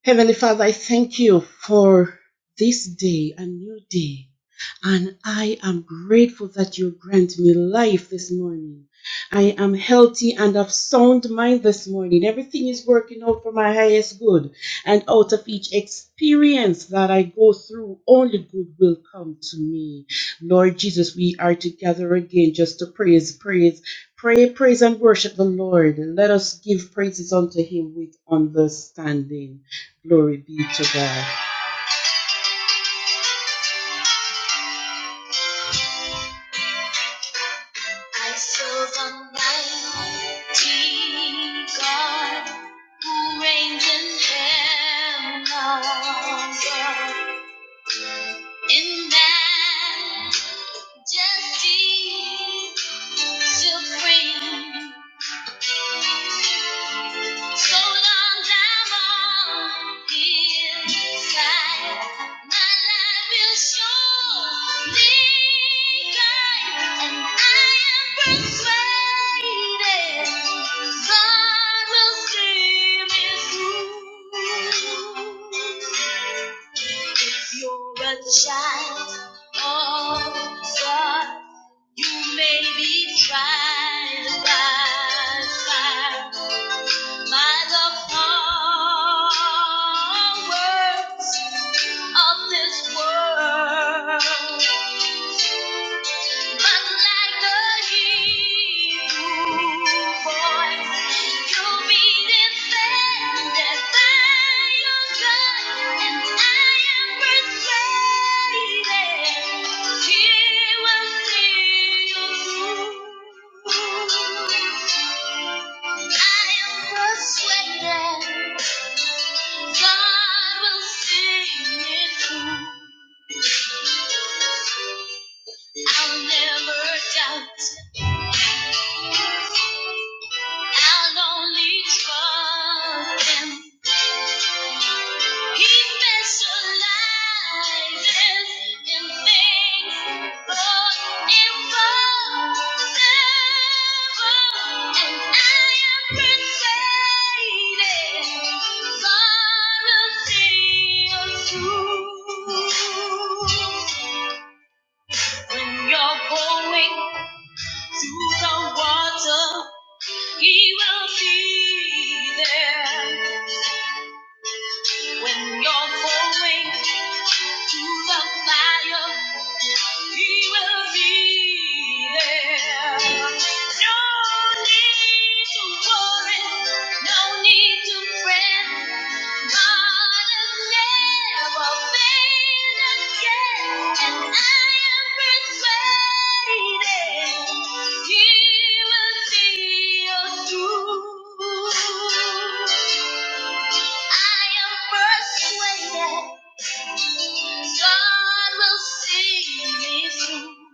S6: Heavenly Father, I thank you for this day, a new day. And I am grateful that you grant me life this morning. I am healthy and of sound mind this morning. Everything is working out for my highest good. And out of each experience that I go through, only good will come to me. Lord Jesus, we are together again just to praise, praise, pray, praise, and worship the Lord. Let us give praises unto him with understanding. Glory be to God. I feel a mighty God who reigns in heaven above. In majesty supreme, So long down on inside, my life will surely guide, and I am persuaded God will see me through. If you're a child of God. You may be tried by fire. Mind upon words of this world. But like the Hebrew boy, you'll be defended by your God, and I am I'll never doubt. I'll only trust him. He specializes in things impossible, and I am persuaded God will see us through. When you're going through the water, he will be there. When you're going through the fire, he will be there. No need to worry, no need to God will see me through.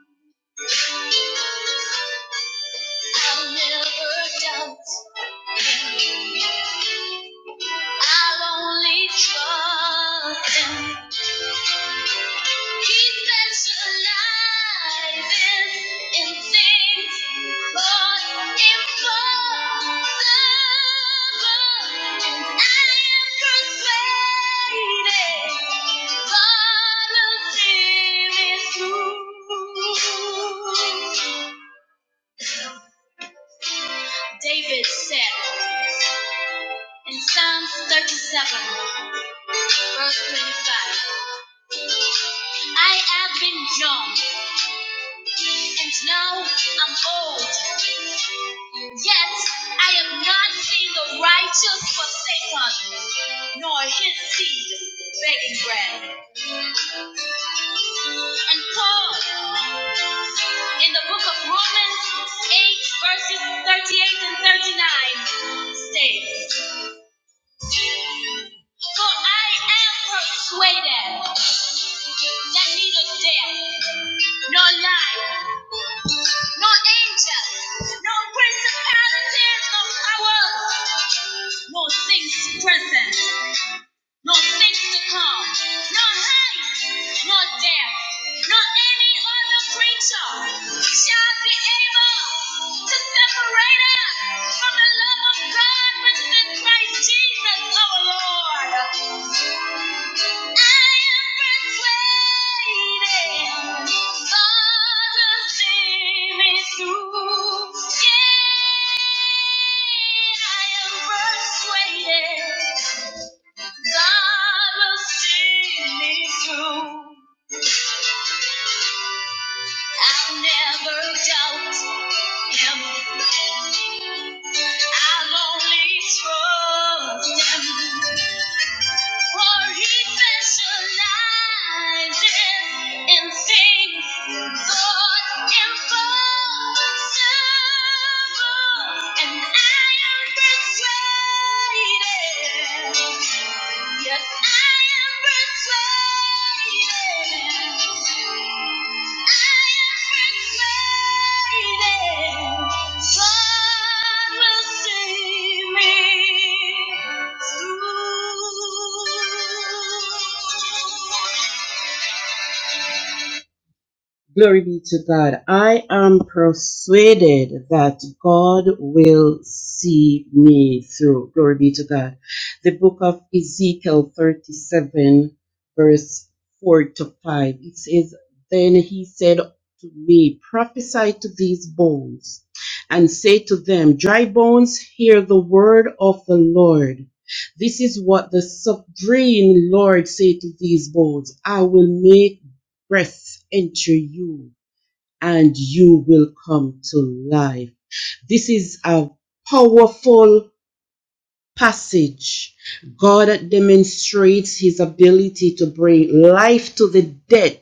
S6: I'll never doubt. I'll only trust him. He's been so alive. in David said in Psalms 37, verse 25, I have been young and now I'm old, yet I am not seen the righteous forsaken, nor his seed begging bread. And Paul, in the book of Romans 8, verses 38 and 39, states. For I am persuaded that neither death, nor life, nor angels, nor principalities, nor powers, nor things present nor things to come, nor height, nor depth, nor any other creature shall be able to separate us from the love of God which is in Christ Jesus our Lord. I am persuaded God will see me through. Yeah, I am persuaded. God will see me through. I'll never doubt Him. I'll only trust Him. For he specializes in things thought impossible. And I am persuaded. Yes, I am persuaded. Thank you. Glory be to God. I am persuaded that God will see me through. Glory be to God. The book of Ezekiel 37, verse 4 to 5. It says, Then he said to me, Prophesy to these bones, and say to them, Dry bones, hear the word of the Lord. This is what the sovereign Lord say to these bones. I will make breath enter you and you will come to life. This is a powerful passage. God demonstrates his ability to bring life to the dead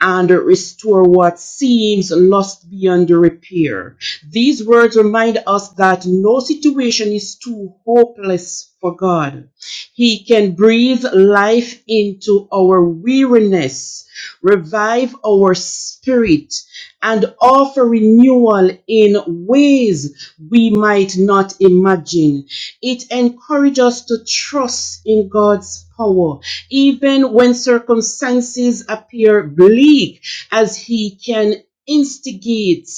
S6: and restore what seems lost beyond repair. These words remind us that no situation is too hopeless for God. He can breathe life into our weariness, revive our spirit, and offer renewal in ways we might not imagine. It encourages us to trust in God's power even when circumstances appear bleak, as he can instigate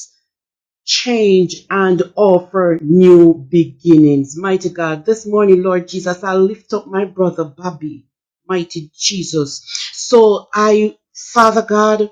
S6: change and offer new beginnings. Mighty God, this morning, Lord Jesus, I lift up my brother Bobby, mighty Jesus. So I, Father God,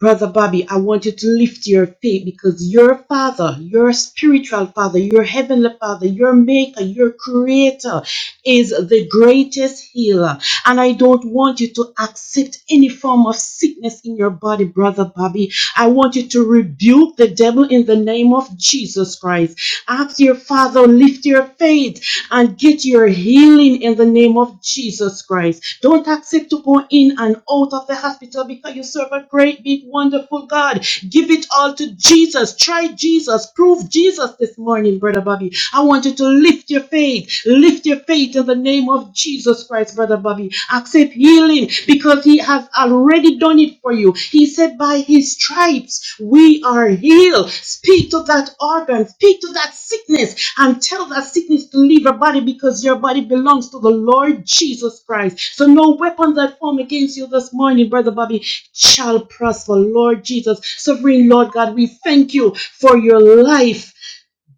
S6: Brother Bobby, I want you to lift your faith because your father, your spiritual father, your heavenly father, your maker, your creator is the greatest healer. And I don't want you to accept any form of sickness in your body, Brother Bobby. I want you to rebuke the devil in the name of Jesus Christ. Ask your father, lift your faith and get your healing in the name of Jesus Christ. Don't accept to go in and out of the hospital because you serve a great, big, wonderful God. Give it all to Jesus. Try Jesus. Prove Jesus this morning, Brother Bobby. I want you to lift your faith. Lift your faith in the name of Jesus Christ, Brother Bobby. Accept healing because He has already already done it for you. He said, By his stripes we are healed. Speak to that organ, speak to that sickness, and tell that sickness to leave your body because your body belongs to the Lord Jesus Christ. So no weapon that form against you this morning, Brother Bobby, shall prosper. Lord Jesus, sovereign Lord God, we thank you for your life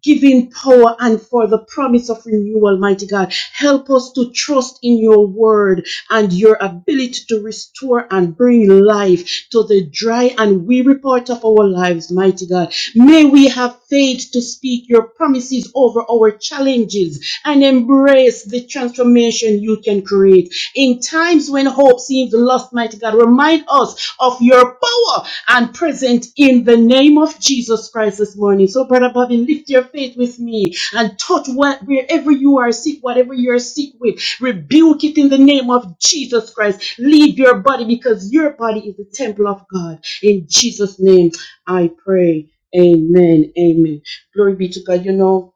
S6: giving power and for the promise of renewal, mighty God. Help us to trust in your word and your ability to restore and bring life to the dry and weary part of our lives, mighty God. May we have faith to speak your promises over our challenges and embrace the transformation you can create. In times when hope seems lost, mighty God, remind us of your power and present in the name of Jesus Christ this morning. So, Brother Bobby, lift your faith with me and touch what, wherever you are sick, whatever you are sick with, rebuke it in the name of Jesus Christ. Leave your body because your body is the temple of God. In Jesus' name, I pray. Amen. Amen. Glory be to God. You know,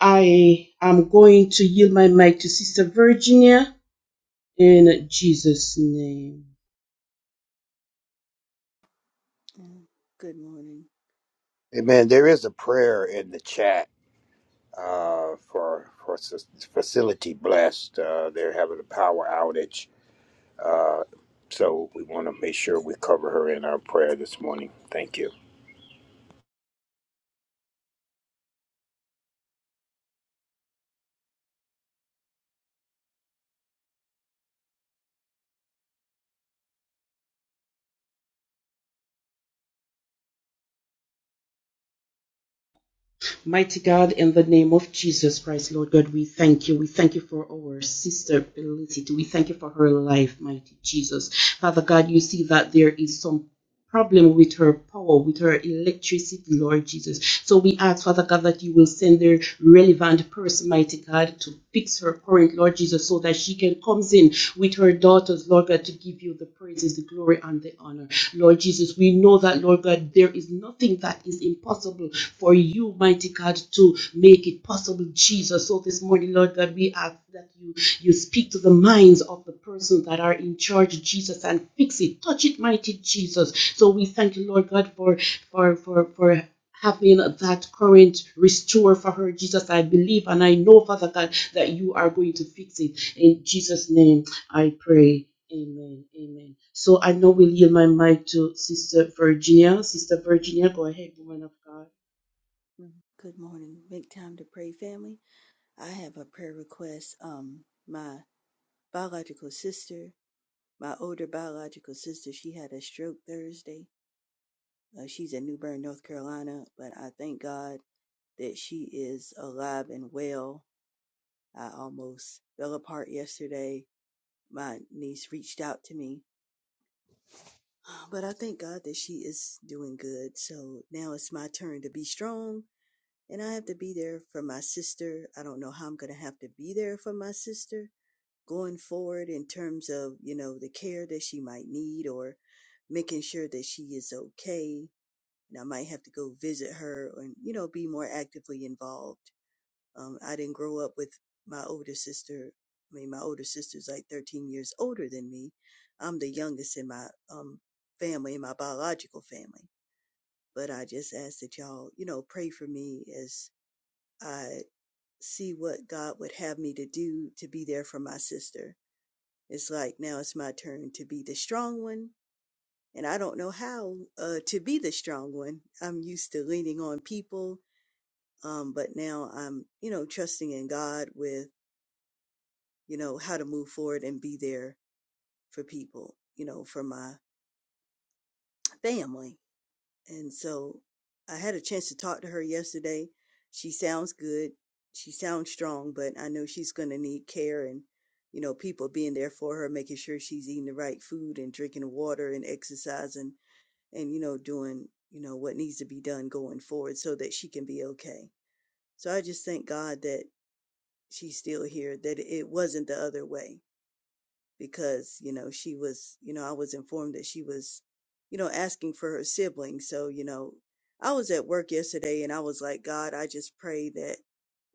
S6: I am going to yield my mic to Sister Virginia in Jesus' name.
S7: Mm, Good morning.
S4: Amen. There is a prayer in the chat uh, for for Sis- facility blessed. Uh, they're having a power outage. Uh, so we want to make sure we cover her in our prayer this morning. Thank you.
S6: Mighty God, in the name of Jesus Christ, Lord God, we thank you. We thank you for our sister Felicity. We thank you for her life, mighty Jesus. Father God, you see that there is some problem with her power, with her electricity, Lord Jesus. So we ask, Father God, that you will send the relevant person, mighty God, to fix her current, Lord Jesus, so that she can come in with her daughters, Lord God, to give you the praises, the glory, and the honor. Lord Jesus, we know that, Lord God, there is nothing that is impossible for you, mighty God, to make it possible, Jesus. So this morning, Lord God, we ask that you you speak to the minds of the persons that are in charge jesus and fix it touch it mighty jesus so we thank you lord god for for for for having that current restore for her jesus i believe and i know father god that you are going to fix it in jesus name i pray amen amen so i now will yield my mic to sister virginia sister virginia go ahead woman of god
S7: Mm, Good morning. Make time to pray, family. I have a prayer request. Um, my biological sister, my older biological sister, she had a stroke Thursday. Uh, she's in New Bern, North Carolina, but I thank God that she is alive and well. I almost fell apart yesterday. My niece reached out to me, but I thank God that she is doing good. So now it's my turn to be strong and I have to be there for my sister. I don't know how I'm going to have to be there for my sister going forward in terms of, you know, the care that she might need or making sure that she is okay. And I might have to go visit her and, you know, be more actively involved. Um, I didn't grow up with my older sister. I mean, my older sister's like 13 years older than me. I'm the youngest in my um, family, in my biological family. But I just ask that y'all, you know, pray for me as I see what God would have me to do to be there for my sister. It's like now it's my turn to be the strong one, and I don't know how uh, to be the strong one. I'm used to leaning on people, um, but now I'm, you know, trusting in God with, you know, how to move forward and be there for people, you know, for my family. And so I had a chance to talk to her yesterday. She sounds good. She sounds strong, but I know she's going to need care and, you know, people being there for her, making sure she's eating the right food and drinking water and exercising and, you know, doing, you know, what needs to be done going forward so that she can be okay. So I just thank God that she's still here, that it wasn't the other way because you know she was you know i was informed that she was you know asking for her siblings so you know i was at work yesterday and i was like god i just pray that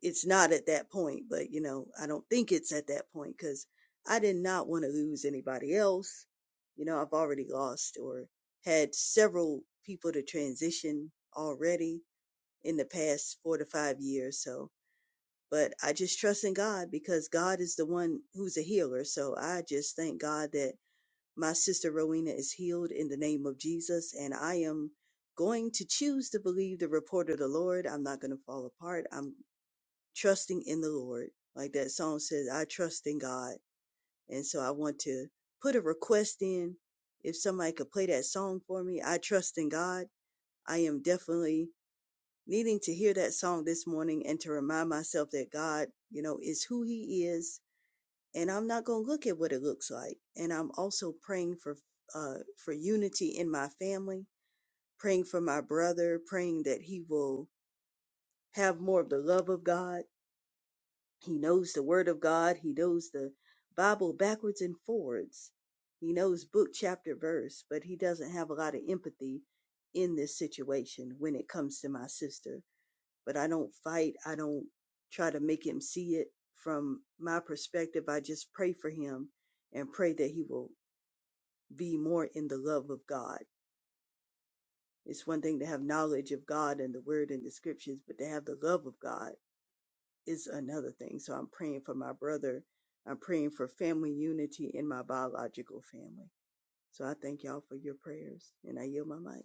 S7: it's not at that point but you know i don't think it's at that point because i did not want to lose anybody else you know i've already lost or had several people to transition already in the past four to five years so but I just trust in God because God is the one who's a healer. So I just thank God that my sister Rowena is healed in the name of Jesus. And I am going to choose to believe the report of the Lord. I'm not going to fall apart. I'm trusting in the Lord. Like that song says, I trust in God. And so I want to put a request in. If somebody could play that song for me, I trust in God. I am definitely needing to hear that song this morning and to remind myself that God, you know, is who He is, and I'm not going to look at what it looks like. And I'm also praying for uh, for unity in my family, praying for my brother, praying that he will have more of the love of God. He knows the Word of God. He knows the Bible backwards and forwards. He knows book, chapter, verse, but he doesn't have a lot of empathy in this situation when it comes to my sister but I don't fight. I don't try to make him see it from my perspective. I just pray for him and pray that he will be more in the love of God. It's one thing to have knowledge of God and the word and the scriptures, but to have the love of God is another thing. So I'm praying for my brother. I'm praying for family unity in my biological family. So I thank y'all for your prayers and I yield my mic.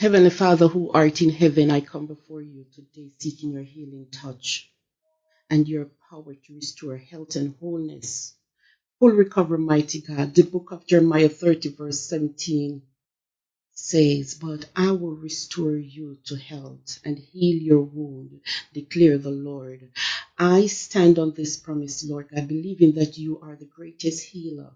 S6: Heavenly Father, who art in heaven, I come before you today seeking your healing touch. and your power to restore health and wholeness. Full recovery, mighty God. The book of Jeremiah 30, verse 17 says, But I will restore you to health and heal your wound, declare the Lord. I stand on this promise, Lord God, believing that you are the greatest healer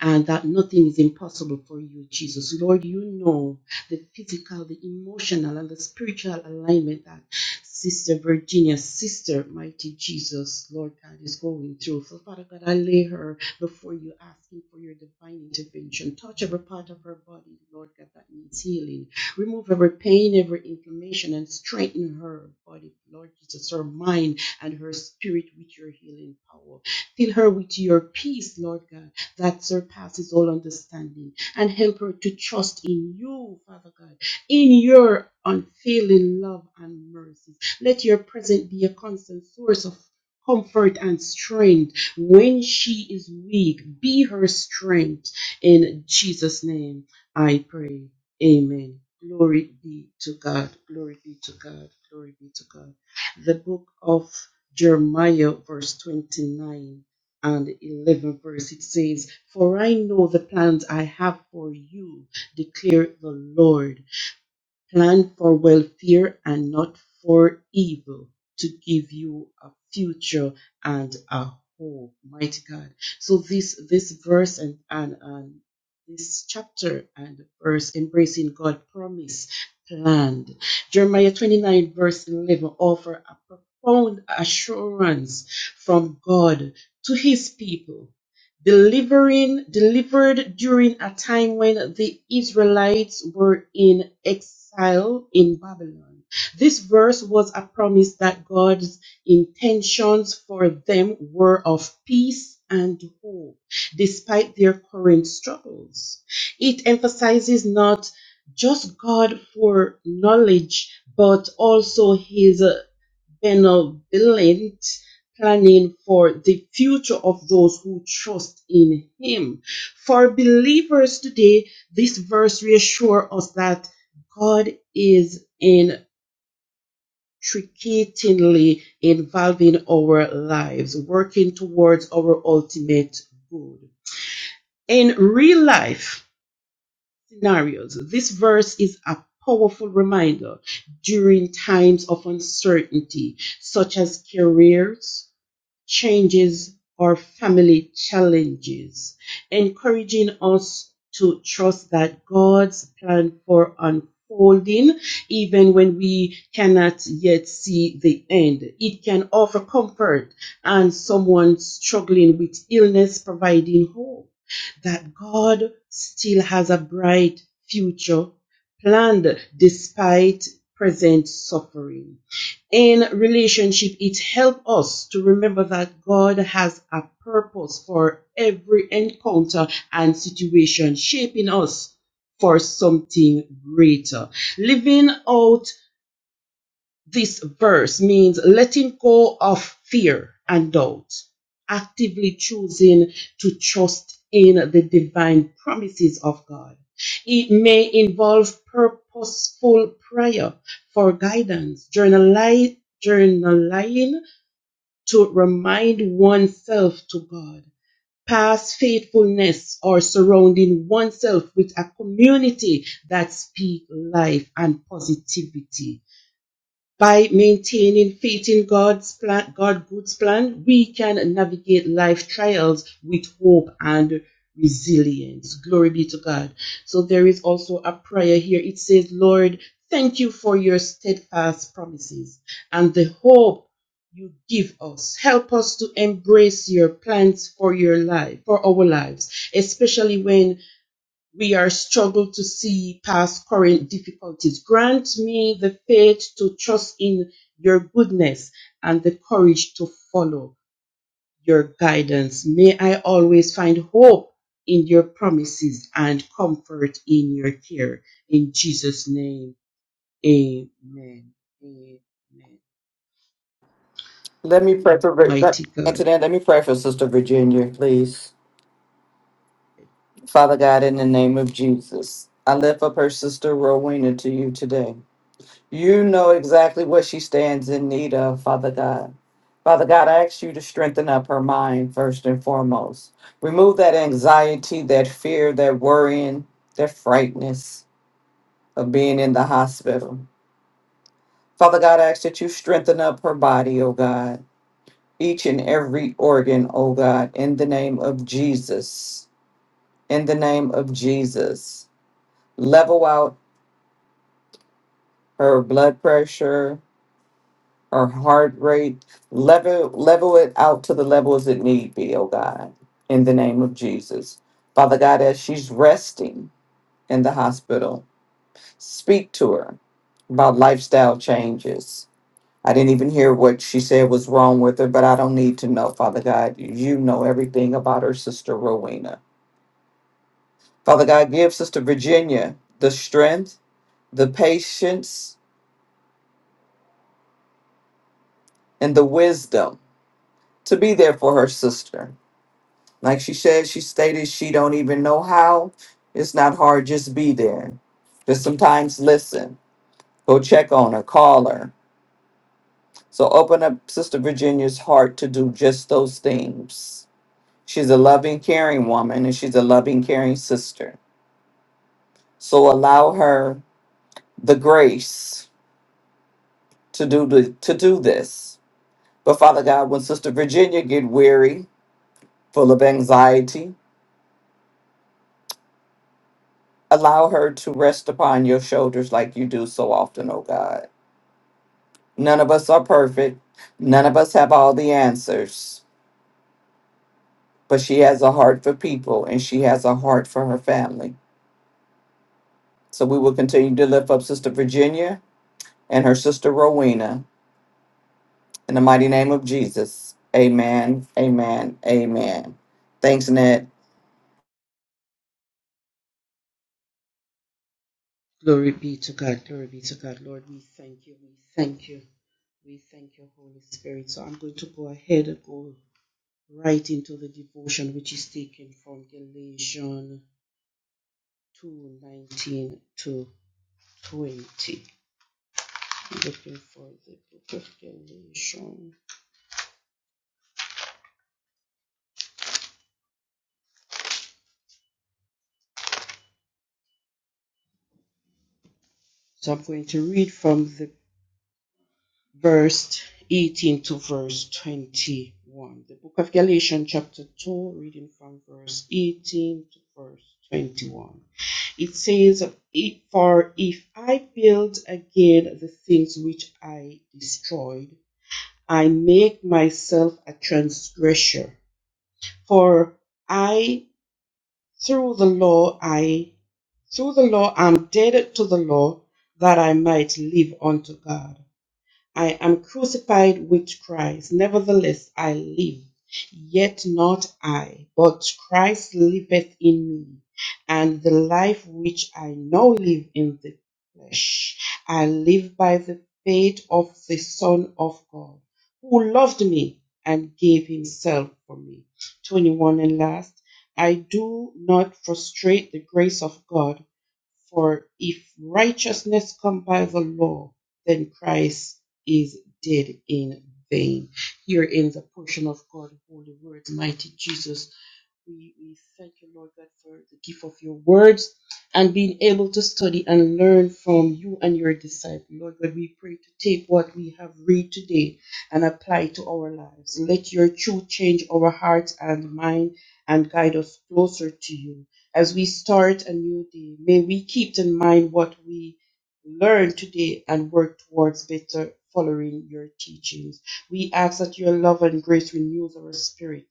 S6: and that nothing is impossible for you, Jesus. Lord, you know the physical, the emotional, and the spiritual alignment that Sister Virginia, Sister Mighty Jesus, Lord God, is going through. So, Father God, I lay her before you, asking for your divine intervention. Touch every part of her body, Lord God, that needs healing. Remove every pain, every inflammation, and strengthen her body, Lord Jesus, her mind and her spirit with your healing power. Fill her with your peace, Lord God that surpasses all understanding and help her to trust in you, Father God, in your unfailing love and mercies. Let your presence be a constant source of comfort and strength when she is weak. Be her strength. In Jesus' name, I pray. Amen. Glory be to God. Glory be to God. Glory be to God. The book of Jeremiah, verse 29 and 11 verse it says for i know the plans i have for you declare the lord Plan for welfare and not for evil to give you a future and a hope. Mighty God. So this this verse and and, and this chapter and verse embracing God promise planned. Jeremiah 29 verse 11 offer a profound assurance from God to his people delivering delivered during a time when the Israelites were in exile in Babylon. This verse was a promise that God's intentions for them were of peace and hope despite their current struggles. It emphasizes not just God for knowledge but also his benevolent planning for the future of those who trust in Him. For believers today, this verse reassures us that God is intricately involving our lives, working towards our ultimate good. In real life scenarios, this verse is a powerful reminder during times of uncertainty, such as careers changes or family challenges, encouraging us to trust that God's plan for unfolding, even when we cannot yet see the end. It can offer comfort and someone struggling with illness, providing hope that God still has a bright future planned despite present suffering in relationship, it helps us to remember that God has a purpose for every encounter and situation, shaping us for something greater. Living out this verse means letting go of fear and doubt, actively choosing to trust in the divine promises of God. It may involve purposeful prayer for guidance, journali- journaling to remind oneself to God, past faithfulness, or surrounding oneself with a community that speaks life and positivity by maintaining faith in God's plan, God God's plan, we can navigate life trials with hope and resilience. Glory be to God. So there is also a prayer here. It says, Lord, thank you for your steadfast promises and the hope you give us. Help us to embrace your plans for your life, for our lives, especially when we are struggle to see past current difficulties. Grant me the faith to trust in your goodness and the courage to follow your guidance. May I always find hope in your promises and comfort in your care. In Jesus' name, amen. Amen.
S2: Let me pray for Vir- let,
S6: Mighty God.
S2: Antoinette. Let me pray for Sister Virginia, please.
S6: Right.
S2: Father God, in the name of Jesus, I lift up her sister Rowena to you today. You know exactly what she stands in need of, Father God. Father God, I ask you to strengthen up her mind first and foremost. Remove that anxiety, that fear, that worrying, that frightness of being in the hospital. Father God, I ask that you strengthen up her body, oh God, each and every organ, oh God, in the name of Jesus. In the name of Jesus. Level out her blood pressure, her heart rate. Level level it out to the levels it need be, oh God, in the name of Jesus. Father God, as she's resting in the hospital, speak to her about lifestyle changes. I didn't even hear what she said was wrong with her, but I don't need to know, Father God. You know everything about her sister Rowena. Father God, give Sister Virginia the strength, the patience, and the wisdom to be there for her sister Like she said, she stated she don't even know how. It's not hard, just be there. Just sometimes listen. Go check on her, call her. So open up Sister Virginia's heart to do just those things. She's a loving, caring woman and she's a loving, caring sister. So allow her the grace to do the, to do this. But Father God, when Sister Virginia get weary, full of anxiety, allow her to rest upon your shoulders like you do so often, oh God. None of us are perfect. None of us have all the answers. But she has a heart for people and she has a heart for her family. So we will continue to lift up Sister Virginia and her sister Rowena in the mighty name of Jesus. Amen. Amen. Amen. Thanks, Ned.
S6: Glory be to God. Glory be to God. Lord, we thank you. We thank you. We thank you, Holy Spirit. So I'm going to go ahead and go right into the devotion which is taken from Galatians 2:19 to 20. looking for the book of Galatians. So I'm going to read from the verse 18 to verse 21. The book of Galatians, chapter 2, reading from verse 18 to verse 21. It says, For if I build again the things which I destroyed, I make myself a transgressor. For I Through the law I through the law I'm dead to the law that I might live unto God. I am crucified with Christ. Nevertheless, I live. Yet not I, but Christ liveth in me. And the life which I now live in the flesh, I live by the faith of the Son of God, who loved me and gave himself for me. 21 and last, I do not frustrate the grace of God. For if righteousness come by the law, then Christ is dead in vain. Here ends a portion of God's holy words, mighty Jesus. We, we thank you, Lord God, for the gift of your words and being able to study and learn from you and your disciple. Lord God, we pray to take what we have read today and apply it to our lives. Let your truth change our hearts and mind and guide us closer to you. As we start a new day, may we keep in mind what we learned today and work towards better following your teachings. We ask that your love and grace renews our spirit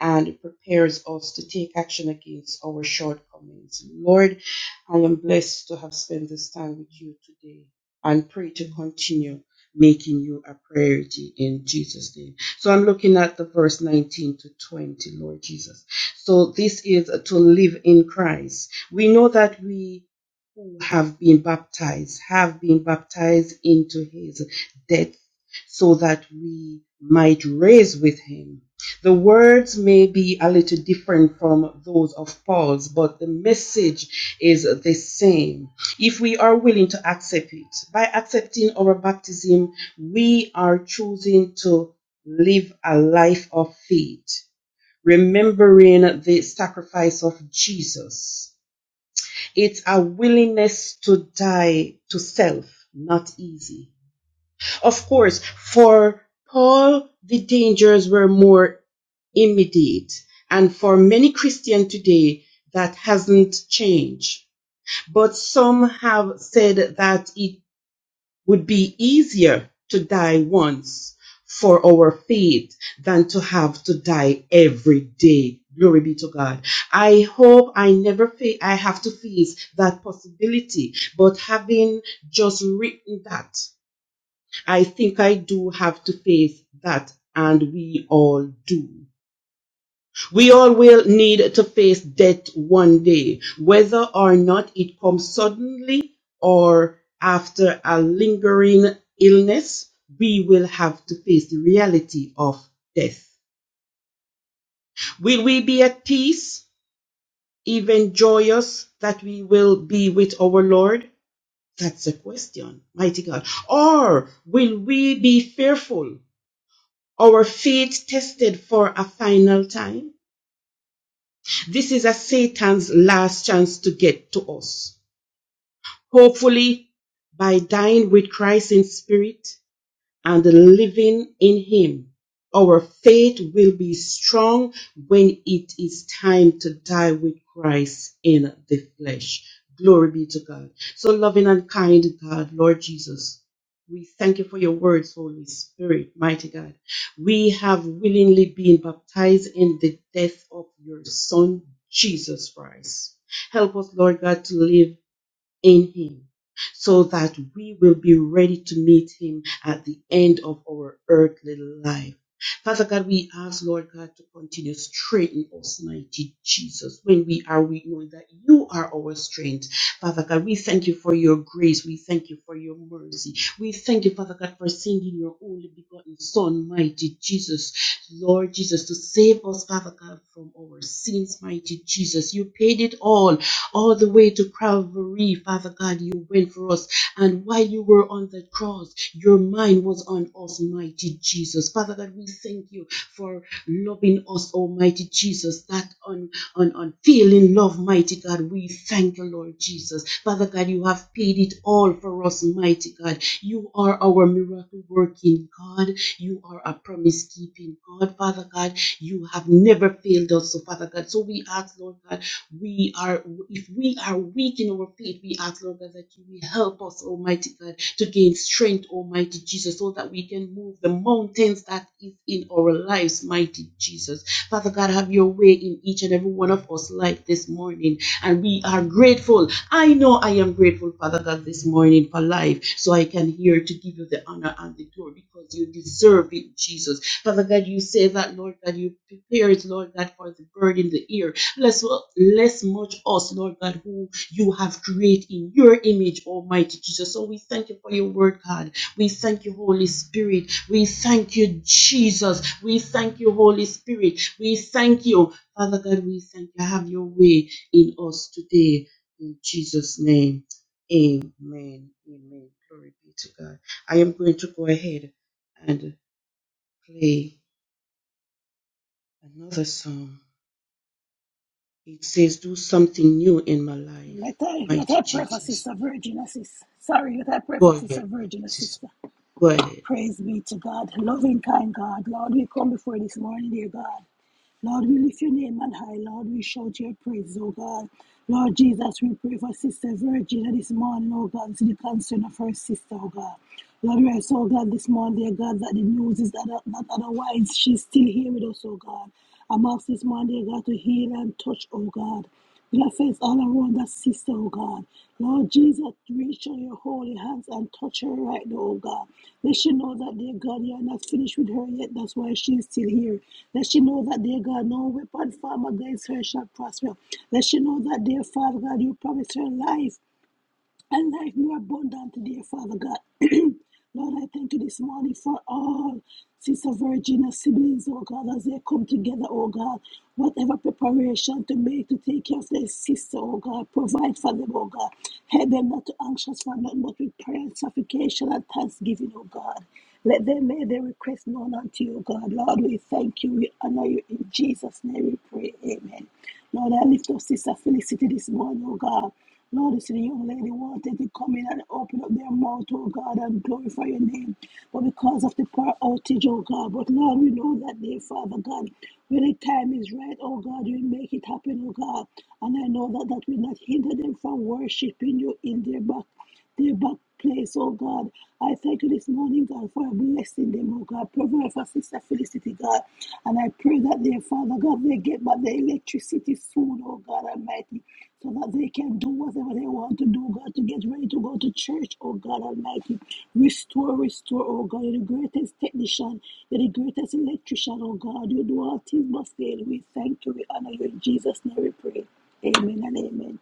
S6: and it prepares us to take action against our shortcomings. Lord, I am blessed to have spent this time with you today and pray to continue making you a priority in Jesus' name. So I'm looking at the verse 19 to 20, Lord Jesus. So this is to live in Christ. We know that we who have been baptized have been baptized into his death so that we might raise with him the words may be a little different from those of Paul's, but the message is the same. If we are willing to accept it, by accepting our baptism, we are choosing to live a life of faith, remembering the sacrifice of Jesus. It's a willingness to die to self, not easy. Of course, for Paul, the dangers were more immediate. And for many Christians today, that hasn't changed. But some have said that it would be easier to die once for our faith than to have to die every day. Glory be to God. I hope I never fa- I have to face that possibility. But having just written that, I think I do have to face that, and we all do. We all will need to face death one day, whether or not it comes suddenly or after a lingering illness. We will have to face the reality of death. Will we be at peace, even joyous that we will be with our Lord? That's the question, mighty God. Or will we be fearful, our faith tested for a final time? This is a Satan's last chance to get to us. Hopefully, by dying with Christ in spirit, and living in Him. Our faith will be strong when it is time to die with Christ in the flesh. Glory be to God. So, loving and kind God, Lord Jesus, we thank you for your words, Holy Spirit, mighty God. We have willingly been baptized in the death of your Son, Jesus Christ. Help us, Lord God, to live in Him so that we will be ready to meet Him at the end of our earthly life. Father God, we ask, Lord God, to continue strengthening us, mighty Jesus, when we are weak, knowing that you are our strength. Father God, we thank you for your grace. We thank you for your mercy. We thank you, Father God, for sending your only begotten Son, mighty Jesus, Lord Jesus, to save us, Father God, from our sins, mighty Jesus. You paid it all all the way to Calvary, Father God, you went for us. And while you were on the cross, your mind was on us, mighty Jesus. Father God, we thank you for loving us, Almighty Jesus, that on on, on feeling love, mighty God. We thank you, Lord Jesus. Father God, you have paid it all for us, mighty God. You are our miracle working God. You are a promise keeping God, Father God. You have never failed us, so Father God. So we ask, Lord God we are if we are weak in our faith we ask lord god that you will help us almighty god to gain strength almighty jesus so that we can move the mountains that is in our lives mighty jesus father god have your way in each and every one of us life this morning and we are grateful i know i am grateful father god this morning for life so i can hear to give you the honor and the glory because you deserve it jesus father god you say that lord that you prepared lord god for the bird in the ear Bless, bless much us, Lord God, who you have created in your image, Almighty Jesus. So we thank you for your word, God. We thank you, Holy Spirit. We thank you, Jesus. We thank you, Holy Spirit. We thank you, Father God. We thank you. Have your way in us today. In Jesus' name. Amen. Amen. Glory be to God. I am going to go ahead and play another song. It says, do something new in my life,
S1: Let I let
S6: mighty
S1: I pray for
S6: Jesus.
S1: Sister Virginia, sister. Sorry, let I pray
S6: Go
S1: for Sister
S6: ahead, brother,
S1: Virginia,
S6: sister.
S1: sister.
S6: Go ahead.
S1: Praise be to God, loving kind God. Lord, we come before this morning, dear God. Lord, we lift your name on high. Lord, we shout your praise, oh God. Lord Jesus, we pray for Sister Virginia this morning, oh God, to the concern of her sister, oh God. Lord, we are so glad this morning, dear God, that the news is that, that otherwise she's still here with us, oh God. I'm asked this morning, dear God, to heal and touch, oh God. Your all around that sister, oh God. Lord Jesus, reach out your holy hands and touch her right now, oh God. Let she know that, dear God, you are not finished with her yet. That's why she's still here. Let she know that, dear God, no weapon formed against her shall prosper. Let she know that, dear Father God, you promised her life and life more abundant today, Father God. Lord, I thank you this morning for all Sister Virginia's siblings, oh God, as they come together, oh God. Whatever preparation to make to take care of their sister, oh God, provide for them, oh God. Help them not to anxious for nothing but with prayer, and supplication, and thanksgiving, oh God. Let them make their request known unto you, oh God. Lord, we thank you. We honor you. In Jesus' name we pray. Amen. Lord, I lift up Sister Felicity this morning, oh God. Lord, you see the young lady wanted to come in and open up their mouth, oh God, and glorify your name. But because of the power outage, oh God, but Lord, we know that day, Father God, when the time is right, oh God, you make it happen, oh God. And I know that that will not hinder them from worshiping you in their back their back place, oh God. I thank you this morning, God, for blessing them, oh God. Provide for Sister Felicity, God. And I pray that their Father, God, they get back their electricity soon, oh God Almighty, so that they can do whatever they want to do, God, to get ready to go to church, oh God Almighty. Restore, restore, oh God. You're the greatest technician, you're the greatest electrician, oh God. You do all things but fail. We thank you, we honor you in Jesus' name, we pray. Amen and amen.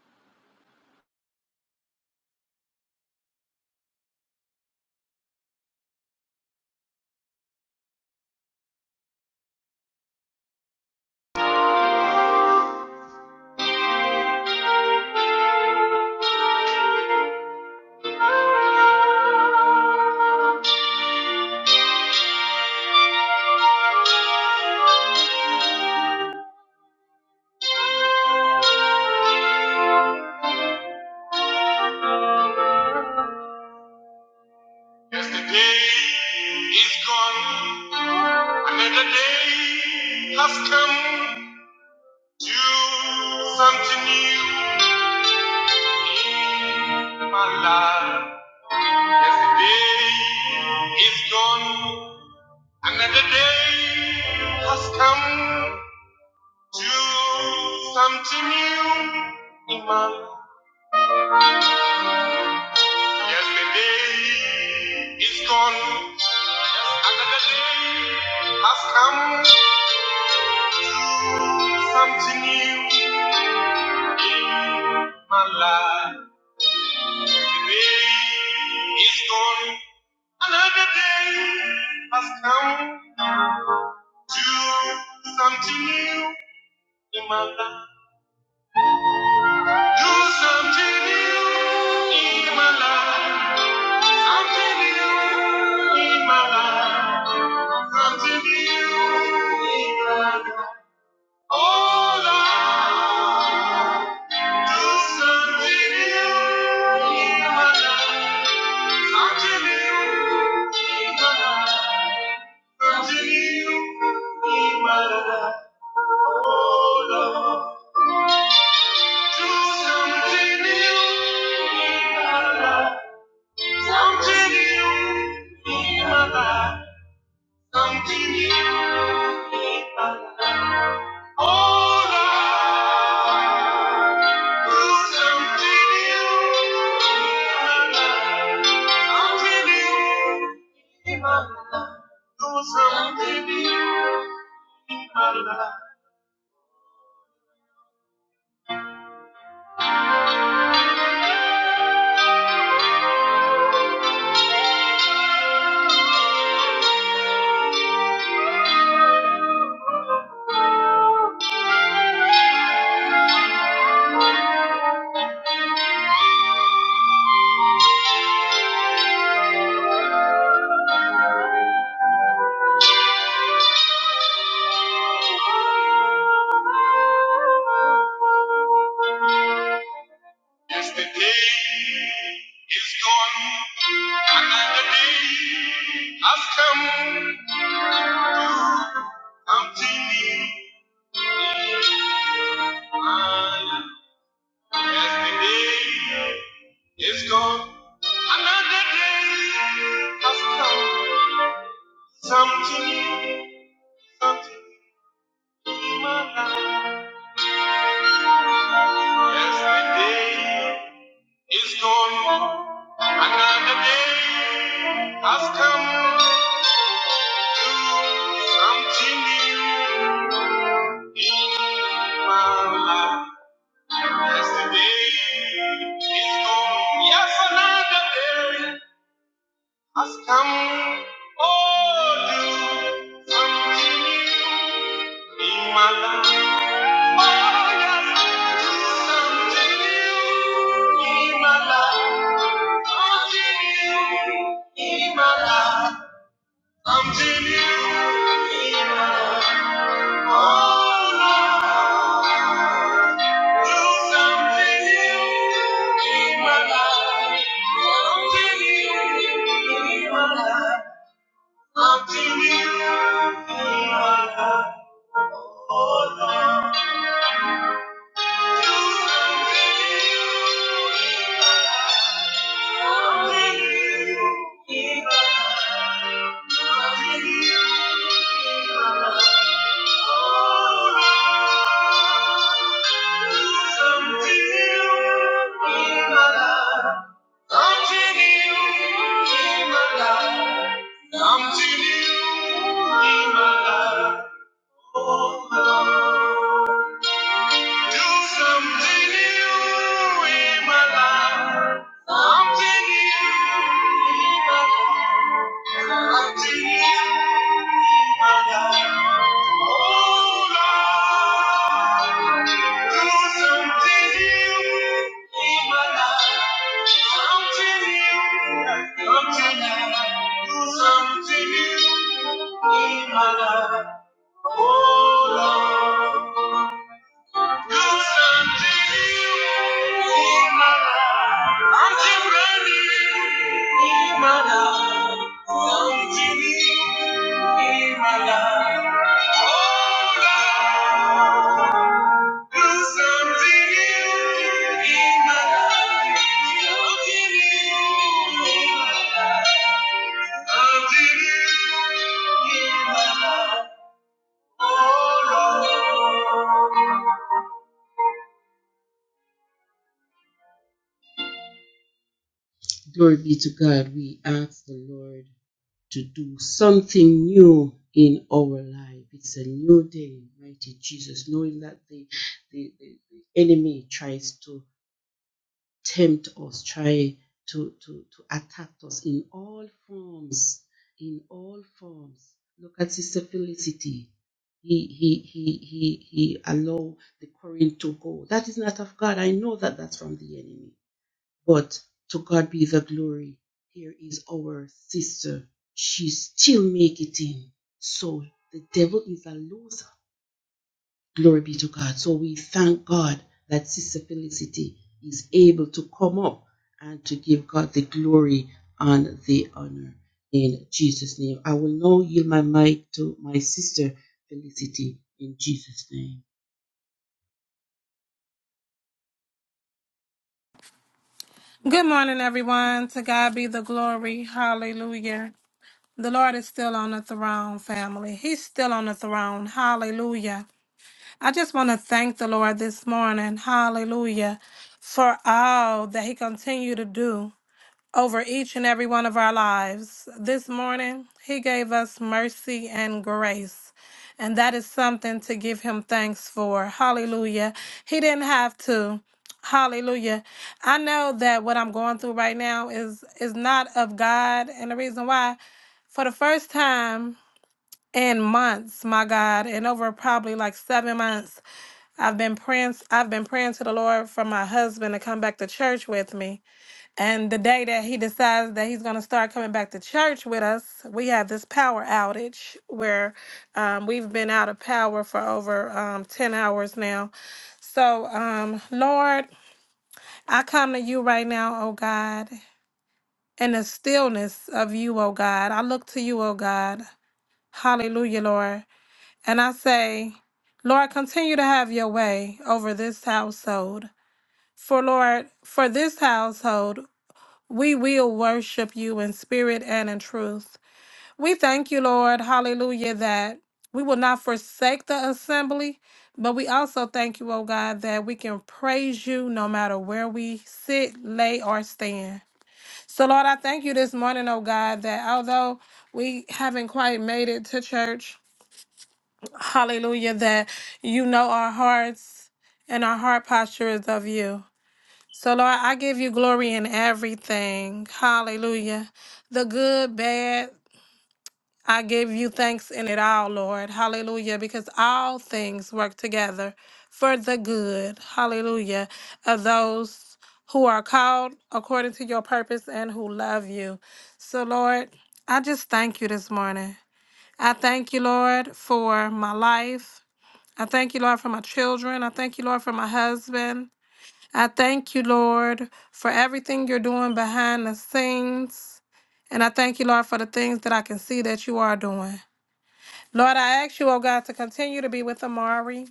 S6: Yesterday is gone. Another day has come. Do something new in my life. Yesterday is gone. Another day has come. Do something new in my life. Yesterday is gone, another day has come. Something new in my life. Yesterday is gone, another day has come. Do something new in my life. Do something new in my life. Something new in my life. Unto you we cry, all our Unto you we cry, unto you we cry, unto you we cry, oh Lord. Do something new in my life, something new in my life. Something new in my life. Oh, Lord, do something new in my life. Something new in my life. Do something new in my life. As the day is gone Another day has come, I'm thinking, ah, as the day is gone Another day has come, something, something. Yes, is gone. Another day has come. Do something new in my life. Yes, is gone. Yes, another day has come. Oh, do something new in my life. Oh, yes. Something new in my life. Something new in my life. Something new in my life. Oh, Lord. Do something new in my life. Something new in my life. Something new in my life. Something new in my life, oh Lord. Do something new in my life. Something new in my life. Something new in my life. Oh Lord, do something new in my life. Something new, something new, something new in my life. Oh Lord. Good unto you, Emmanuel. Until ready, Emmanuel. Until you, Emmanuel. Oh, Lord, do something new, Emmanuel. Until you, until you, oh, Lord. Glory be to God. We ask the Lord. to do something new in our life. It's a new day, mighty Jesus, knowing that the, the, the, enemy tries to tempt us, try to, to, to attack us in all forms, in all forms. Look at Sister Felicity. He, he, he, he, he allow the current to go. That is not of God. I know that that's from the enemy. But to God be the glory. Here is our sister. She still make it in. So the devil is a loser. Glory be to God. So we thank God that Sister Felicity is able to come up and to give God the glory and the honor in Jesus' name. I will now yield my mic to my sister Felicity in Jesus' name.
S8: Good morning, everyone. To God be the glory. Hallelujah. The Lord is still on the throne, family. He's still on the throne. Hallelujah. I just want to thank the Lord this morning. Hallelujah. For all that He continue to do over each and every one of our lives. This morning, He gave us mercy and grace. And that is something to give Him thanks for. Hallelujah. He didn't have to. Hallelujah. I know that what I'm going through right now is is not of God and the reason why for the first time in months, my God, and over probably like 7 months, I've been praying I've been praying to the Lord for my husband to come back to church with me and the day that he decides that he's going to start coming back to church with us, we have this power outage where um, we've been out of power for over um, 10 hours now. So, um, Lord, I come to you right now, oh God, in the stillness of you, oh God. I look to you, oh God. Hallelujah, Lord. And I say, Lord, continue to have your way over this household. For Lord, for this household, We will worship you in spirit and in truth. We thank you, Lord, hallelujah, that we will not forsake the assembly, but we also thank you, oh God, that we can praise you no matter where we sit, lay, or stand. So, Lord, I thank you this morning, oh God, that although we haven't quite made it to church, hallelujah, that you know our hearts and our heart posture is of you. So, Lord, I give you glory in everything. Hallelujah. The good, bad, I give you thanks in it all, Lord. Hallelujah. Because all things work together for the good. Hallelujah. Of those who are called according to your purpose and who love you. So, Lord, I just thank you this morning. I thank you, Lord, for my life. I thank you, Lord, for my children. I thank you, Lord, for my husband. I thank you, Lord, for everything you're doing behind the scenes. And I thank you, Lord, for the things that I can see that you are doing. Lord, I ask you, oh God, to continue to be with Amari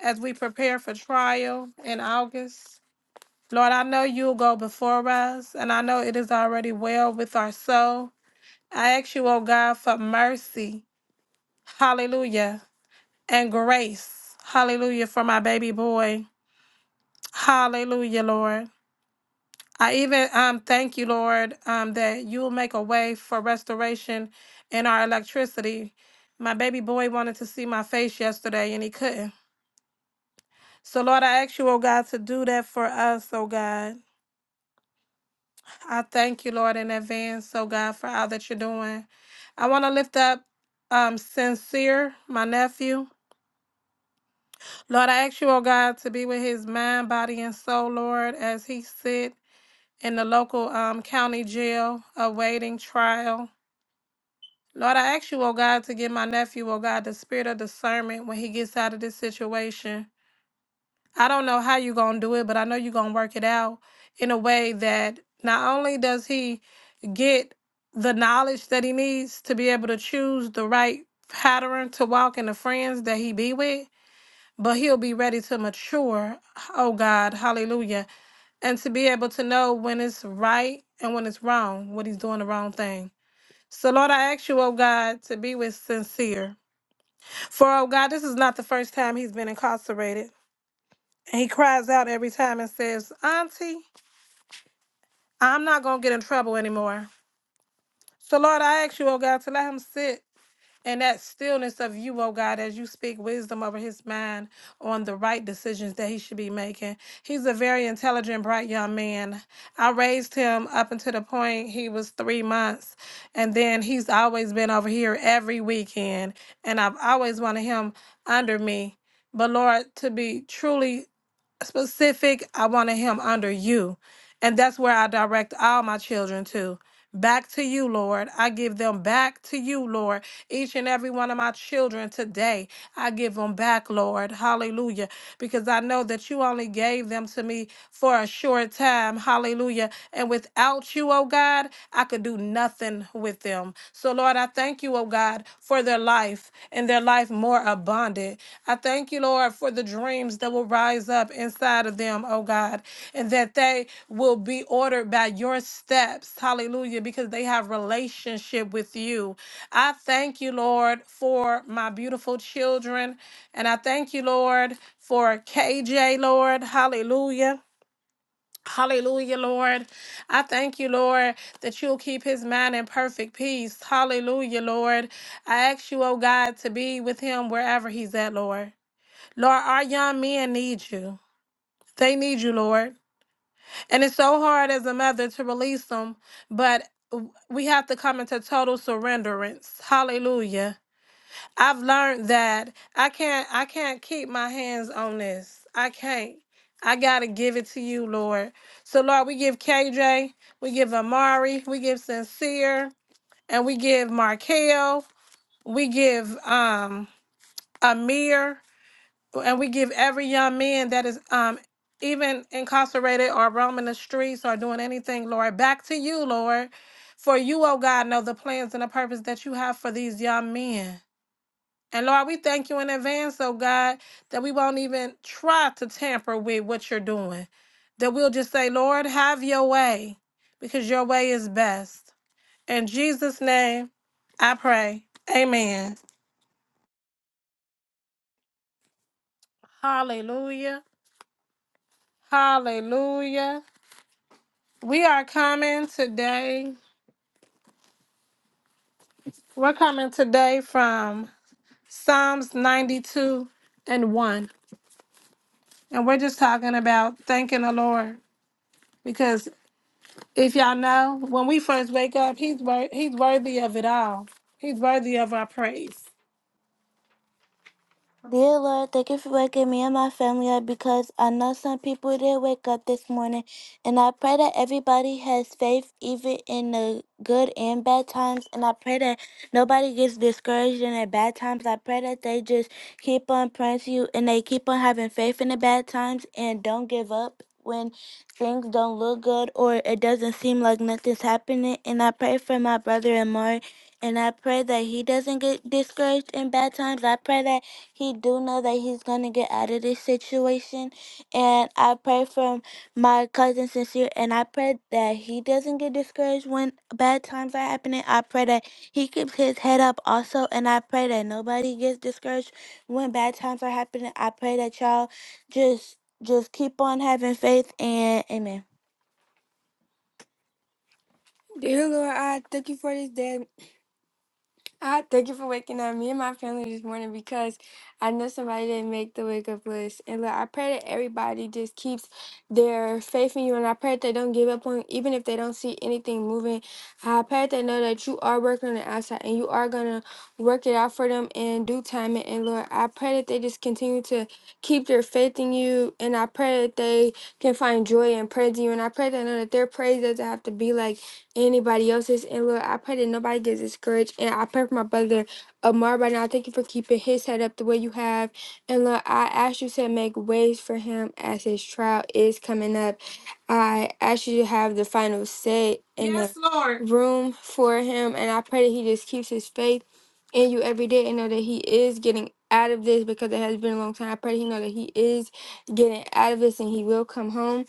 S8: as we prepare for trial in August. Lord, I know you'll go before us, and I know it is already well with our soul. I ask you, oh God, for mercy, hallelujah, and grace, hallelujah, for my baby boy. Hallelujah, Lord. I even um, thank you, Lord, um, that you will make a way for restoration in our electricity. My baby boy wanted to see my face yesterday and he couldn't. So, Lord, I ask you, oh God, to do that for us, oh God. I thank you, Lord, in advance, oh God, for all that you're doing. I want to lift up um, Sincere, my nephew. Lord, I ask you, oh God, to be with his mind, body, and soul, Lord, as he sit in the local um, county jail awaiting trial. Lord, I ask you, oh God, to give my nephew, oh God, the spirit of discernment when he gets out of this situation. I don't know how you're going to do it, but I know you're going to work it out in a way that not only does he get the knowledge that he needs to be able to choose the right pattern to walk in the friends that he be with, but he'll be ready to mature, oh God, hallelujah, and to be able to know when it's right and when it's wrong, when he's doing the wrong thing. So, Lord, I ask you, oh God, to be with sincere. For, oh God, this is not the first time he's been incarcerated. And he cries out every time and says, Auntie, I'm not going to get in trouble anymore. So, Lord, I ask you, oh God, to let him sit And that stillness of you, oh God, as you speak wisdom over his mind on the right decisions that he should be making. He's a very intelligent, bright young man. I raised him up until the point he was three months. And then he's always been over here every weekend. And I've always wanted him under me. But Lord, to be truly specific. I wanted him under you. And that's where I direct all my children to. Back to you, Lord. I give them back to you, Lord. Each and every one of my children today, I give them back, Lord. Hallelujah. Because I know that you only gave them to me for a short time. Hallelujah. And without you, oh God, I could do nothing with them. So, Lord, I thank you, oh God, for their life and their life more abundant. I thank you, Lord, for the dreams that will rise up inside of them, oh God, and that they will be ordered by your steps. Hallelujah, because they have relationship with you. I thank you, Lord, for my beautiful children, and I thank you, Lord, for KJ, Lord. Hallelujah. Hallelujah, Lord. I thank you, Lord, that you'll keep his mind in perfect peace. Hallelujah, Lord. I ask you, oh God, to be with him wherever he's at, Lord. Lord, our young men need you. They need you, Lord. And it's so hard as a mother to release them, but w- we have to come into total surrenderance. Hallelujah. I've learned that I can't I can't keep my hands on this. I can't. I gotta give it to you, Lord. So Lord, we give KJ, we give Amari, we give Sincere, and we give Markel, we give um Amir and we give every young man that is um even incarcerated or roaming the streets or doing anything, Lord, back to you, Lord. For you, oh God, know the plans and the purpose that you have for these young men. And Lord, we thank you in advance, oh God, that we won't even try to tamper with what you're doing. That we'll just say, Lord, have your way, because your way is best. In Jesus' name, I pray. Amen. Hallelujah. Hallelujah. We are coming today. We're coming today from Psalms 92 and 1. And we're just talking about thanking the Lord because if y'all know, when we first wake up, he's wor- he's worthy of it all. He's worthy of our praise. Dear Lord, thank you for waking me and my family up because I know some people didn't wake up this morning. And I pray that everybody has faith even in the good and bad times. And I pray that nobody gets discouraged in the bad times. I pray that they just keep on praying to you and they keep on having faith in the bad times and don't give up when things don't look good or it doesn't seem like nothing's happening. And I pray for my brother and Amari. And I pray that he doesn't get discouraged in bad times. I pray that he do know that he's gonna get out of this situation, and I pray for my cousin sincere, and I pray that he doesn't get discouraged when bad times are happening. I pray that he keeps his head up also, and I pray that nobody gets discouraged when bad times are happening. I pray that y'all just just keep on having faith and amen. Dear Lord, I thank you for this day. I thank you for waking up me and my family this morning because I know somebody didn't make the wake up list. And look, I pray that everybody just keeps their faith in you. And I pray that they don't give up on you, even if they don't see anything moving. I pray that they know that you are working on the outside and you are going to work it out for them in due time. And Lord, I pray that they just continue to keep their faith in you. And I pray that they can find joy and praise in you. And I pray that they know that their praise doesn't have to be like, anybody else's. And Lord, I pray that nobody gets discouraged. And I pray for my brother Amar right now. I Thank you for keeping his head up the way you have. And Lord, I ask you to make ways for him as his trial is coming up. I ask you to have the final say in the Yes, Lord. room for him. And I pray that he just keeps his faith in you every day and know that he is getting out of this because it has been a long time. I pray he know that he is getting out of this and he will come home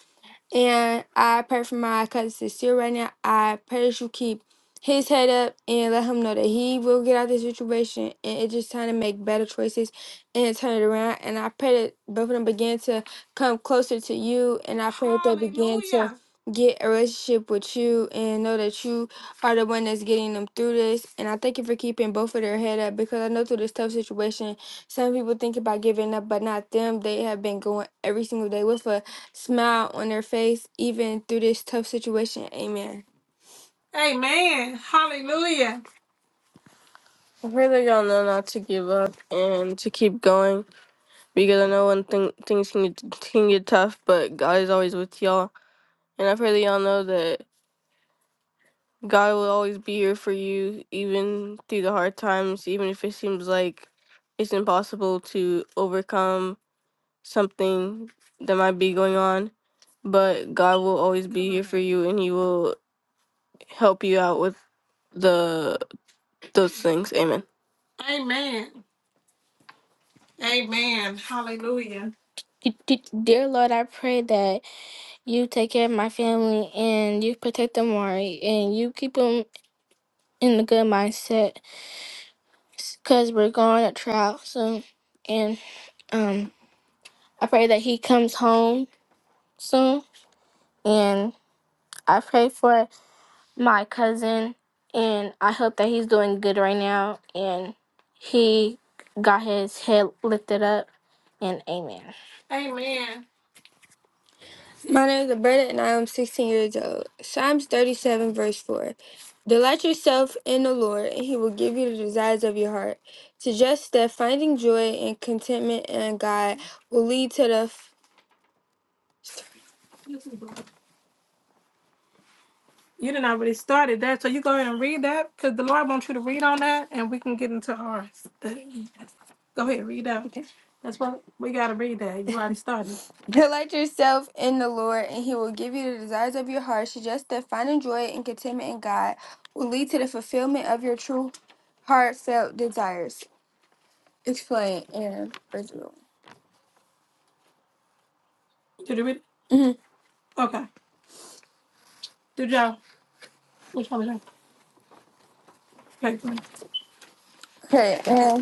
S8: and I pray for my cousin Sincere right now. I pray that you keep his head up and let him know that he will get out of this situation and it's just time to make better choices and turn it around. And I pray that both of them begin to come closer to you and I pray that they begin to Hallelujah. get a relationship with you and know that you are the one that's getting them through this. And I thank you for keeping both of their head up because I know through this tough situation some people think about giving up, but not them. They have been going every single day with us smile on their face even through this tough situation. Amen. Amen. Hallelujah. I pray that y'all know not to give up and to keep going because I know when thing things can get, can get tough, but God is always with y'all. And I pray that y'all know that God will always be here for you, even through the hard times, even if it seems like it's impossible to overcome something that might be going on. But God will always be here for you and He will help you out with the those things. Amen. Amen. Amen. Hallelujah. D- d- Dear Lord, I pray that you take care of my family and you protect them right and you keep them in a good mindset because we're going to trial soon. And um, I pray that he comes home soon. And I pray for my cousin and I hope that he's doing good right now and he got his head lifted up. And amen. My name is Roberta, and I am 16 years old. Psalms 37, verse 4. Delight yourself in the Lord, and he will give you the desires of your heart. Suggests that finding joy and contentment in God will lead to the You didn't already started that, so you go ahead and read that because the Lord wants you to read on that, and we can get into ours. Go ahead, read that. Okay, that's what we gotta read. That you already started. Delight yourself in the Lord, and He will give you the desires of your heart. Suggest that finding joy and contentment in God will lead to the fulfillment of your true heartfelt desires. Explain and Did you read? hmm it? hmm Okay. Did y'all? Which one was y'all? Okay. go ahead. Okay, and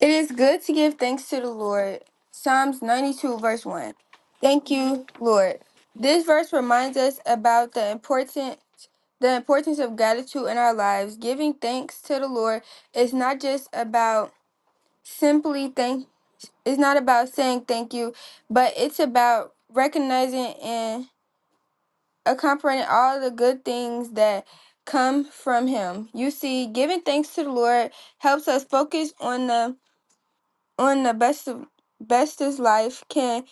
S8: It is good to give thanks to the Lord. Psalms 92, verse 1. Thank you, Lord. This verse reminds us about the important the importance of gratitude in our lives. Giving thanks to the Lord is not just about simply thank it's not about saying thank you, but it's about recognizing and accompanying all the good things that come from him. You see, giving thanks to the Lord helps us focus on the on the best of bestest life can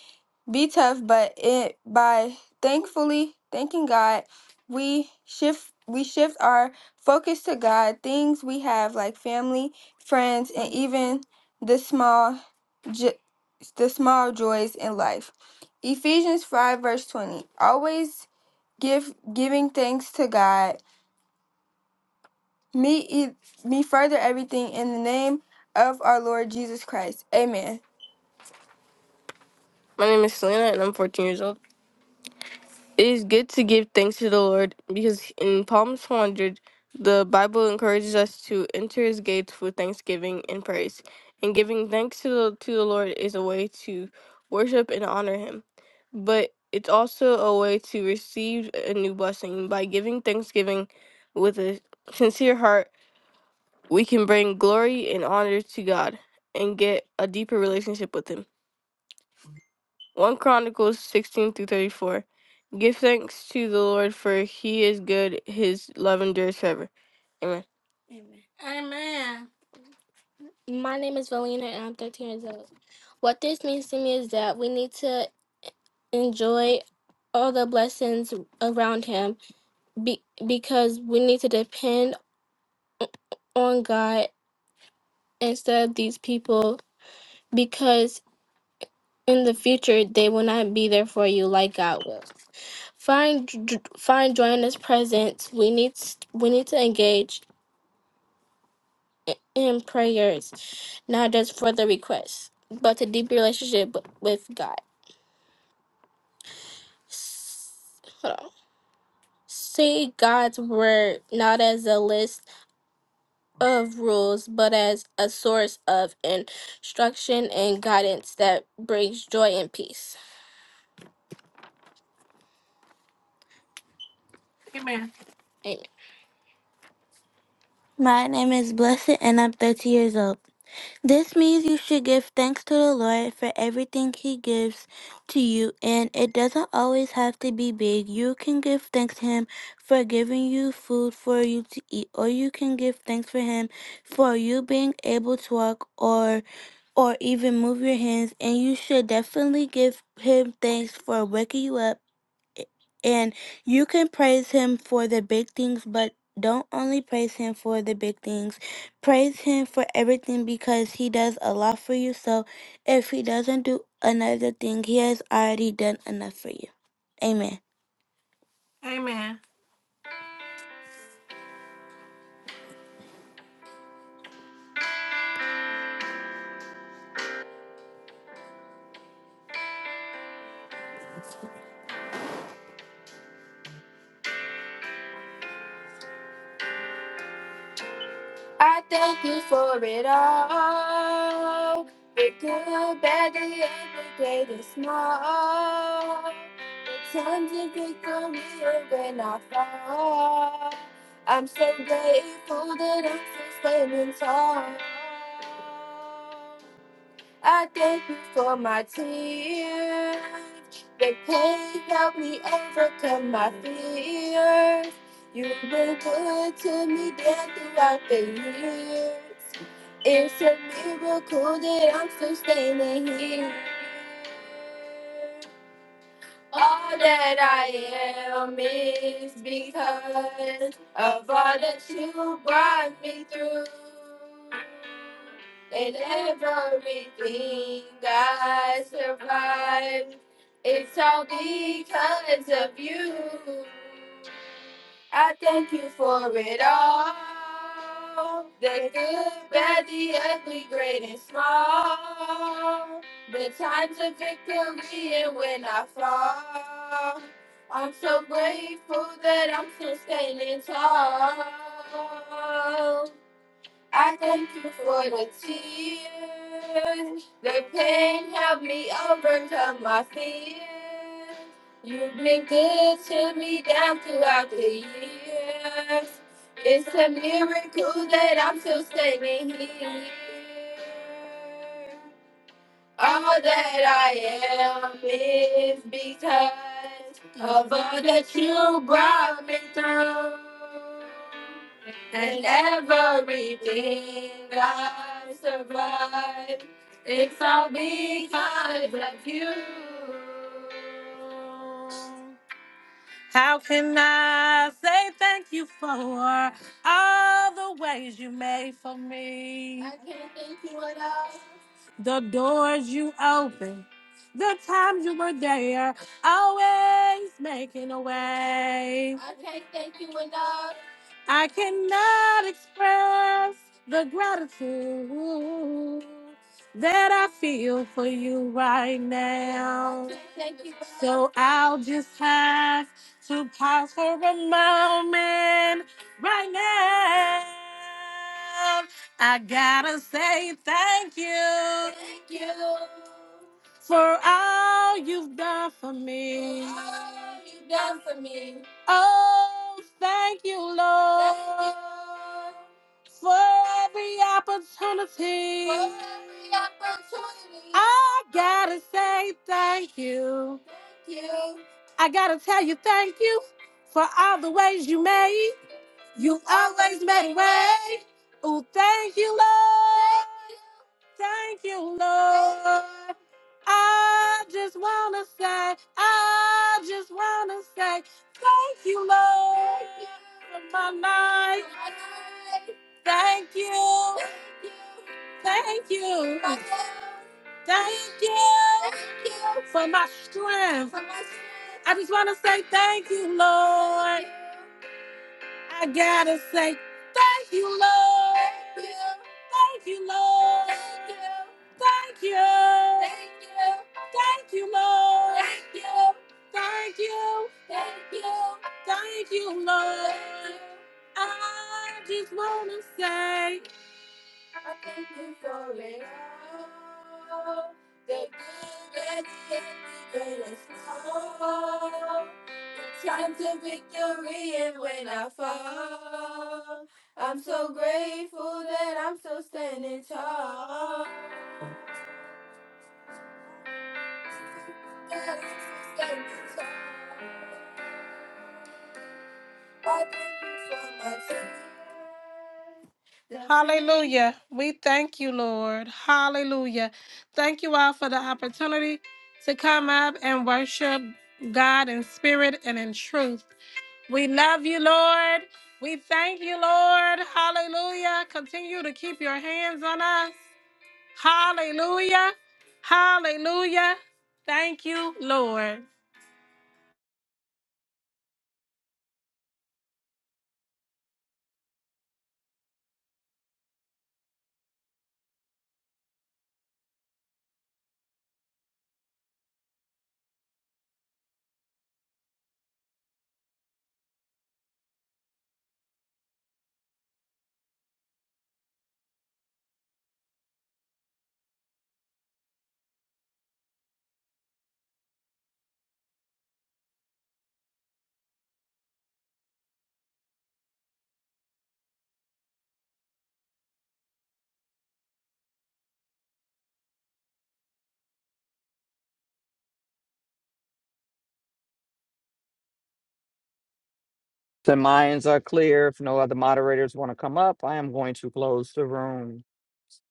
S8: be tough, but it by thankfully thanking God, we shift we shift our focus to God, things we have like family, friends, and even the small jo- the small joys in life. Ephesians 5 verse 20. Always give giving thanks to God. Me e- me further everything in the name of our Lord Jesus Christ. Amen. My name is Selena and I'm 14 years old. It is good to give thanks to the Lord because in Psalms 100, the Bible encourages us to enter his gates with thanksgiving and praise. And giving thanks to the, to the Lord is a way to worship and honor him. But it's also a way to receive a new blessing. By giving thanksgiving with a sincere heart, we can bring glory and honor to God and get a deeper relationship with him. 1 Chronicles 16 through 34. Give thanks to the Lord, for he is good, his love endures forever. Amen. Amen. Uh, my name is Valina, and I'm 13 years old. What this means to me is that we need to enjoy all the blessings around him be- because we need to depend on God instead of these people because in the future they will not be there for you like God will. Find j- find joy in His presence. We need we need to engage i- in prayers, not just for this, but to deep relationship w- with God. Hold on. See God's word not as a list of rules, but as a source of instruction and guidance that brings joy and peace. Amen. Amen. My name is Blessed, and I'm 30 years old. This means you should give thanks to the Lord for everything He gives to you, and it doesn't always have to be big. You can give thanks to Him for giving you food for you to eat, or you can give thanks for Him for you being able to walk or or even move your hands. And you should definitely give Him thanks for waking you up and you can praise him for the big things, but don't only praise him for the big things. Praise him for everything because he does a lot for you. So if he doesn't do another thing, he has already done enough for you. Amen. Amen. I thank you for it all. The good, bad, the ugly, great, and small. The times of victory and when I fall. I'm so grateful that I'm still standing tall. I thank you for my tears. The pain helped me overcome my fears. You've been good to me down throughout the years. It's a miracle that I'm still standing here. All that I am is because of all that you brought me through. And everything I survived, it's all because of you. I thank you for it all. The good, bad, the ugly, great and small. The times of victory and when I fall. I'm so grateful that I'm still standing tall. I thank you for the tears. The pain helped me overcome my fears. Of an every How can I say thank you for all the ways you made for me? The doors you opened, the times you were there, always making a way. I cannot express the gratitude that I feel for you right now. Thank you. So I'll just have to pause for a moment right now. I gotta say thank you. Thank you. For all you've done for me. For all you've done for me. Oh, thank you, Lord, for every opportunity. I gotta say thank you. I gotta tell you thank you for all the ways you made. You always made a way. Oh, thank you, Lord. Thank you, Lord. I just want to say, I just want to say, thank you, Lord, for my life. Thank you, thank you, thank you for my strength. I just want to say thank you, Lord. I gotta say, thank you, Lord. Thank you, Lord. Thank you. Thank you. Thank you, Lord. Thank you. Thank you. I just wanna say. I thank you for it all. The good and the greatest love. The times of victory and when I fall. I'm so grateful that I'm still standing tall. For my sister. Hallelujah. We thank you, Lord. Hallelujah. Thank you all for the opportunity to come up and worship God in spirit and in truth. We love you, Lord. We thank you, Lord. Hallelujah. Continue to keep your hands on us. Hallelujah. Hallelujah. Thank you, Lord.
S2: The minds are clear. If no other moderators want to come up, I am going to close the room.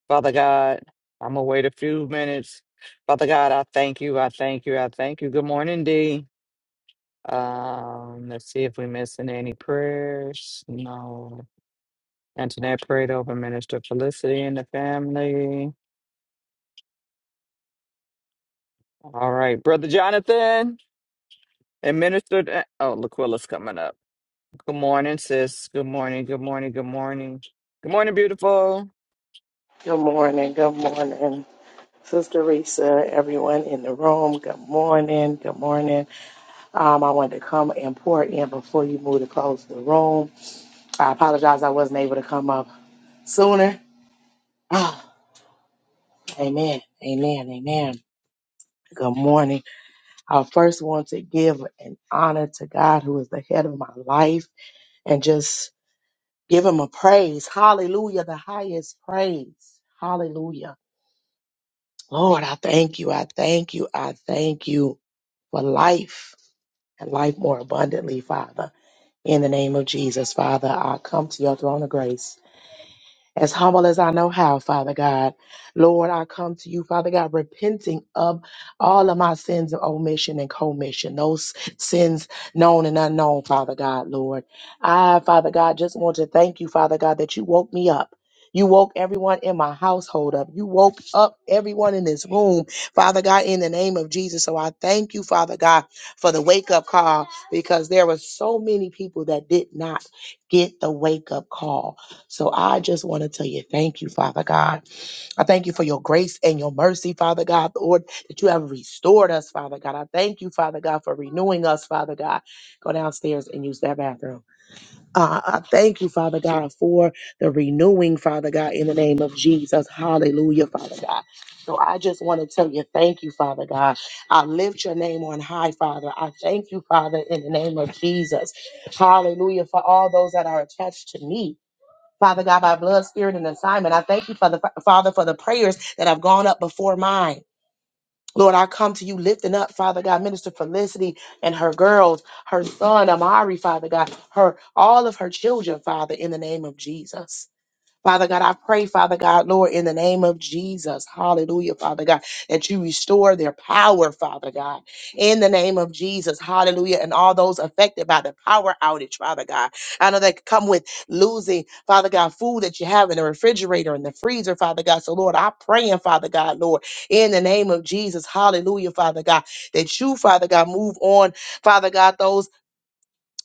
S2: Father God, I'm going to wait a few minutes. Father God, I thank you. I thank you. I thank you. Good morning, D. Um, let's see if we missing any prayers. No. Antoinette prayed over Minister Felicity and the family. All right, Brother Jonathan and Minister. Oh, Laquilla's coming up. Good morning, sis. Good morning. Good morning. Good morning. Good morning, beautiful.
S9: Good morning. Good morning, Sister Risa, everyone in the room. Good morning. Good morning. Um, I wanted to come and pour in before you move to close the room. I apologize I wasn't able to come up sooner. Ah, amen. Amen. Amen. Good morning. I first want to give an honor to God who is the head of my life and just give him a praise. Hallelujah. The highest praise. Hallelujah. Lord, I thank you. I thank you. I thank you for life and life more abundantly, Father. In the name of Jesus, Father, I come to your throne of grace as humble as I know how, Father God. Lord, I come to you, Father God, repenting of all of my sins of omission and commission, those sins known and unknown, Father God, Lord. I, Father God, just want to thank you, Father God, that you woke me up. You woke everyone in my household up. You woke up everyone in this room, Father God, in the name of Jesus. So I thank you, Father God, for the wake up call because there were so many people that did not get the wake up call. So I just want to tell you, thank you, Father God. I thank you for your grace and your mercy, Father God, Lord, that you have restored us, Father God. I thank you, Father God, for renewing us, Father God. Go downstairs and use that bathroom. Uh, I thank you, Father God, for the renewing, Father God, in the name of Jesus. Hallelujah, Father God. So I just want to tell you, thank you, Father God. I lift your name on high, Father. I thank you, Father, in the name of Jesus. Hallelujah, for all those that are attached to me. Father God, by blood, spirit, and assignment. I thank you, Father, Father, for the prayers that have gone up before mine. Lord, I come to you lifting up, Father God, Minister Felicity and her girls, her son Amari, Father God, her all of her children, Father, in the name of Jesus. Father God, I pray, Father God, Lord, in the name of Jesus, hallelujah, Father God, that you restore their power, Father God, in the name of Jesus, hallelujah, and all those affected by the power outage, Father God. I know that come with losing, Father God, food that you have in the refrigerator and the freezer, Father God. So, Lord, I pray, and Father God, Lord, in the name of Jesus, hallelujah, Father God, that you, Father God, move on, Father God, those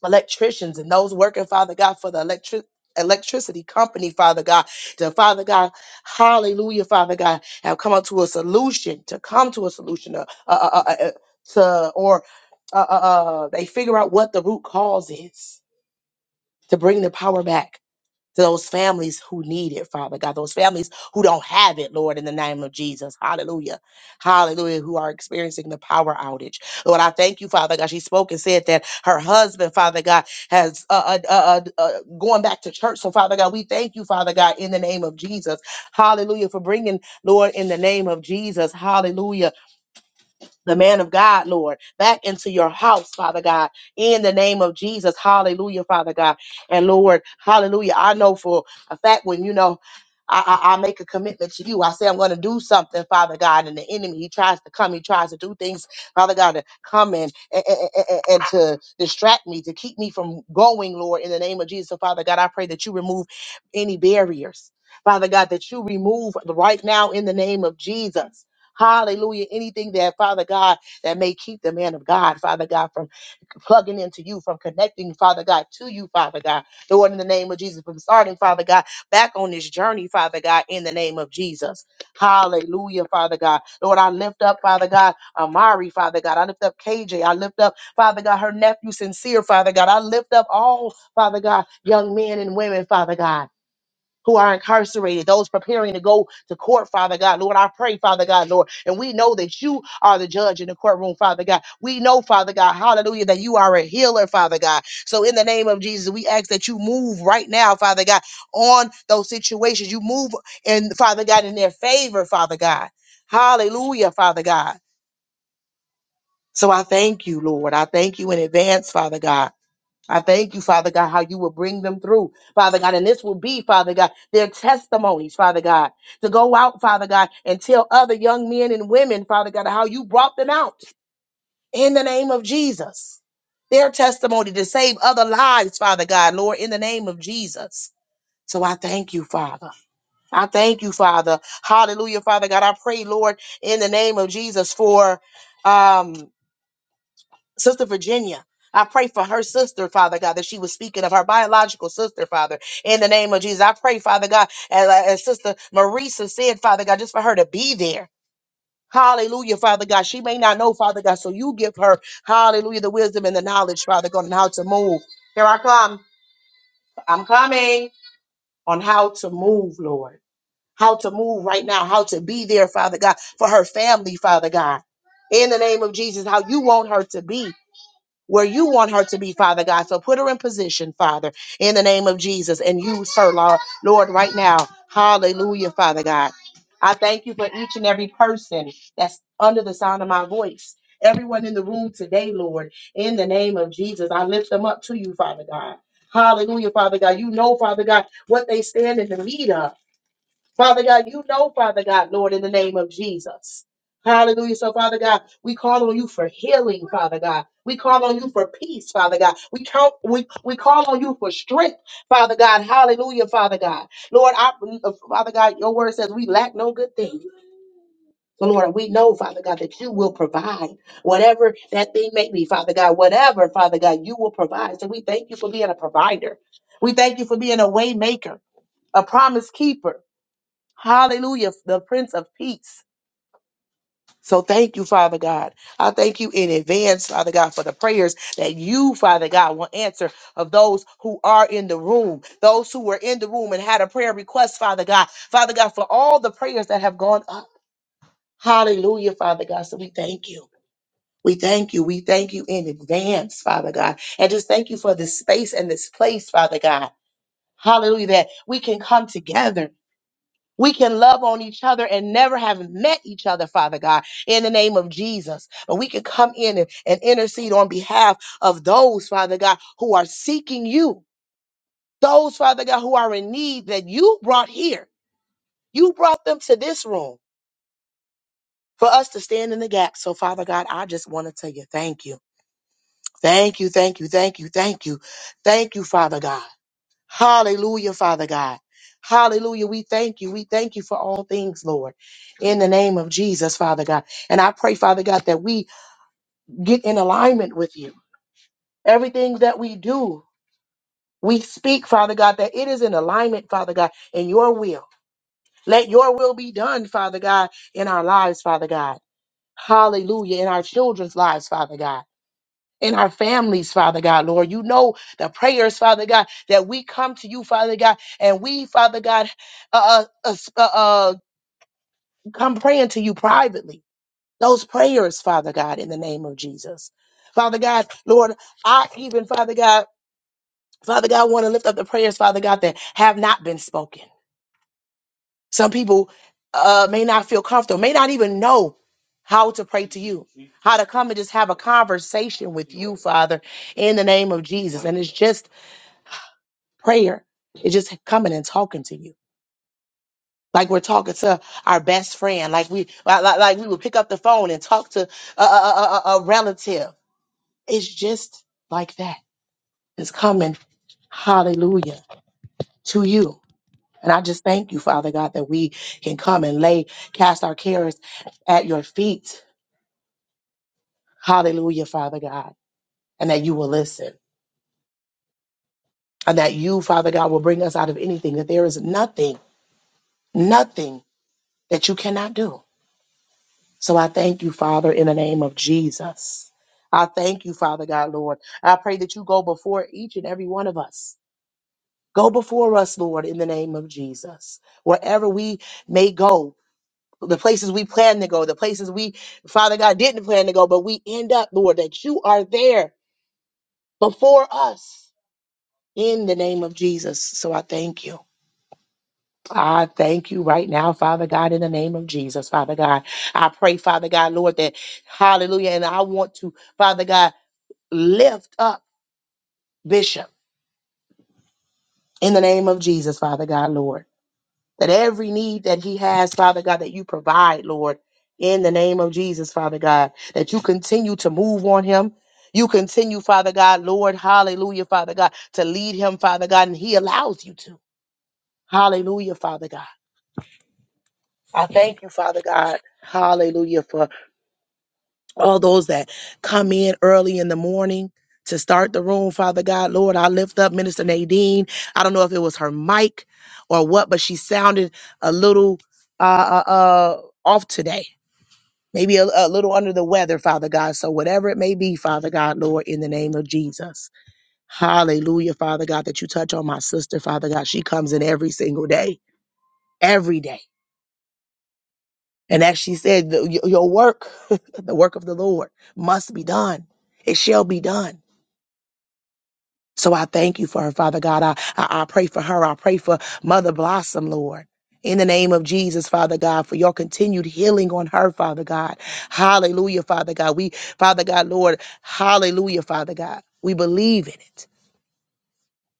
S9: electricians and those working, Father God, for the electric electricity company, Father God, to Father God, hallelujah, Father God, have come up to a solution, to come to a solution, uh, uh, uh, uh, uh, to, or uh, uh, uh, they figure out what the root cause is to bring the power back to those families who need it, Father God, those families who don't have it, Lord, in the name of Jesus. Hallelujah. Hallelujah. Who are experiencing the power outage. Lord, I thank you, Father God. She spoke and said that her husband, Father God, has uh, uh, uh, uh, uh, going back to church. So, Father God, we thank you, Father God, in the name of Jesus. Hallelujah. For bringing, Lord, in the name of Jesus. Hallelujah the man of God, Lord, back into your house, Father God, in the name of Jesus. Hallelujah, Father God. And Lord, hallelujah. I know for a fact when you know. I, I, I make a commitment to you. I say I'm going to do something, Father God. And the enemy, he tries to come. He tries to do things, Father God, to come and, and, and, and to distract me, to keep me from going, Lord, in the name of Jesus. So, Father God, I pray that you remove any barriers, Father God, that you remove right now in the name of Jesus. Hallelujah. Anything that, Father God, that may keep the man of God, Father God, from plugging into you, from connecting, Father God, to you, Father God. Lord, in the name of Jesus, from starting, Father God, back on this journey, Father God, in the name of Jesus. Hallelujah, Father God. Lord, I lift up, Father God, Amari, Father God. I lift up KJ. I lift up, Father God, her nephew, Sincere, Father God. I lift up all, Father God, young men and women, Father God who are incarcerated, those preparing to go to court, Father God. Lord, I pray, Father God, Lord. And we know that you are the judge in the courtroom, Father God. We know, Father God, hallelujah, that you are a healer, Father God. So in the name of Jesus, we ask that you move right now, Father God, on those situations. You move and Father God in their favor, Father God. Hallelujah, Father God. So I thank you, Lord. I thank you in advance, Father God. I thank you, Father God, how you will bring them through, Father God. And this will be, Father God, their testimonies, Father God, to go out, Father God, and tell other young men and women, Father God, how you brought them out in the name of Jesus. Their testimony to save other lives, Father God, Lord, in the name of Jesus. So I thank you, Father. I thank you, Father. Hallelujah, Father God. I pray, Lord, in the name of Jesus for um Sister Virginia. I pray for her sister, Father God, that she was speaking of her biological sister, Father, in the name of Jesus. I pray, Father God, as, as Sister Marisa said, Father God, just for her to be there. Hallelujah, Father God. She may not know, Father God, so you give her, hallelujah, the wisdom and the knowledge, Father God, on how to move. Here I come. I'm coming on how to move, Lord. How to move right now, how to be there, Father God, for her family, Father God. In the name of Jesus, how you want her to be where you want her to be, Father God. So put her in position, Father, in the name of Jesus. And use her, Lord, Lord right now. Hallelujah, Father God. I thank you for each and every person that's under the sound of my voice. Everyone in the room today, Lord, in the name of Jesus, I lift them up to you, Father God. Hallelujah, Father God. You know, Father God, what they stand in the need of. Father God, you know, Father God, Lord, in the name of Jesus. Hallelujah. So, Father God, we call on you for healing, Father God. We call on you for peace, Father God. We count, we, we call on you for strength, Father God. Hallelujah, Father God. Lord, I, Father God, your word says we lack no good thing. So, Lord, we know, Father God, that you will provide whatever that thing may be, Father God, whatever, Father God, you will provide. So, we thank you for being a provider. We thank you for being a way maker, a promise keeper. Hallelujah, the Prince of Peace. So thank you, Father God. I thank you in advance, Father God, for the prayers that you, Father God, will answer of those who are in the room, those who were in the room and had a prayer request, Father God. Father God, for all the prayers that have gone up. Hallelujah, Father God. So we thank you. We thank you. We thank you in advance, Father God. And just thank you for this space and this place, Father God. Hallelujah, that we can come together We can love on each other and never have met each other, Father God, in the name of Jesus. But we can come in and, and intercede on behalf of those, Father God, who are seeking you, those, Father God, who are in need that you brought here. You brought them to this room for us to stand in the gap. So, Father God, I just want to tell you thank you. Thank you, thank you, thank you, thank you. Thank you, Father God. Hallelujah, Father God. Hallelujah. We thank you. We thank you for all things, Lord, in the name of Jesus, Father God. And I pray, Father God, that we get in alignment with you. Everything that we do, we speak, Father God, that it is in alignment, Father God, in your will. Let your will be done, Father God, in our lives, Father God. Hallelujah. In our children's lives, Father God. in our families, Father God, Lord. You know the prayers, Father God, that we come to you, Father God, and we, Father God, uh, uh, uh, uh, uh, come praying to you privately. Those prayers, Father God, in the name of Jesus. Father God, Lord, I even, Father God, Father God, want to lift up the prayers, Father God, that have not been spoken. Some people uh, may not feel comfortable, may not even know how to pray to you, how to come and just have a conversation with you, Father, in the name of Jesus. And it's just Prayer is just coming and talking to you. Like we're talking to our best friend, like we like, like like we would pick up the phone and talk to a, a, a, a a relative. It's just like that. It's coming, hallelujah, to you. And I just thank you, Father God, that we can come and lay, cast our cares at your feet. Hallelujah, Father God, and that you will listen. And that you, Father God, will bring us out of anything, that there is nothing, nothing that you cannot do. So I thank you, Father, in the name of Jesus. I thank you, Father God, Lord. I pray that you go before each and every one of us. Go before us, Lord, in the name of Jesus. Wherever we may go, the places we plan to go, the places we, Father God, didn't plan to go, but we end up, Lord, that you are there before us in the name of Jesus. So I thank you. I thank you right now, Father God, in the name of Jesus, Father God. I pray, Father God, Lord, that hallelujah. And I want to, Father God, lift up Bishop in the name of Jesus, Father God, Lord, that every need that he has, Father God, that you provide, Lord, in the name of Jesus, Father God, that you continue to move on him. You continue, Father God, Lord, hallelujah, Father God, to lead him, Father God, and he allows you to. Hallelujah, Father God. I thank you, Father God. Hallelujah, for all those that come in early in the morning to start the room, Father God, Lord, I lift up Minister Nadine. I don't know if it was her mic or what, but she sounded a little uh, uh, uh, off today, maybe a, a little under the weather, Father God. So, whatever it may be, Father God, Lord, in the name of Jesus. Hallelujah, Father God, that you touch on my sister, Father God. She comes in every single day, every day. And as she said, the- your your work, the work of the Lord must be done. It shall be done. So I thank you for her, Father God. I, I, I pray for her. I pray for Mother Blossom, Lord. In the name of Jesus, Father God, for your continued healing on her, Father God. Hallelujah, Father God. We, Father God, Lord, hallelujah, Father God. We believe in it.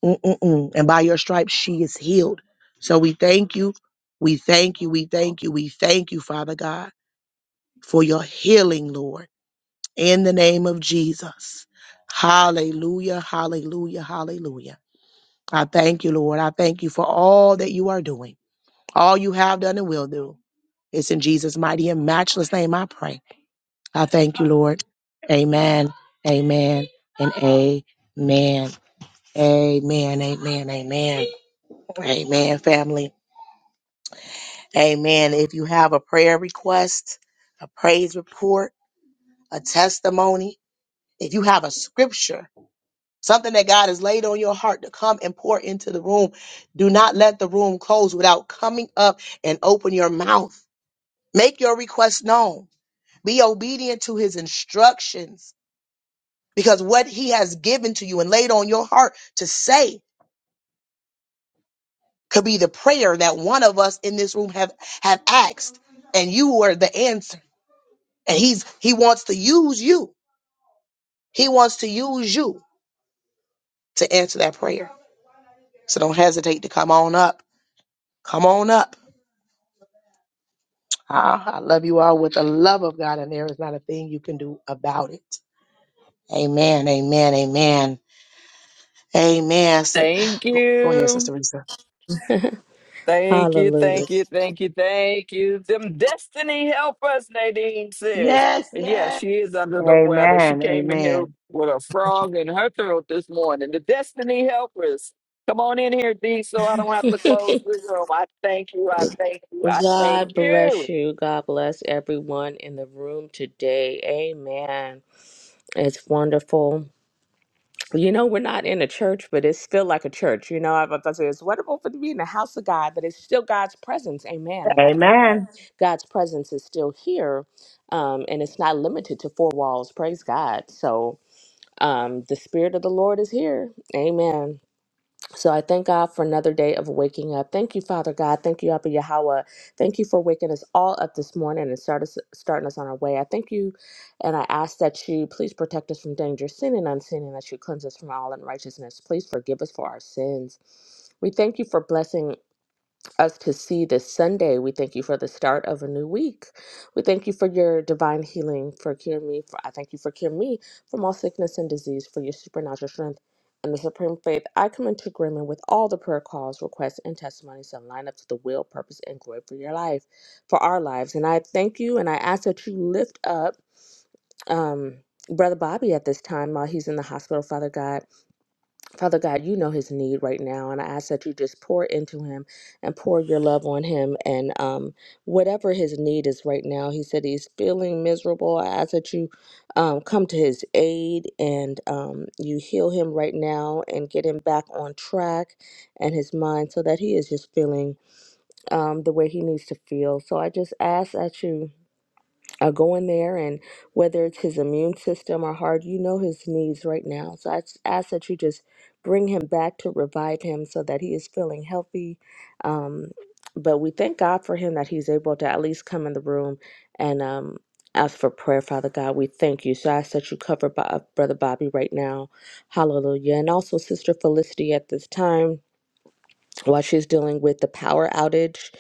S9: Mm-mm-mm. And by your stripes, she is healed. So we thank you. We thank you. We thank you. We thank you, Father God, for your healing, Lord. In the name of Jesus. Hallelujah, hallelujah, hallelujah. I thank you, Lord. I thank you for all that you are doing, all you have done and will do. It's in Jesus' mighty and matchless name I pray. I thank you, Lord. Amen, amen, and amen. Amen, amen, amen. Amen, family. Amen. If you have a prayer request, a praise report, a testimony, if you have a scripture, something that God has laid on your heart to come and pour into the room. Do not let the room close without coming up and open your mouth. Make your request known. Be obedient to his instructions because what he has given to you and laid on your heart to say could be the prayer that one of us in this room have, have asked and you were the answer. And he's, he wants to use you. He wants to use you to answer that prayer. So don't hesitate to come on up. Come on up Ah, I love you all with the love of God, and there is not a thing you can do about it. Amen. Amen. Amen. Amen. So,
S2: Thank
S9: go, go ahead,
S2: you.
S9: Sister Risa.
S2: Thank you,
S10: Hallelujah.
S2: thank you, thank you, thank you. Them destiny help us, Nadine says.
S1: Yes,
S2: And yeah,
S1: Yes,
S2: she is under the weather. She
S9: Amen.
S2: came in here
S9: Amen.
S2: with a frog in her throat this morning. The destiny helpers. Come on in here, D, so I don't have to close the room. I thank you, I thank you, I thank
S10: God
S2: you.
S10: bless you. God bless everyone in the room today. Amen. It's wonderful. You know, we're not in a church, but it's still like a church. You know, I was about to say it's wonderful for to be in the house of God, but it's still God's presence. Amen. And I think that Amen.
S9: Amen.
S10: God's presence is still here. Um, and it's not limited to four walls. Praise God. So um, the Spirit of the Lord is here. Amen. So I thank God for another day of waking up. Thank you, Father God. Thank you, Abba Yahweh. Thank you for waking us all up this morning and start us, starting us on our way. I thank you and I ask that you please protect us from danger, sin and unseen, and that you cleanse us from all unrighteousness. Please forgive us for our sins. We thank you for blessing us to see this Sunday. We thank you for the start of a new week. We thank you for your divine healing, for cure me. For, I thank you for cure me from all sickness and disease, for your supernatural strength and the supreme faith. I come into agreement with all the prayer calls, requests, and testimonies that line up to the will, purpose, and glory for your life, for our lives. And I thank you and I ask that you lift up um, Brother Bobby at this time while he's in the hospital, Father God. Father God, you know his need right now, and I ask that you just pour into him and pour your love on him. And um, whatever his need is right now, he said he's feeling miserable. I ask that you um, come to his aid and um, you heal him right now and get him back on track and his mind so that he is just feeling um, the way he needs to feel. So I just ask that you uh, go in there and whether it's his immune system or heart, you know his needs right now. So I just ask that you just bring him back to revive him so that he is feeling healthy. Um, but we thank God for him that he's able to at least come in the room and um, ask for prayer, Father God. We thank you. So I ask that you cover Bob, Brother Bobby right now. Hallelujah. And also Sister Felicity at this time while she's dealing with the power outage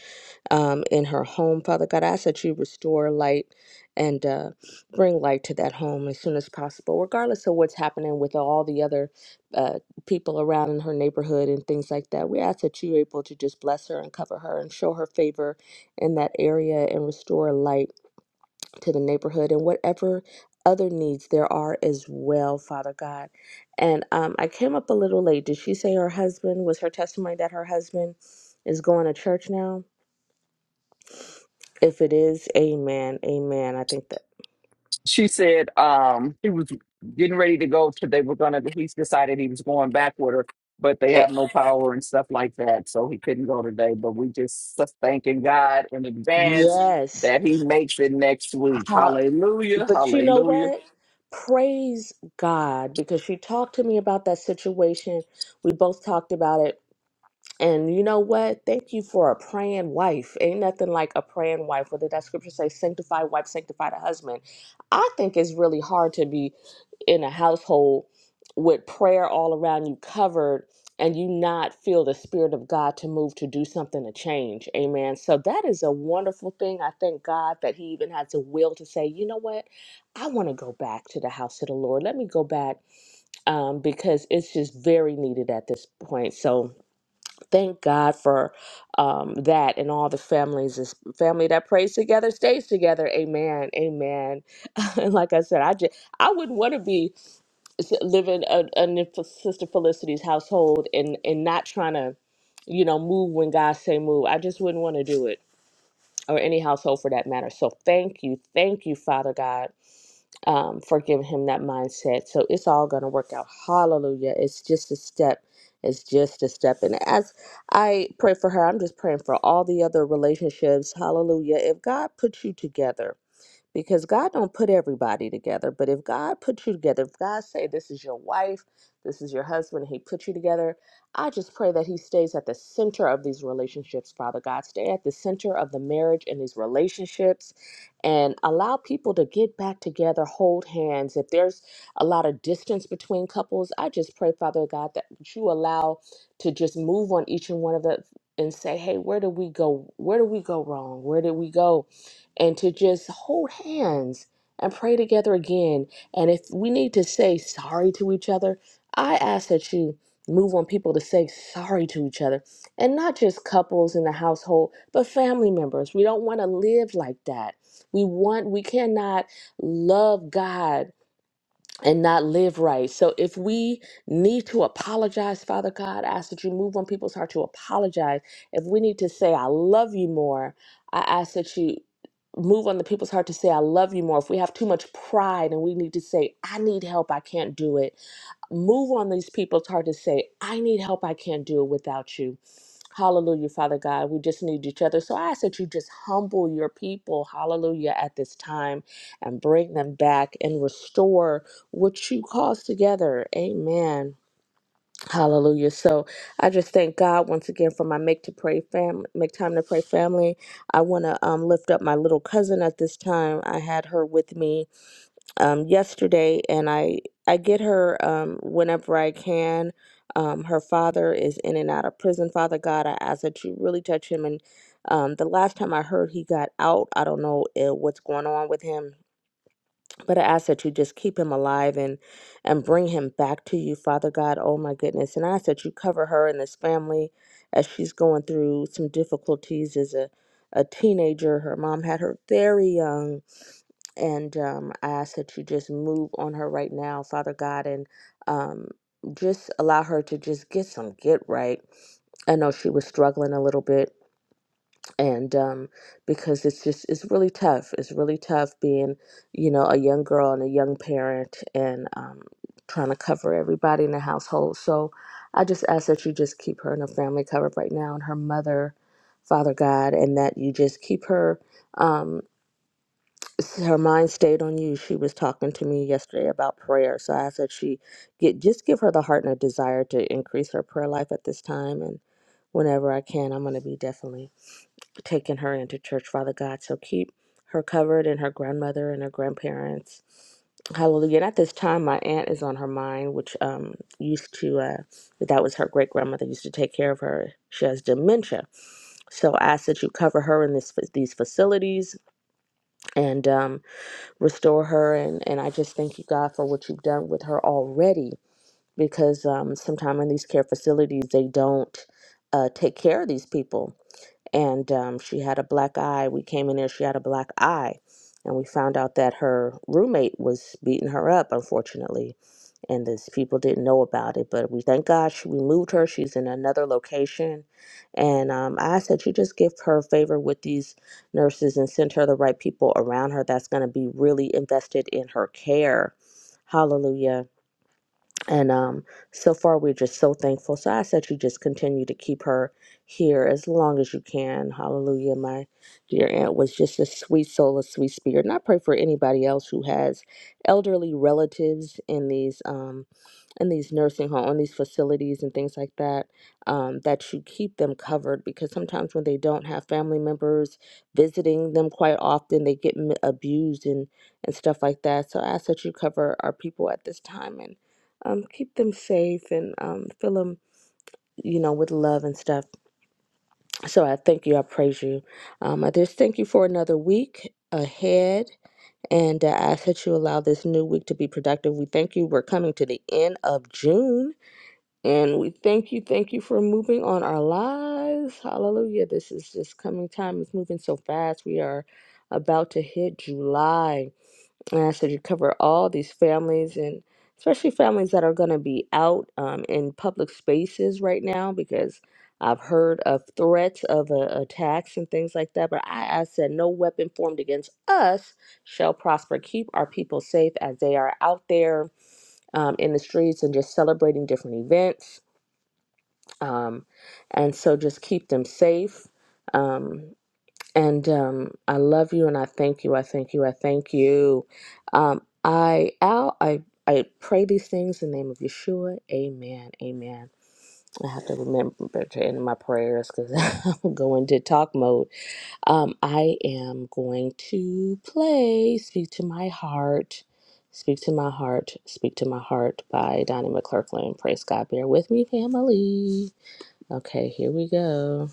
S10: um, in her home. Father God, I ask that you restore light and uh, bring light to that home as soon as possible, regardless of what's happening with all the other uh, people around in her neighborhood and things like that. We ask that you're able to just bless her and cover her and show her favor in that area and restore light to the neighborhood and whatever other needs there are as well, Father God. And um, I came up a little late. Did she say her husband was her testimony that her husband is going to church now? If it is, amen, amen. I think that,
S2: she said um he was getting ready to go to they were gonna he decided he was going back with her but they
S10: eh,
S2: have no power and stuff like that so he couldn't go today but we just s- thanking god in advance
S10: yes.
S2: that he makes it next week
S10: How,
S2: hallelujah
S10: but you know
S2: hallelujah
S10: what? Praise God because she talked to me about that situation. We both talked about it And you know what? Thank you for a praying wife. Ain't nothing like a praying wife. Whether that scripture says Sanctify wife, sanctify the husband. I think it's really hard to be in a household with prayer all around you covered and you not feel the spirit of God to move to do something to change. Amen. So that is a wonderful thing. I thank God that he even has a will to say, you know what? I want to go back to the house of the Lord. Let me go back um, because it's just very needed at this point. So thank God for um, that and all the families. This family that prays together stays together. Amen. Amen. and like I said, I just I wouldn't want to be s- living a, in Sister Felicity's household and and not trying to, you know, move when God say move. I just wouldn't want to do it or any household for that matter. So thank you, thank you, Father God um, for giving him that mindset. So it's all going to work out. Hallelujah. It's just a step. It's just a step. And as I pray for her, I'm just praying for all the other relationships. Hallelujah. If God puts you together, because God don't put everybody together. But if God put you together, if God say this is your wife, this is your husband, and He put you together, I just pray that He stays at the center of these relationships, Father God. Stay at the center of the marriage and these relationships, and allow people to get back together, hold hands. If there's a lot of distance between couples, I just pray, Father God, that you allow to just move on each and one of the and say, hey, where did we go? Where did we go wrong? Where did we go? and to just hold hands and pray together again. And if we need to say sorry to each other, I ask that you move on people to say sorry to each other and not just couples in the household, but family members. We don't want to live like that. We want, we cannot love God and not live right. So if we need to apologize, Father God, I ask that you move on people's heart to apologize. If we need to say, I love you more, I ask that you move on the people's heart to say, I love you more. If we have too much pride and we need to say, I need help, I can't do it, move on these people's heart to say, I need help, I can't do it without you. Hallelujah, Father God. We just need each other. So I ask that you just humble your people, hallelujah, at this time and bring them back and restore what you caused together. Amen. Hallelujah. So I just thank God once again for my make to pray family, make time to pray family. I want to um, lift up my little cousin at this time. I had her with me um, yesterday, and I I get her um, whenever I can. Um, her father is in and out of prison. Father God, I ask that you really touch him. And um, the last time I heard, he got out. I don't know uh, what's going on with him, but I ask that you just keep him alive and and bring him back to you, Father God. Oh my goodness! And I ask that you cover her and this family as she's going through some difficulties as a a teenager. Her mom had her very young and um, I ask that you just move on her right now, Father God, and um, just allow her to just get some get right. I know she was struggling a little bit, and um, because it's just it's really tough. It's really tough being, you know, a young girl and a young parent, and um, trying to cover everybody in the household. So I just ask that you just keep her and her family covered right now, and her mother, Father God, and that you just keep her. Um, s- her mind stayed on you. She was talking to me yesterday about prayer. So I said she get just give her the heart and a desire to increase her prayer life at this time and whenever I can, I'm gonna be definitely taking her into church, Father God. So keep her covered and her grandmother and her grandparents. Hallelujah. And at this time my aunt is on her mind, which um used to uh that was her great grandmother used to take care of her. She has dementia. So I ask that you cover her in this these facilities and um restore her and and I just thank you God for what you've done with her already because um sometimes in these care facilities they don't uh take care of these people and um she had a black eye we came in there she had a black eye and we found out that her roommate was beating her up unfortunately and these people didn't know about it. But we thank God she, we moved her. She's in another location, and um, I said you just give her favor with these nurses and send her the right people around her that's going to be really invested in her care. Hallelujah. And um, so far, we're just so thankful. So I said you just continue to keep her here as long as you can. Hallelujah. My dear aunt was just a sweet soul, a sweet spirit. And I pray for anybody else who has elderly relatives in these. Um, in these nursing homes, in these facilities, and things like that, um, that you keep them covered because sometimes when they don't have family members visiting them quite often, they get m- abused and, and stuff like that. So I ask that you cover our people at this time and um, keep them safe and um, fill them, you know, with love and stuff. So I thank you. I praise you. Um, I just thank you for another week ahead and uh, I ask that you allow this new week to be productive. We thank you. We're coming to the end of June and we thank you, thank you for moving on our lives. Hallelujah. This is just coming time. It's moving so fast. We are about to hit July. And I said you cover all these families and especially families that are going to be out um, in public spaces right now because I've heard of threats of uh, attacks and things like that. But I, I said, no weapon formed against us shall prosper. Keep our people safe as they are out there um, in the streets and just celebrating different events um, and so just keep them safe. Um, and um, I love you and I thank you. I thank you. I thank you. Um, I, Al, I, I pray these things in the name of Yeshua. Amen. Amen. I have to remember to end my prayers because I'm going to talk mode. Um, I am going to play Speak to My Heart. Speak to My Heart. Speak to My Heart by Donnie McClurkin. Praise God. Bear with me, family. Okay, here we go.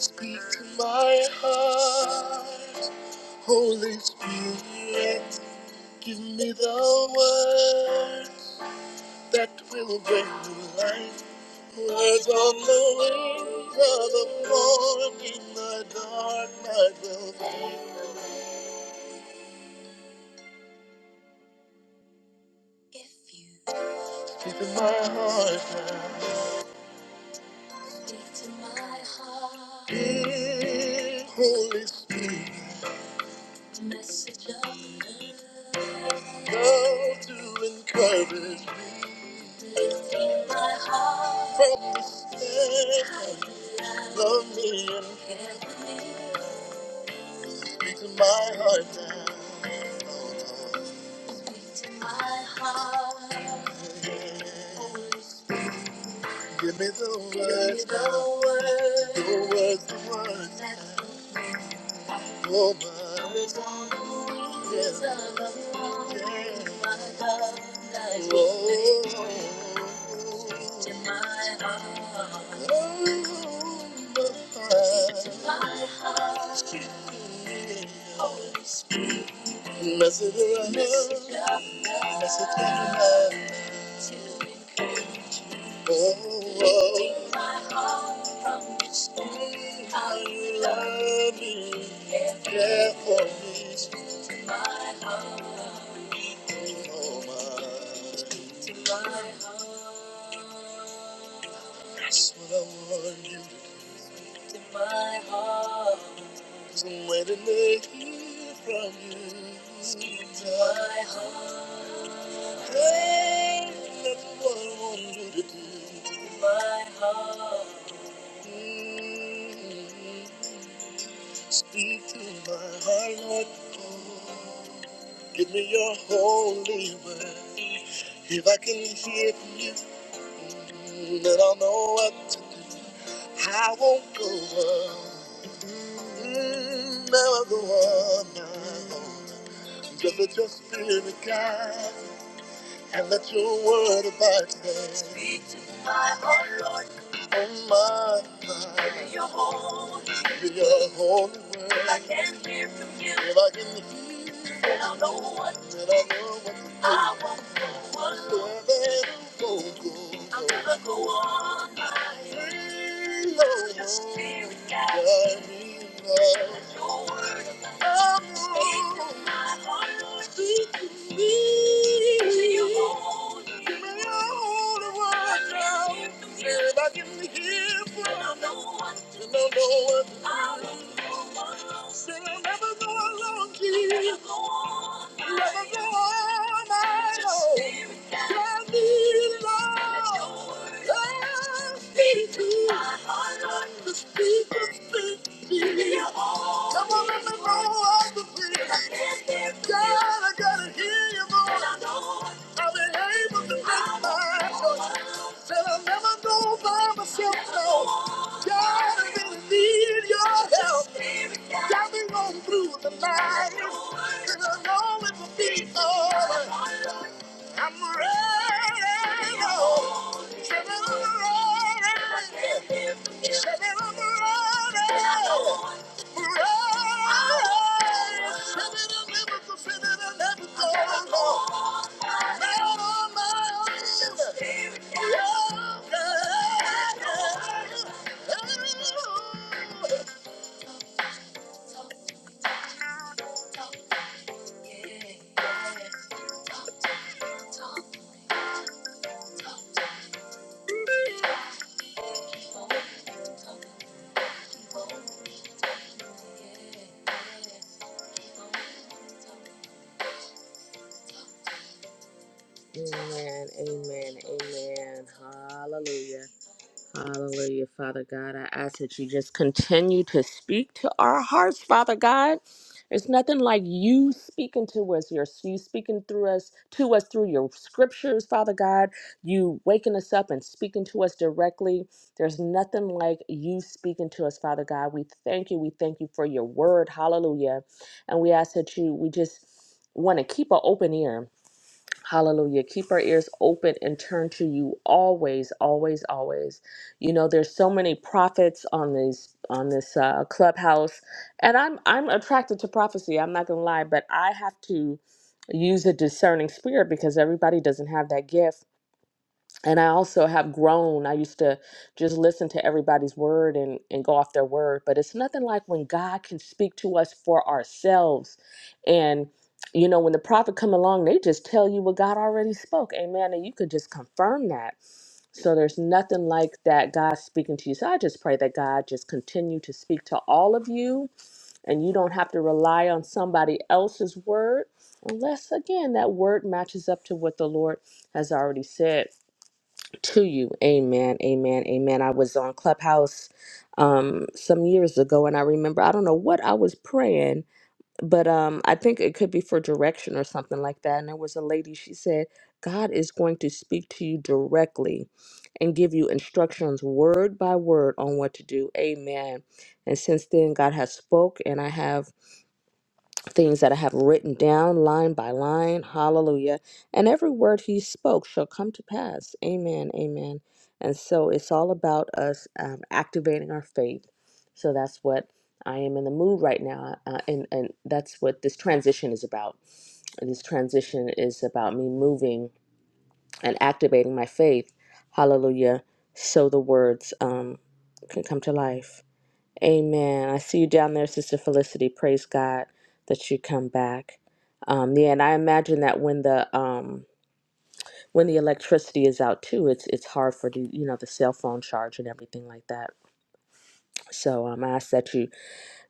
S10: Speak to my heart. Holy Spirit, give me the words that will bring you life. Words on the wings of the morning, the dark night will be. If you speak to my heart now, speak to my heart. Give Holy Spirit, the message of love, love to encourage. My heart from the state of me and Speak to my heart now. My heart. Give me the words, the words, the words. woman. Mess it around, mess it up, mess it around. Oh, oh. Take my heart from the stone. I love you, care for me. To my heart. That's what I want you to do. To my heart. Cause I'm waiting to hear from you. Speak to my heart. Hey, that's what I want you to do. To my heart. Mm. Speak to my heart, Lord. Give me your holy word. If I can hear from you. And I don't know what to do. I won't go on. Mm, never go on. no. Just, just being a guy and let your word abide today. Speak to my heart, Lord. Oh my God. Give me your holy Word. Give me your holy word. If I can hear from you. If I can hear from you. Then I'll know what to do. Then I'll know what to do. I won't go alone. Then I go I'm gonna go on my own. Free, Lord. Your spirit guides me. Guide me, Lord. Let your word abide. Oh, Speak to my heart, Lord. Speak to me. Give me your Come on, let me blow up the bridge. God, I gotta hear your voice. I've been able to make my choice. Said I'll never go by myself, no. God, I really need your help. Got me going through the night. And I know it will be alright. I'm ready. Lord. Say that I'm ready. Say that I'm ready. Ready. Say that I'm able to fit it and let it I'll never go, Lord. Now on my knees. Oh, God. Oh. Talk, talk, talk, yeah, yeah, talk, talk, talk, talk. Amen, amen, amen. Hallelujah. Hallelujah, Father God. I ask that you just continue to speak to our hearts, Father God. It's nothing like you speaking to us, your you speaking through us to us through your scriptures, Father God. You waking us up and speaking to us directly. There's nothing like you speaking to us, Father God. We thank you. We thank you for your word. Hallelujah. And we ask that you we just want to keep an open ear Hallelujah. Keep our ears open and turn to you always, always, always. You know, there's so many prophets on these on this uh, clubhouse, and I'm I'm attracted to prophecy. I'm not gonna lie, but I have to use a discerning spirit because everybody doesn't have that gift and I also have grown. I used to just listen to everybody's word and, and go off their word, but it's nothing like when God can speak to us for ourselves. And, you know, when the prophet come along, they just tell you what God already spoke. Amen. And you could just confirm that. So there's nothing like that God speaking to you. So I just pray that God just continue to speak to all of you and you don't have to rely on somebody else's word unless again that word matches up to what the Lord has already said to you. Amen. Amen. Amen. I was on Clubhouse um some years ago and I remember I don't know what I was praying, but um I think it could be for direction or something like that. And there was a lady, she said, God is going to speak to you directly and give you instructions word by word on what to do. Amen. And since then God has spoke and I have things that I have written down line by line. Hallelujah. And every word he spoke shall come to pass. Amen. Amen. And so it's all about us um, activating our faith. So that's what I am in the mood right now. Uh, and, and that's what this transition is about. This transition is about me moving and activating my faith. Hallelujah. So the words um, can come to life. Amen. I see you down there, Sister Felicity. Praise God that you come back. Um, yeah, and I imagine that when the um, when the electricity is out too, it's it's hard for the you know the cell phone charge and everything like that. So um, I ask that you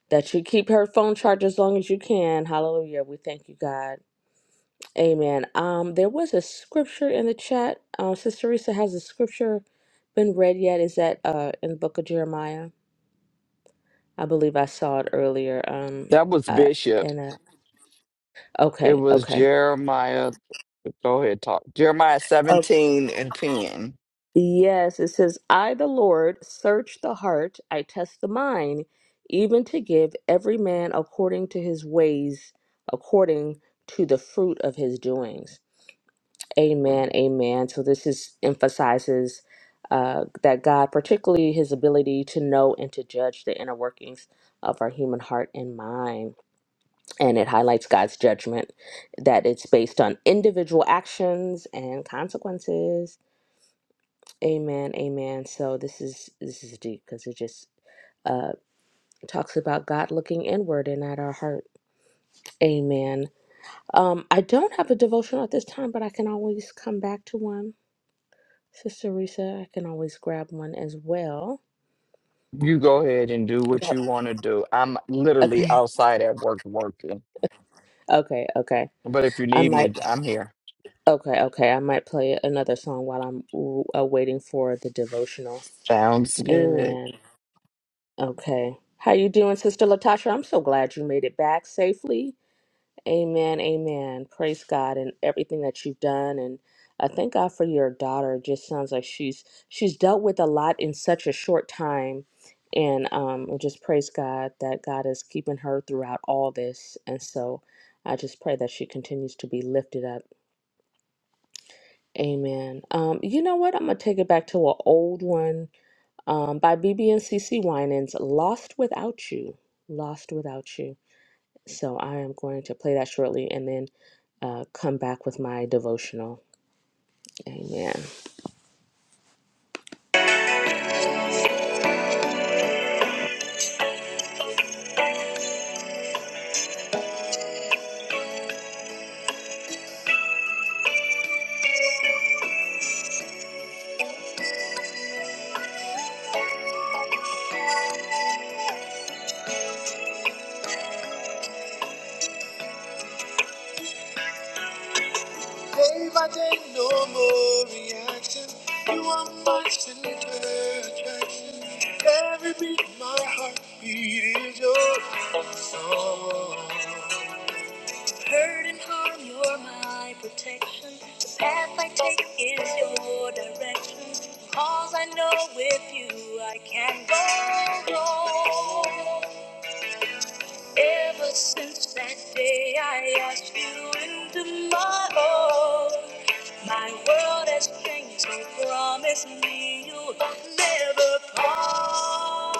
S10: that you keep her phone charged as long as you can. Hallelujah. We thank you, God. Amen. Um, there was a scripture in the chat. Um, Sister Risa has the scripture been read yet? Is that uh in the book of Jeremiah? I believe I saw it earlier. Um,
S2: that was
S10: uh,
S2: bishop
S10: and uh,
S2: it
S10: Okay,
S2: was
S10: okay.
S2: jeremiah go ahead talk jeremiah
S10: Oh
S2: 17 and 10
S10: Yes, it says, I, the Lord, search the heart, I test the mind, even to give every man according to his ways, according to the fruit of his doings. Amen, amen. So this is emphasizes uh, that God, particularly his ability to know and to judge the inner workings of our human heart and mind. And it highlights God's judgment that it's based on individual actions and consequences Amen, amen. So this is this is deep because it just uh talks about God looking inward and at our heart. Amen. Um, I don't have a devotional at this time, but I can always come back to one. Sister Risa, I can always grab one as well.
S2: you go ahead and do what
S10: Yep.
S2: you want to do i'm literally
S10: Okay.
S2: outside at work working
S10: Okay. Okay.
S2: but if you
S10: I
S2: need me
S10: might.
S2: i'm here
S10: Okay. Okay. I might play another song while I'm uh, waiting for the devotional.
S2: Sounds good.
S10: Amen. Okay. How you doing, Sister Latasha? I'm so glad you made it back safely. Amen, amen. Praise God and everything that you've done and I thank God for your daughter. It just sounds like she's she's dealt with a lot in such a short time. And um I just praise God that God is keeping her throughout all this. And so I just pray that she continues to be lifted up. Amen. Um, you know what? I'm gonna take it back to an old one um, by BB and CC Winans, "Lost Without You." Lost Without You. So I am going to play that shortly, and then uh, come back with my devotional. Amen. Day by day, no more reaction. You are my center attraction. Every beat, my heartbeat is your song. Hurt and harm, you're my protection. The path I take is your direction. Cause I know with you I can go. wrong. Ever since that day I asked you into my own, my world has changed. So promise me you'll never part.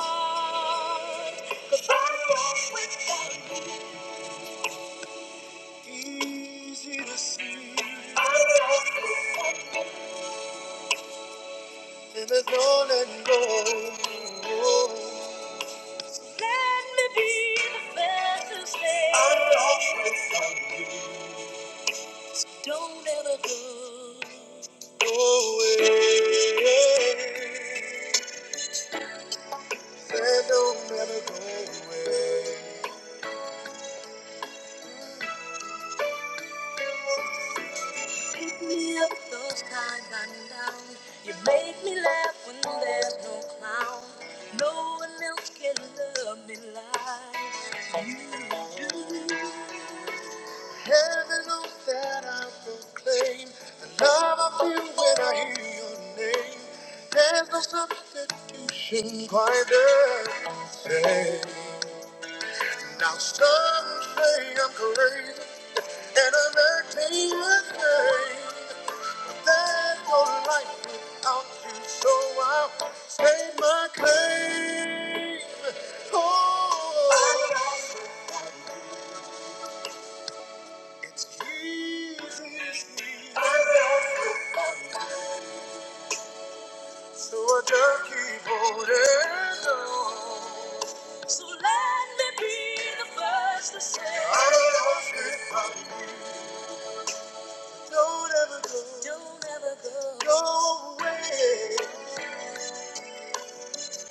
S10: 'Cause I walk without you. Easy to see. I walk without you. And it's on and on. Let me be the first to say. I walk without you. Don't ever go away. Said don't ever go away. Pick me up those times I'm down. You make me laugh when there's no clown. No one else can love me like you. do. Heaven knows that I proclaim the love I feel when I hear your name. There's no substitution quite the same. Now some say I'm crazy, and I'm acting insane. There's no life without you, so I'll stake my claim. Oh. So I just keep holding on. So let me be the first to say I love you. baby. Don't ever go. Don't ever go. Go away.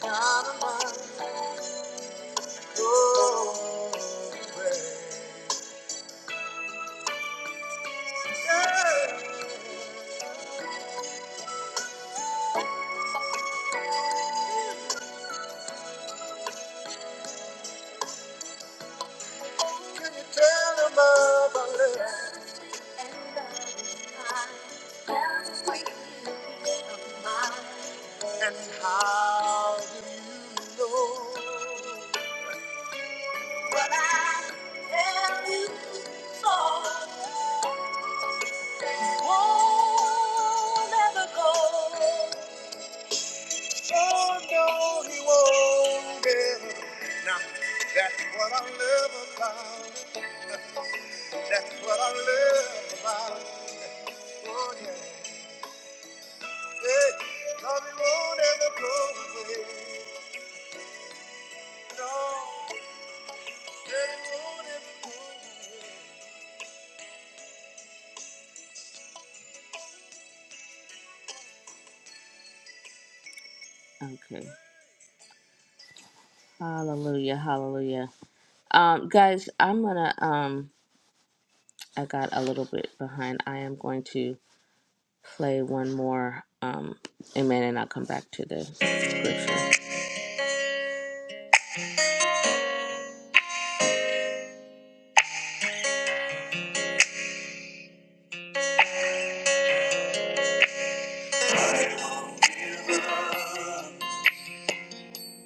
S10: Out of my go away. Yeah. Can you tell them about love? And how do you know? Well, I tell you so. he won't ever go. Oh, no, he won't ever. Now, that's what I love about. him. That's what I love about it. Oh, yeah. Hey, love it won't ever go away. No, it won't ever go away. Okay. Hallelujah. Hallelujah. Um, guys, I'm gonna um I got a little bit behind. I am going to play one more um amen and I'll come back to the scripture.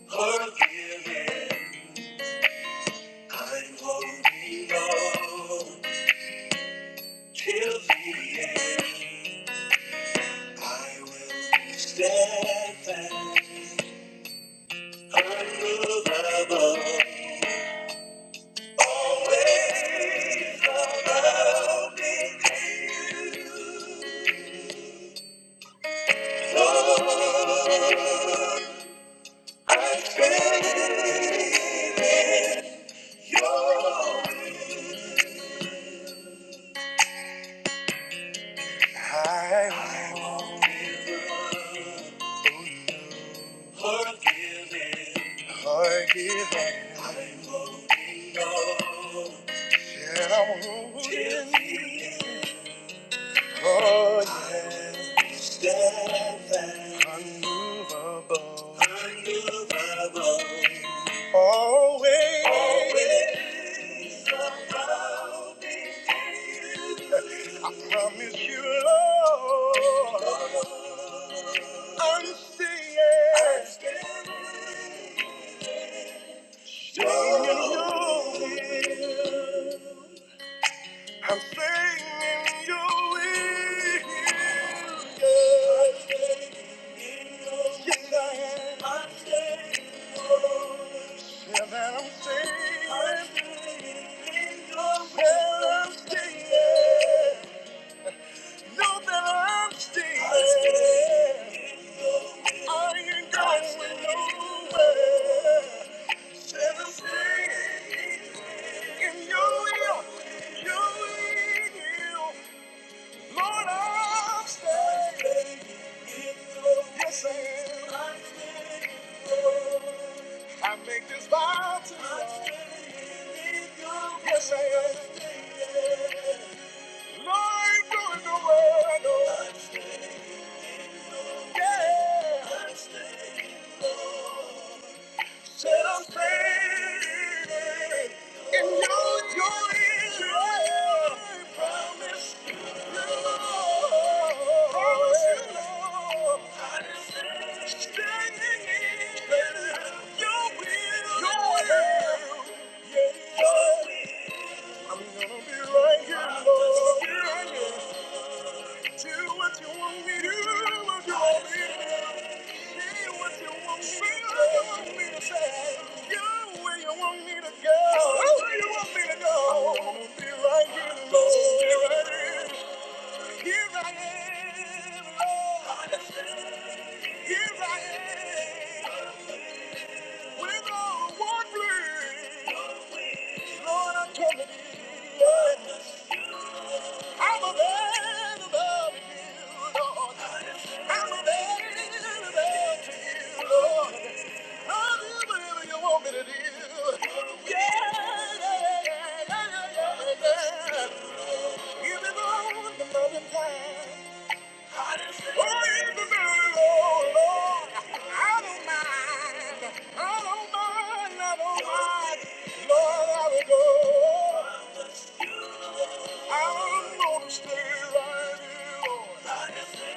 S10: Forgiven, Lord, I'm steadfast. Unmovable, Always, Promise you, Lord, I'm staying, staying in your will. I'm staying in your will. Yes, yes Yes, I am. I'm staying. Yeah, that I'm staying. I'm staying your will. That I'm staying. Know that I'm staying. I ain't going nowhere. I'm staying in your will, your will. Lord, I'm staying in your Yes, I am. I'm staying I make this vow to you. Yes, I am. Standing in your will, your will. Yeah, your will. I'm gonna be right here, Lord. Be right Do what you want me to do. What you want me to do. Say what you want me to say. What you want me to say. Go where you want me to go. Where you want me to go. I'm gonna be right here, Lord. Be right here. Here I am, Lord. Here I am. With all one plea. Lord, I'm coming in. I'm available to you, Lord. I'm available to you, Lord. i do whatever you want me to do. Yeah, yeah, yeah, yeah, yeah, yeah. yeah. You've been on the loving kind. Oh, you've been very low, Lord. I don't mind. I don't mind. I don't mind. Lord, I will go. I'm gonna stay right here,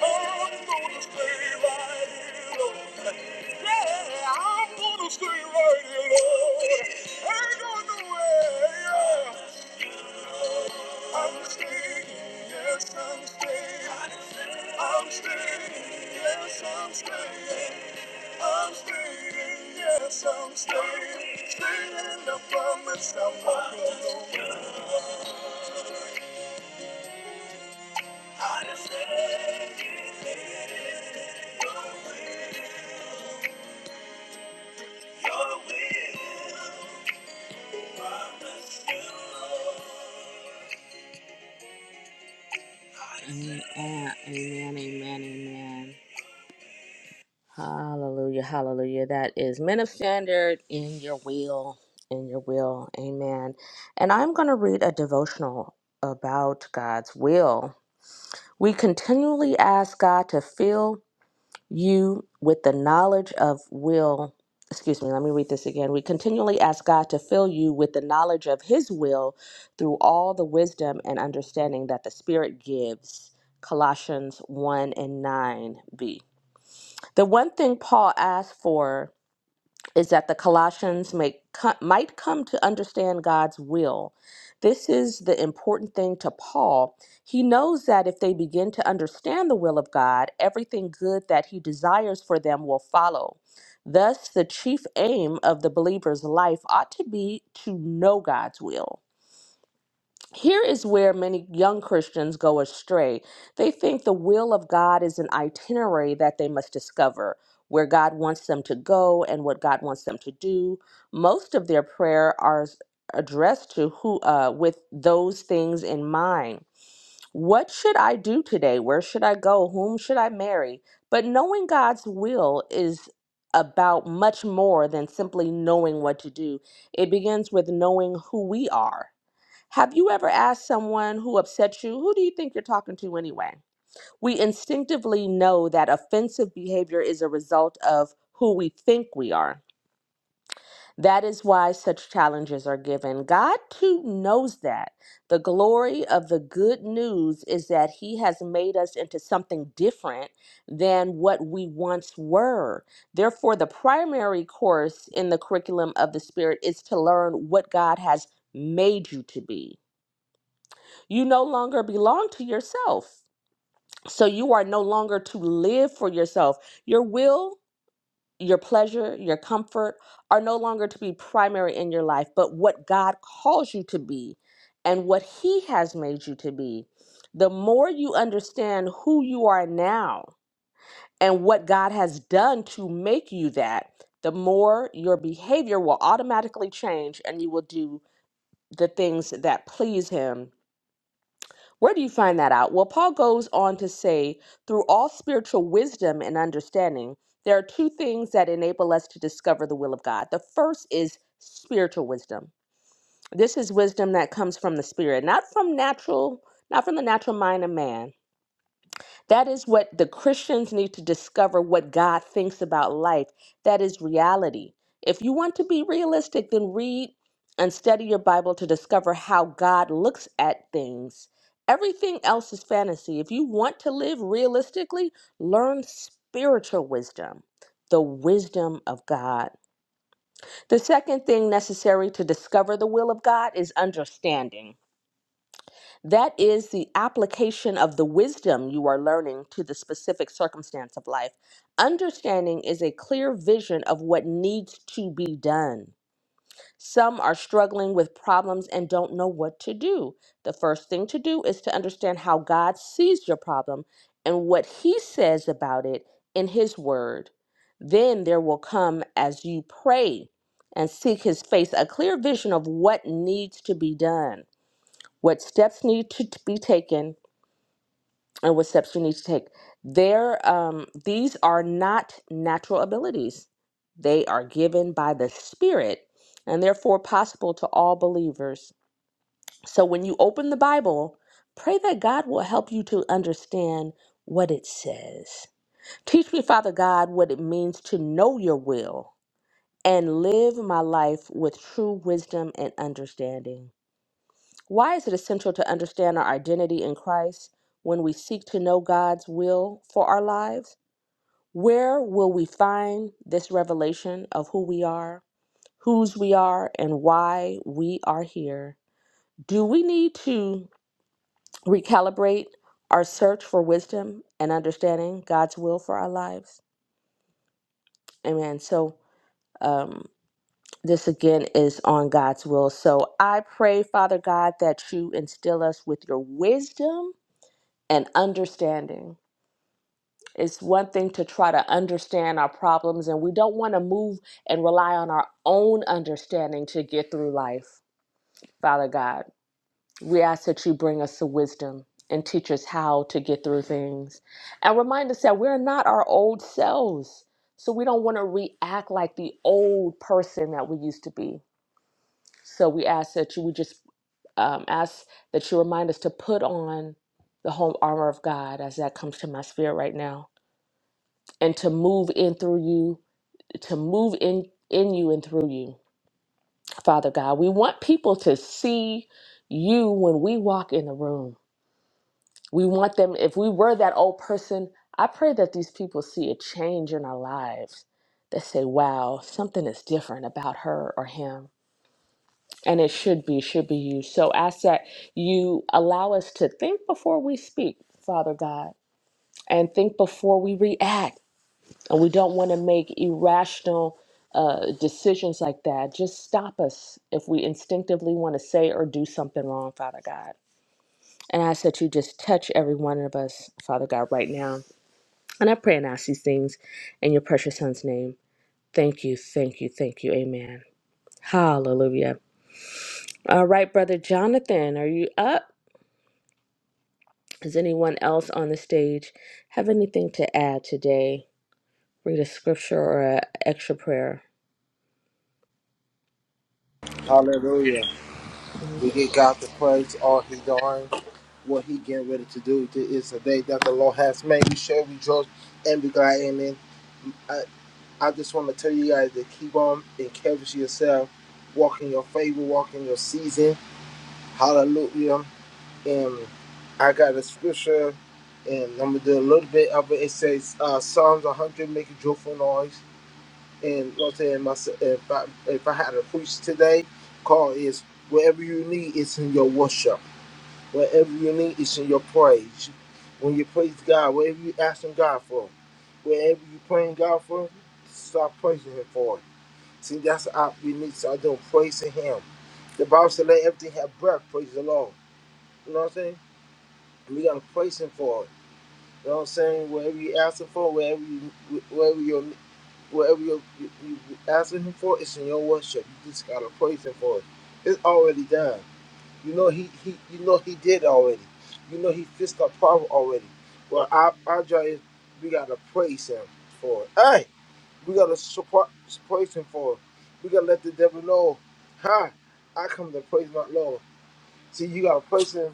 S10: Lord. I'm gonna stay right here, Lord. Yeah, I'm gonna stay right here, Lord. Ain't going nowhere. yeah. I'm staying, yes, I'm staying. I'm staying, yes, I'm staying. I'm staying, yes, I'm staying. Staying in the promise I'm not alone. I just let you in. Your will, your will, promise you, Lord. Amen, Amen, amen, amen. Hallelujah, hallelujah. That is ministered in your will, in your will. Amen. And I'm going to read a devotional about God's will. We continually ask God to fill you with the knowledge of will. Excuse me, let me read this again. We continually ask God to fill you with the knowledge of His will through all the wisdom and understanding that the Spirit gives. Colossians 1 and 9b. The one thing Paul asked for is that the Colossians may, co- might come to understand God's will. This is the important thing to Paul. He knows that if they begin to understand the will of God, everything good that he desires for them will follow. Thus, the chief aim of the believer's life ought to be to know God's will. Here is where many young Christians go astray. They think the will of God is an itinerary that they must discover, where God wants them to go and what God wants them to do. Most of their prayer are addressed to who uh, with those things in mind. What should I do today? Where should I go? Whom should I marry? But knowing God's will is about much more than simply knowing what to do. It begins with knowing who we are have you ever asked someone who upset you, who do you think you're talking to anyway? We instinctively know that offensive behavior is a result of who we think we are. That is why such challenges are given. God too knows that. The glory of the good news is that He has made us into something different than what we once were. Therefore, the primary course in the curriculum of the Spirit is to learn what God has made you to be you no longer belong to yourself. So you are no longer to live for yourself. Your will, your pleasure, your comfort are no longer to be primary in your life, but what God calls you to be and what He has made you to be. The more you understand who you are now and what God has done to make you that, the more your behavior will automatically change and you will do the things that please Him Where do you find that out? Well, Paul goes on to say, through all spiritual wisdom and understanding, there are two things that enable us to discover the will of God. The first is spiritual wisdom. This is wisdom that comes from the spirit, not from natural, not from the natural mind of man that is what the Christians need to discover what God thinks about life. That is reality. If you want to be realistic, then read and study your Bible to discover how God looks at things. Everything else is fantasy. If you want to live realistically, learn spiritual wisdom, the wisdom of God. The second thing necessary to discover the will of God is understanding. That is the application of the wisdom you are learning to the specific circumstance of life. Understanding is a clear vision of what needs to be done. Some are struggling with problems and don't know what to do. The first thing to do is to understand how God sees your problem and what He says about it in His Word. Then there will come, as you pray and seek His face, a clear vision of what needs to be done what steps need to t- be taken and what steps you need to take there um, these are not natural abilities they are given by the spirit and therefore possible to all believers so when you open the bible pray that god will help you to understand what it says teach me father god what it means to know your will and live my life with true wisdom and understanding Why is it essential to understand our identity in Christ when we seek to know God's will for our lives? Where will we find this revelation of who we are, whose we are, and why we are here? Do we need to recalibrate our search for wisdom and understanding God's will for our lives? Amen. So, um, this again is on God's will. So, I pray, Father God, that you instill us with your wisdom and understanding. It's one thing to try to understand our problems, and we don't want to move and rely on our own understanding to get through life. Father God, we ask that you bring us to wisdom and teach us how to get through things. And remind us that we're not our old selves. So we don't want to react like the old person that we used to be. So we ask that you, we just um, ask that you remind us to put on the whole armor of God as that comes to my spirit right now and to move in through you, to move in in you and through you. Father God, we want people to see you when we walk in the room. We want them if we were that old person, I pray that these people see a change in our lives. They say, "Wow, something is different about her or him." And it should be should be you. So ask that you allow us to think before we speak, Father God, and think before we react and we don't want to make irrational uh, decisions like that. Just stop us if we instinctively want to say or do something wrong, Father God. And I ask that you just touch every one of us, Father God, right now. And I pray and ask these things in your precious Son's name. Thank you, thank you, thank you. Amen. Hallelujah. All right, Brother Jonathan, are you up? Does anyone else on the stage have anything to add today? Read a scripture or an extra prayer.
S3: Hallelujah. We give God the praise, all he doing, what he getting ready to do. This is a day that the Lord has made. We shall rejoice and be glad in it. I just want to tell you guys to keep on encouraging yourself, walk in your favor, walk in your season. Hallelujah. And I got a scripture, and I'm going to do a little bit of it. It says, uh, Psalms 100 make a joyful noise. And you know what I'm saying? My, if, I, if I had to preach today, call is wherever you need, it's in your worship. Wherever you need, it's in your praise. When you praise God, whatever you asking God for, wherever you praying God for, start praising Him for it See, that's how we need to start doing praising Him. The Bible said, "Let everything have breath, praise the Lord." You know what I'm saying? And we gotta praise Him for it. You know what I'm saying? Whatever you asking for, whatever you, whatever you're, whatever you're, you, you asking Him for, it's in your worship. You just gotta praise Him for it. It's already done. You know He, He, you know He did already. You know He fixed our problem already. Well, our, our job is we gotta praise Him for it. Hey. We gotta support, praise Him for. it. We gotta let the devil know, huh? I come to praise my Lord. See, you gotta praise Him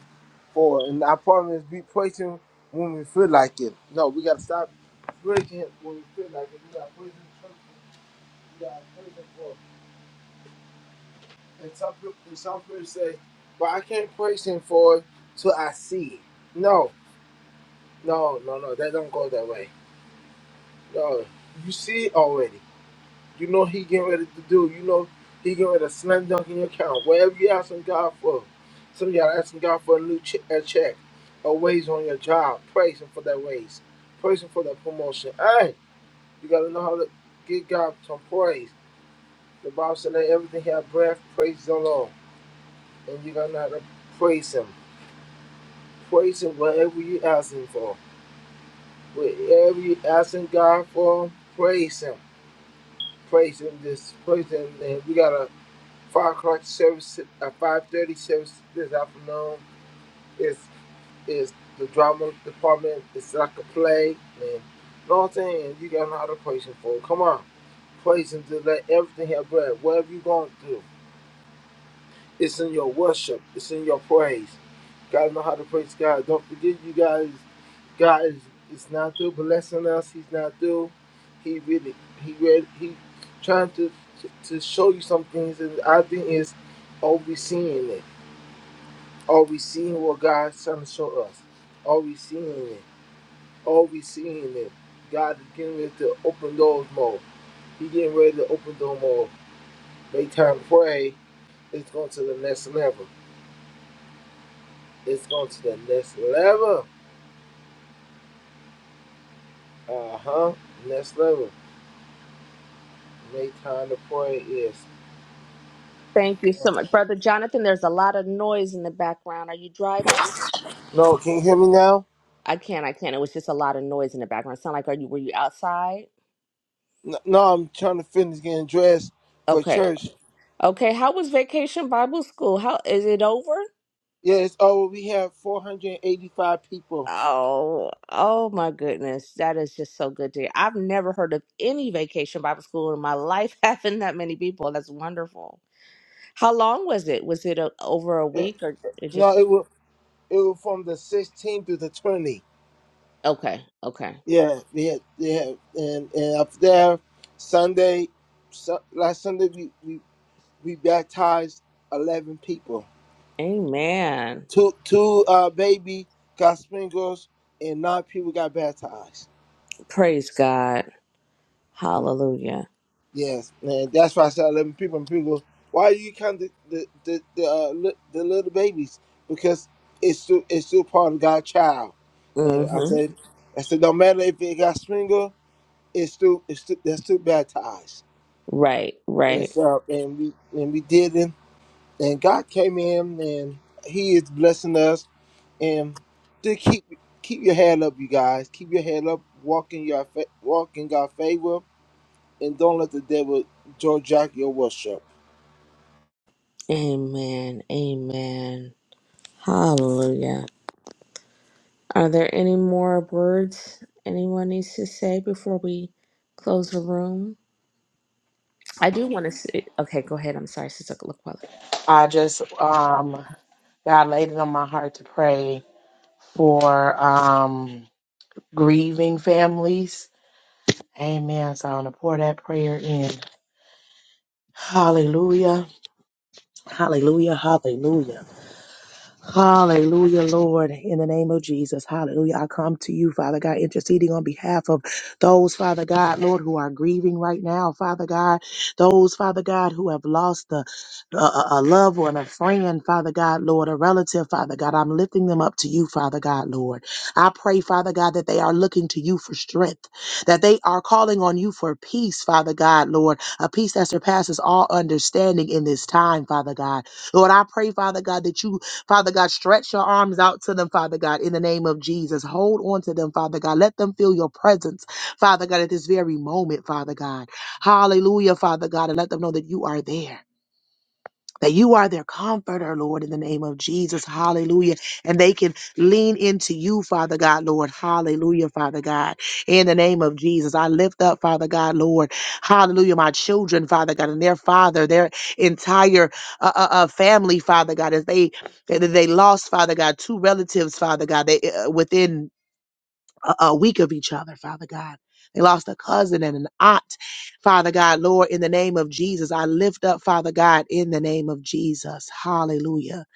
S3: for, it. and our problem is we praise Him when we feel like it. No, we gotta stop praising Him when we feel like it. We gotta praise Him. for- it. We gotta praise Him for. it. And some people, and some people say, "Well, I can't praise Him for it till I see it." No, no, no, no. That don't go that way. No, you see it already. You know he getting ready to do. You know he getting ready to slam dunk in your account. Whatever you asking God for, some of y'all asking God for a new che- a check, a raise on your job. Praise him for that raise. Praise him for that promotion. Hey, you gotta know how to give God some praise. The Bible said that everything have breath, praise the Lord. And you gotta know how to praise him. Praise him whatever you asking for. Whatever you asking God for, praise him. Praise him. Just praise him. And we gotta Five o'clock service, uh, five thirty service this afternoon is is the drama department. It's like a play, man. Know what I'm saying? You gotta know how to praise him for. it. Come on, praise him to let everything have breath. Whatever you going through, it's in your worship. It's in your praise. Gotta know how to praise God. Don't forget, you guys. God is, is not through blessing us. He's not through. He really, he really, he trying to to, to show you some things, and I think is overseeing it. Are we seeing what God's trying to show us? Are we seeing it? Are we seeing it? God is getting ready to open doors more. He getting ready to open door more. Make time to pray. It's going to the next level. It's going to the next level. Uh huh. Next level. Make time to pray is.
S10: Thank you so much, brother Jonathan. There's a lot of noise in the background. Are you driving?
S3: No, can you hear me now?
S10: I can't. I can't. It was just a lot of noise in the background. Sound like are you? Were you outside?
S3: No, no, I'm trying to finish getting dressed for
S10: Okay.
S3: church.
S10: Okay. How was vacation Bible school? How is it over?
S3: Yes. Oh, we have 485 people.
S10: Oh, oh my goodness. That is just so good to hear. I've never heard of any vacation Bible school in my life having that many people. That's wonderful. How long was it? Was it a, over a
S3: Eh,
S10: week or it
S3: No,
S10: just
S3: it will. It was from the 16th to the 20th.
S10: okay, okay.
S3: Yeah, we had, they had, and and up there, Sunday, su- last Sunday we, we we baptized eleven people.
S10: Amen.
S3: Two two uh baby got sprinkles, and nine people got baptized.
S10: Praise God. Hallelujah.
S3: Yes, man, that's why I said eleven people. And people, go, why do you count the the the the, uh, li- the little babies? Because it's still it's still part of God's child. And I
S10: Mm-hmm.
S3: said, I said, no matter if it got sprinkled, it's still it's still they're still baptized.
S10: Right,
S3: and
S10: right.
S3: so and we and we did it and God came in and he is blessing us and to keep keep your head up you guys keep your head up walk in your fa- walk in God's favor and don't let the devil jack your worship
S10: Amen. Amen. Hallelujah. Are there any more words anyone needs to say before we close the room? I do want to say, okay, go ahead. I'm sorry, Sister Laquella.
S9: I just um God laid it on my heart to pray for um grieving families. Amen. So I'm gonna pour that prayer in. Hallelujah. Hallelujah. Hallelujah. Hallelujah, Lord, in the name of Jesus. Hallelujah. I come to you, Father God, interceding on behalf of those, Father God, Lord, who are grieving right now, Father God, those, Father God, who have lost a, a, a loved one, a friend, Father God, Lord, a relative, Father God. I'm lifting them up to you, Father God, Lord. I pray, Father God, that they are looking to you for strength, that they are calling on you for peace, Father God, Lord, a peace that surpasses all understanding in this time, Father God. Lord, I pray, Father God, that you Father God, stretch your arms out to them, Father God, in the name of Jesus. Hold on to them, Father God. Let them feel your presence, Father God, at this very moment, Father God. Hallelujah, Father God, and let them know that you are there that you are their comforter, Lord, in the name of Jesus. Hallelujah. And they can lean into you, Father God, Lord. Hallelujah, Father God. In the name of Jesus, I lift up, Father God, Lord. Hallelujah, my children, Father God, and their father, their entire uh, uh, uh, family, Father God, as they, they they lost, Father God, two relatives, Father God, they, uh, within a, a week of each other, Father God. They lost a cousin and an aunt, Father God. Lord, in the name of Jesus, I lift up, Father God, in the name of Jesus. Hallelujah.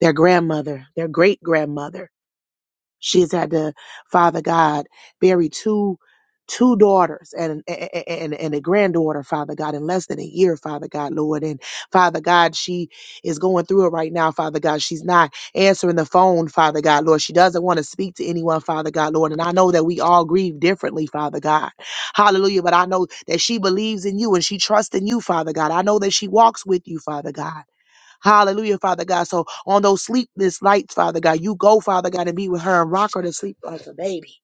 S9: Their grandmother, their great grandmother. She's had to, Father God, bury two two daughters and and, and and a granddaughter, Father God, in less than a year, Father God, Lord. And Father God, she is going through it right now, Father God. She's not answering the phone, Father God, Lord. She doesn't want to speak to anyone, Father God, Lord. And I know that we all grieve differently, Father God. Hallelujah. But I know that she believes in you and she trusts in you, Father God. I know that she walks with you, Father God. Hallelujah, Father God. So on those sleepless nights, Father God, you go, Father God, and be with her and rock her to sleep like a baby.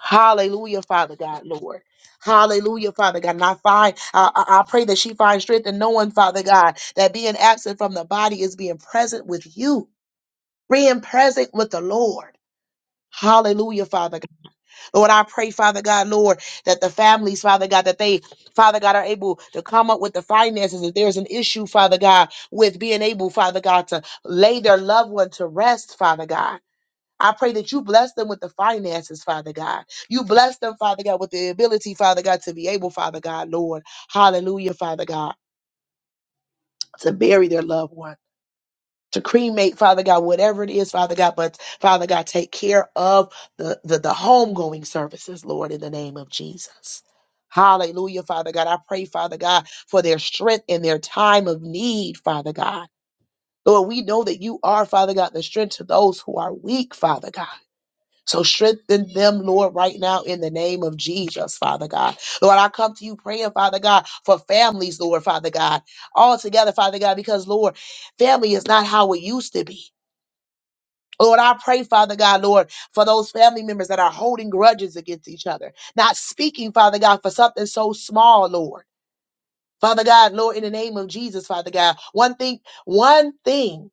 S9: Hallelujah, Father God, Lord. Hallelujah, Father God. And I find, I, I I pray that she finds strength in knowing, Father God, that being absent from the body is being present with you, being present with the Lord. Hallelujah, Father God. Lord, I pray, Father God, Lord, that the families, Father God, that they, Father God, are able to come up with the finances. If there's an issue, Father God, with being able, Father God, to lay their loved one to rest, Father God. I pray that you bless them with the finances, Father God. You bless them, Father God, with the ability, Father God, to be able, Father God, Lord, hallelujah, Father God, to bury their loved one to cremate, Father God, whatever it is, Father God, but Father God, take care of the, the, the homegoing services, Lord, in the name of Jesus. Hallelujah, Father God. I pray, Father God, for their strength in their time of need, Father God. Lord, we know that you are, Father God, the strength to those who are weak, Father God. So strengthen them, Lord, right now in the name of Jesus, Father God. Lord, I come to you praying, Father God, for families, Lord, Father God, all together, Father God, because, Lord, family is not how it used to be. Lord, I pray, Father God, Lord, for those family members that are holding grudges against each other, not speaking, Father God, for something so small, Lord. Father God, Lord, in the name of Jesus, Father God, one thing, one thing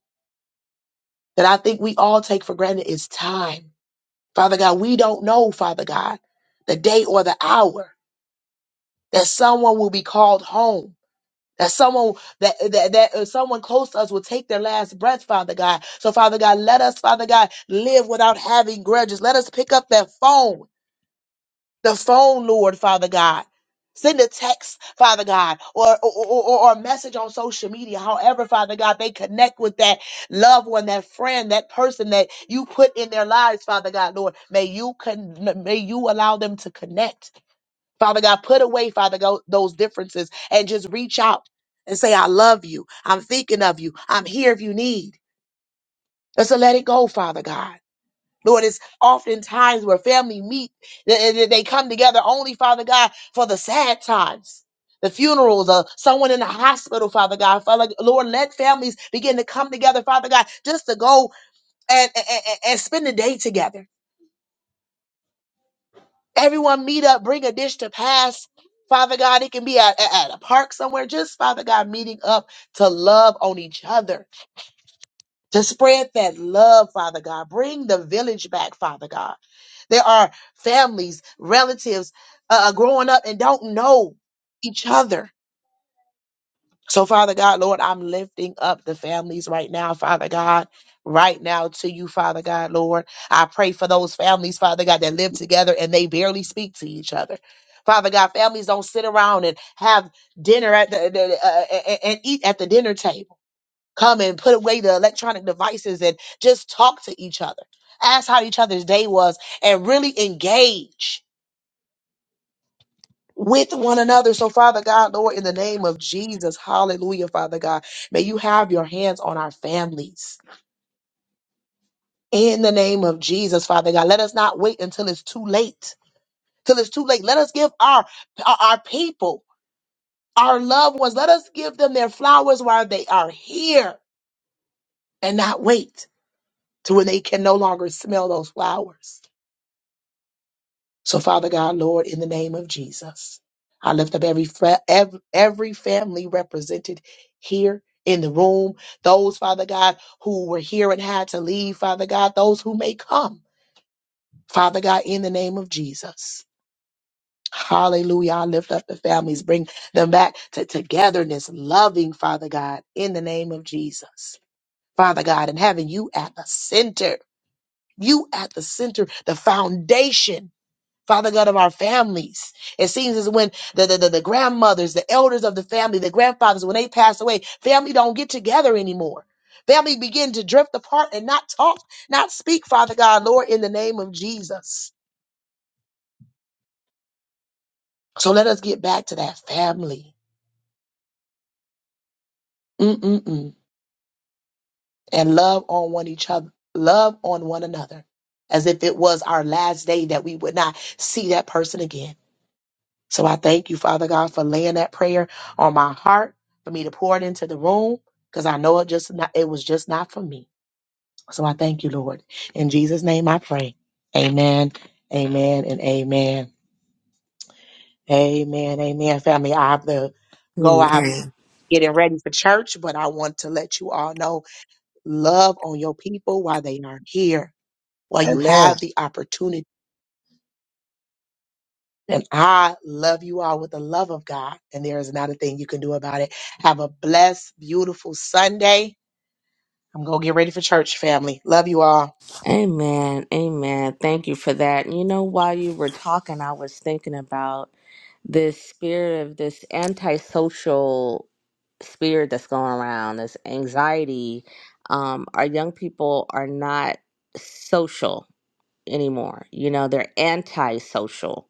S9: that I think we all take for granted is time. Father God, we don't know, Father God, the day or the hour that someone will be called home That someone that that, that uh, someone close to us will take their last breath, Father God. So, Father God, let us, Father God, live without having grudges. Let us pick up that phone, the phone, Lord, Father God. Send a text, Father God, or or, or or a message on social media. However, Father God, they connect with that loved one, that friend, that person that you put in their lives, Father God, Lord. May you con- may you allow them to connect Father God, put away, Father, go, those differences and just reach out and say, I love you. I'm thinking of you. I'm here if you need. Let's let it go, Father God. Lord, it's oftentimes where family meet, they, they they come together only, Father God, for the sad times. The funerals or someone in the hospital, Father God. Father, Lord, let families begin to come together, Father God, just to go and, and, and and spend the day together. Everyone meet up, bring a dish to pass. Father God, it can be at, at a park somewhere. Just Father God, meeting up to love on each other, to spread that love, Father God. Bring the village back, Father God. There are families, relatives uh, growing up and don't know each other so, Father God, Lord, I'm lifting up the families right now, Father God. Right now to you, Father God, Lord. I pray for those families, Father God, that live together and they barely speak to each other. Father God, families don't sit around and have dinner at the, the- uh, a- and eat at the dinner table. Come and put away the electronic devices and just talk to each other. Ask how each other's day was and really engage with one another. So, Father God, Lord, in the name of Jesus, hallelujah, Father God, may you have your hands on our families. In the name of Jesus, Father God, let us not wait until it's too late. Till it's too late. Let us give our our our people, our loved ones, let us give them their flowers while they are here and not wait to when they can no longer smell those flowers. So, Father God, Lord, in the name of Jesus, I lift up every fra- ev- every family represented here in the room. Those, Father God, who were here and had to leave, Father God, those who may come, Father God, in the name of Jesus. Hallelujah. I lift up the families, bring them back to togetherness, loving, Father God, in the name of Jesus. Father God, and having you at the center, you at the center, the foundation Father God of our families. It seems as when the, the, the, the grandmothers, the elders of the family, the grandfathers, when they pass away, family don't get together anymore. Family begin to drift apart and not talk, not speak, Father God, Lord, in the name of Jesus. So let us get back to that family Mm-mm-mm. and love on one each other, love on one another as if it was our last day that we would not see that person again. So I thank you, Father God, for laying that prayer on my heart for me to pour it into the room because I know it just not, it was just not for me. So I thank you, Lord. In Jesus' name I pray. Amen. Amen and amen. Amen. Amen. Family, I have to go. I have
S10: Amen.
S9: getting ready for church, but I want to let you all know love on your people while they are here, while you have the opportunity. And I love you all with the love of God. And there is not a thing you can do about it. Have a blessed, beautiful Sunday. I'm going to get ready for church, family. Love you all.
S10: Amen. Amen. Thank you for that. You know, while you were talking, I was thinking about this spirit of this antisocial spirit that's going around, this anxiety. Um, our young people are not social anymore. You know, they're antisocial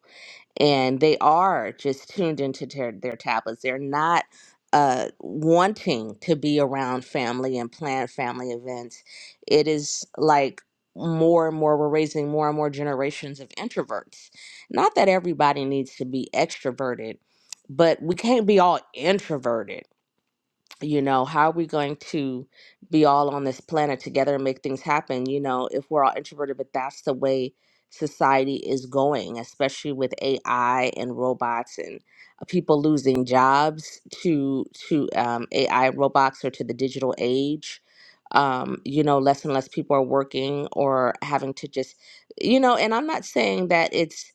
S10: and they are just tuned into their, their tablets. They're not uh, wanting to be around family and plan family events. It is like more and more, we're raising more and more generations of introverts. Not that everybody needs to be extroverted, but we can't be all introverted you know how are we going to be all on this planet together and make things happen you know if we're all introverted but that's the way society is going especially with ai and robots and uh, people losing jobs to to um, ai robots or to the digital age um, you know less and less people are working or having to just you know and i'm not saying that it's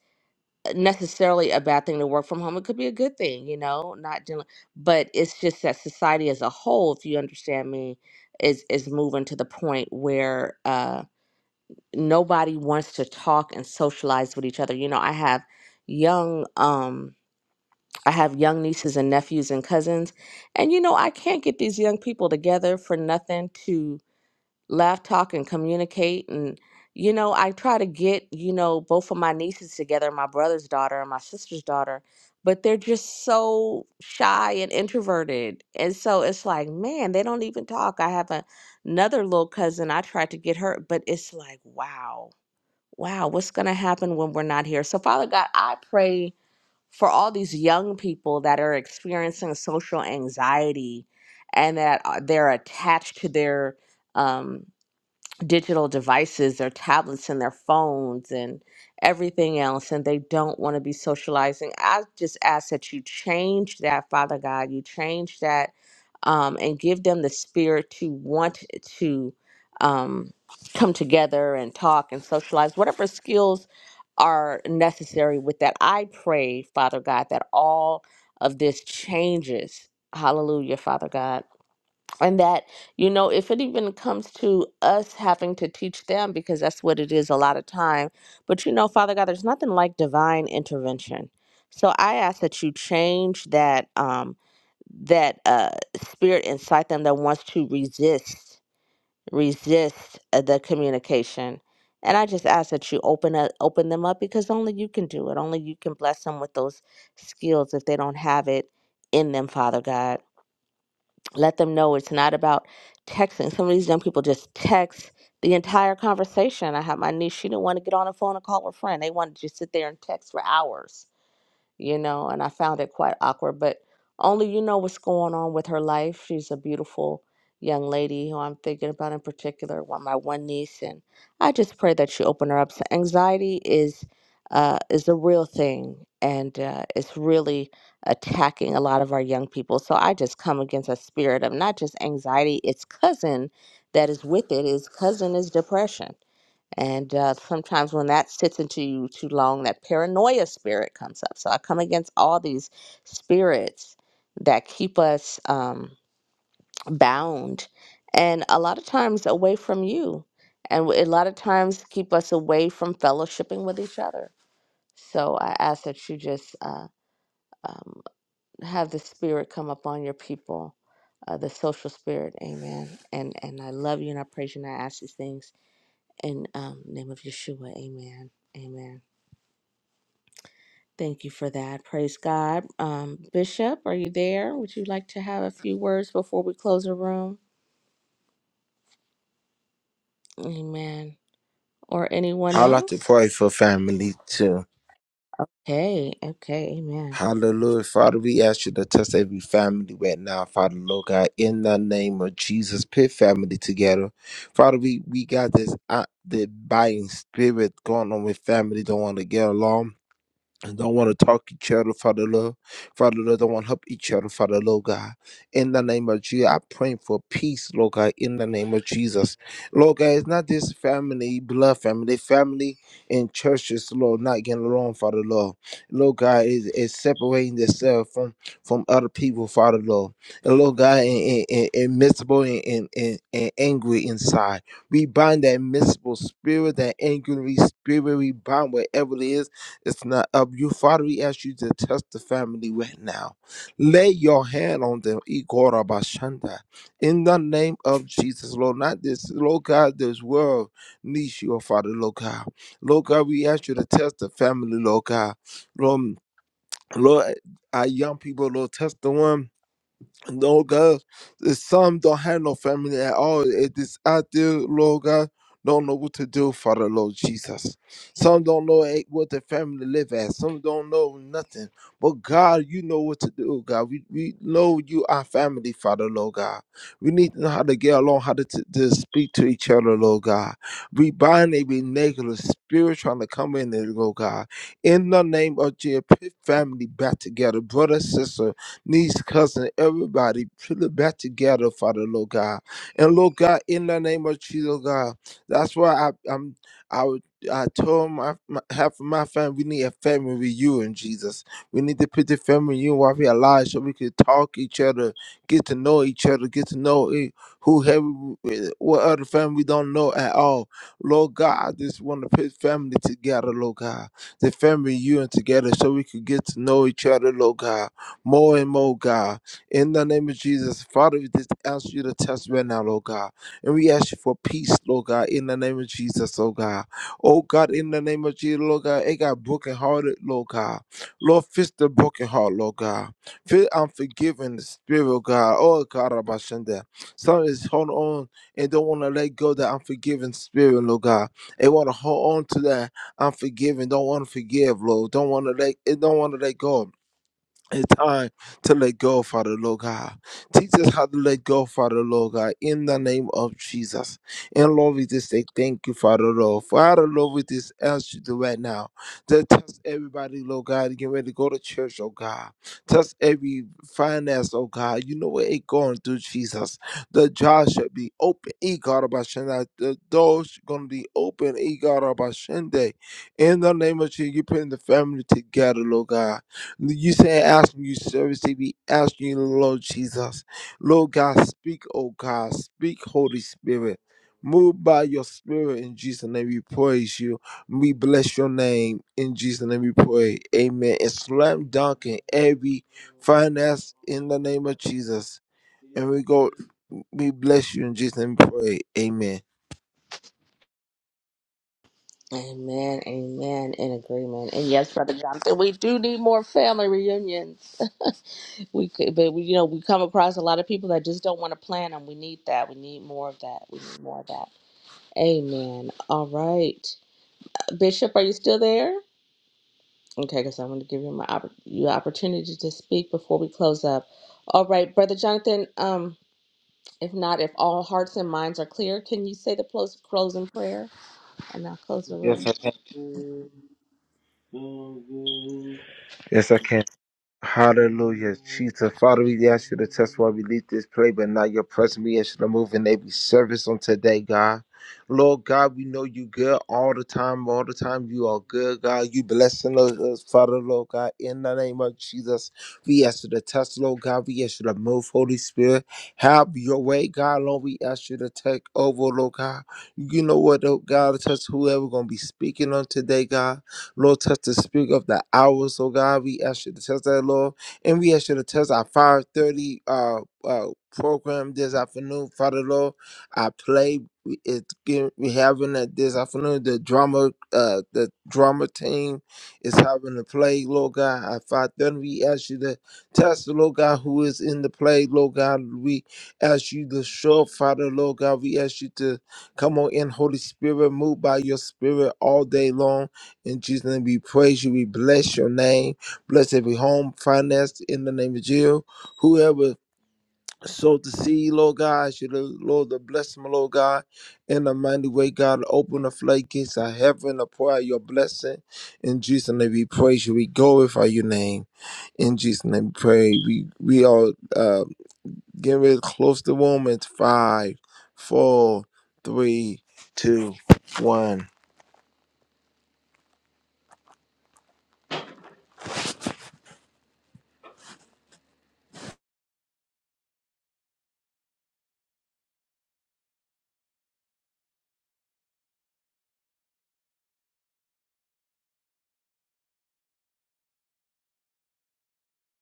S10: necessarily a bad thing to work from home. It could be a good thing, you know, not dealing, but it's just that society as a whole, if you understand me, is is moving to the point where uh, nobody wants to talk and socialize with each other. You know, I have young, um, I have young nieces and nephews and cousins, and you know, I can't get these young people together for nothing laugh, talk, and communicate. And, you know, I try to get, you know, both of my nieces together, my brother's daughter and my sister's daughter, but they're just so shy and introverted. And so it's like, man, they don't even talk. I have a, another little cousin. I tried to get her, but it's like, wow, wow, what's going to happen when we're not here? So, Father God, I pray for all these young people that are experiencing social anxiety and that uh, they're attached to their, um, digital devices, their tablets and their phones and everything else, and they don't want to be socializing. I just ask that you change that, Father God. You change that um, and give them the spirit to want to um, come together and talk and socialize, whatever skills are necessary with that. I pray, Father God, that all of this changes. Hallelujah, Father God and that you know if it even comes to us having to teach them because that's what it is a lot of time but you know father god there's nothing like divine intervention so i ask that you change that um that uh spirit inside them that wants to resist resist uh, the communication and i just ask that you open up open them up because only you can do it only you can bless them with those skills if they don't have it in them father god let them know it's not about texting. Some of these young people just text the entire conversation. I had my niece, she didn't want to get on the phone and call her friend. They wanted to just sit there and text for hours you know, and I found it quite awkward, but only you know what's going on with her life. She's a beautiful young lady who I'm thinking about in particular, one my one niece, and I just pray that she open her up. So anxiety is uh, is a real thing, and uh, it's really attacking a lot of our young people. So I just come against a spirit of not just anxiety; its cousin that is with it. Its cousin is depression and uh, sometimes when that sits into you too long, that paranoia spirit comes up. So I come against all these spirits that keep us um, bound and a lot of times away from you. And a lot of times keep us away from fellowshipping with each other. So I ask that you just uh, um, have the spirit come upon your people, uh, the social spirit. Amen. And, and I love you and I praise you and I ask these things in um, name of Yeshua. Amen. Amen. Thank you for that. Praise God. Um, Bishop, are you there? Would you like to have a few words before we close the room? Amen. Or anyone
S3: We
S10: else?
S3: pray for family too
S10: Hey, okay, amen.
S3: Hallelujah. Father, we ask you to touch every family right now, Father, Lord God, in the name of Jesus. Put family together. Father, we, we got this uh, the buying spirit going on with family don't want to get along. and don't want to talk each other, Father Lord. Father Lord, don't want to help each other, Father Lord God. In the name of Jesus, I pray for peace, Lord God, in the name of Jesus. Lord God, it's not this family, blood family, family in churches, Lord, not getting along, Father Lord. Lord God is, is separating themselves from, from other people, Father Lord. And Lord God, and, and, and miserable and, and, and, and angry inside. We bind that miserable spirit, that angry spirit, we bind whatever it is it's not up. You, Father, we ask you to touch the family right now. Lay your hand on them, Ikorabashanda. In the name of Jesus, Lord, not this, Lord God, this world needs you, oh Father, Lord God. Lord God, we ask you to touch the family, Lord God. Lord, Lord, our young people, Lord, touch the one. Lord God, there's some don't have no family at all. It is out there, Lord God, don't know what to do, Father Lord Jesus. Some don't know eh, what their family live at. Some don't know nothing. But God, you know what to do, God. We, we know you are family, Father Lord God. We need to know how to get along, how to, t- to speak to each other, Lord God. We bind every negative spirit trying to come in there, Lord God. In the name of Jesus, put family back together, brother, sister niece, cousin, everybody, put it back together, Father, Lord God. And Lord God, in the name of Jesus, Lord God, that's why I, I'm, I, would- I told my, my half of my family, we need a family with you and Jesus. We need to put the family in you while we alive so we can talk each other, get to know each other, get to know eh, who have, eh, what other family we don't know at all. Lord God, I just want to put family together, Lord God the family you and together so we could get to know each other, Lord God more and more, God. In the name of Jesus, Father, we just ask you to test right now, Lord God. And we ask you for peace, Lord God, in the name of Jesus, oh God. Oh God, in the name of Jesus, Lord God, it got brokenhearted, Lord God. Lord, fix the broken heart, Lord God. Feel unforgiving spirit, oh God. Oh God, Abashanda. Some is holding on and don't want to let go of that unforgiving spirit, Lord God. They want to hold on to that unforgiving, don't want to forgive, Lord. Don't want to let it don't want to let go. It's time to let go, Father Lord God. Teach us how to let go, Father Lord God, in the name of Jesus. And Lord, we just say thank you, Father Lord. Father Lord, we just ask you to right now to touch everybody, Lord God, get ready to go to church, oh God. Touch every finance, oh God. You know what it going through, Jesus. The jaws should be open, E God of Hashem. The doors gonna be open, E God of Hashem. In the name of Jesus, you putting the family together, Lord God you say ask me you service to be asking you, Lord Jesus. Lord God, speak, oh God, speak, Holy Spirit. Move by your spirit in Jesus' name. We praise you. We bless your name in Jesus' name. We pray. Amen. And slam dunk in every finance in the name of Jesus. And we go, we bless you in Jesus' name. We pray. Amen.
S10: Amen, amen, in agreement. And yes, Brother Jonathan, we do need more family reunions. we could, but we, you know, we come across a lot of people that just don't want to plan them. We need that. We need more of that. We need more of that. Amen. All right. Bishop, are you still there? Okay, because I'm going to give you my oppor- you opportunity to speak before we close up. All right, brother Jonathan. Um, if not, if all hearts and minds are clear, can you say the close closing prayer, and I'll close the room.
S3: Yes, I can. Yes, I can. Hallelujah, Jesus. Father, we ask you to test why we leave this play, but now your presence. We ask you to move in every service on today, God. Lord God, we know you good all the time, all the time. You are good, God. You blessing us, us, Father, Lord God. In the name of Jesus, we ask you to test, Lord God. We ask you to move, Holy Spirit. Have your way, God. Lord, we ask you to take over, Lord God. You know what, Lord God, touch whoever going to be speaking on today, God. Lord, touch the spirit of the hours, oh God. We ask you to touch that, Lord. And we ask you to touch our 530 uh, uh, program this afternoon, Father, Lord. I play. We- It's getting, we having it this afternoon. The drama, uh, the drama team is having a play, Lord God. At five thirty, we ask you to touch the Lord God who is in the play, Lord God. We ask you to show, up, Father, Lord God. We ask you to come on in, Holy Spirit, move by your Spirit all day long. In Jesus' name, we praise you. We bless your name. Bless every home financed in the name of Jesus. Whoever sowed the seed, Lord God, should the Lord the bless them, Lord God, in a mighty way, God. Open the floodgates of heaven to pour out your blessing. In Jesus' name, we praise you. We glorify your name. In Jesus' name, we pray. We we are uh, getting ready to close the room. It's five, four, three, two, one.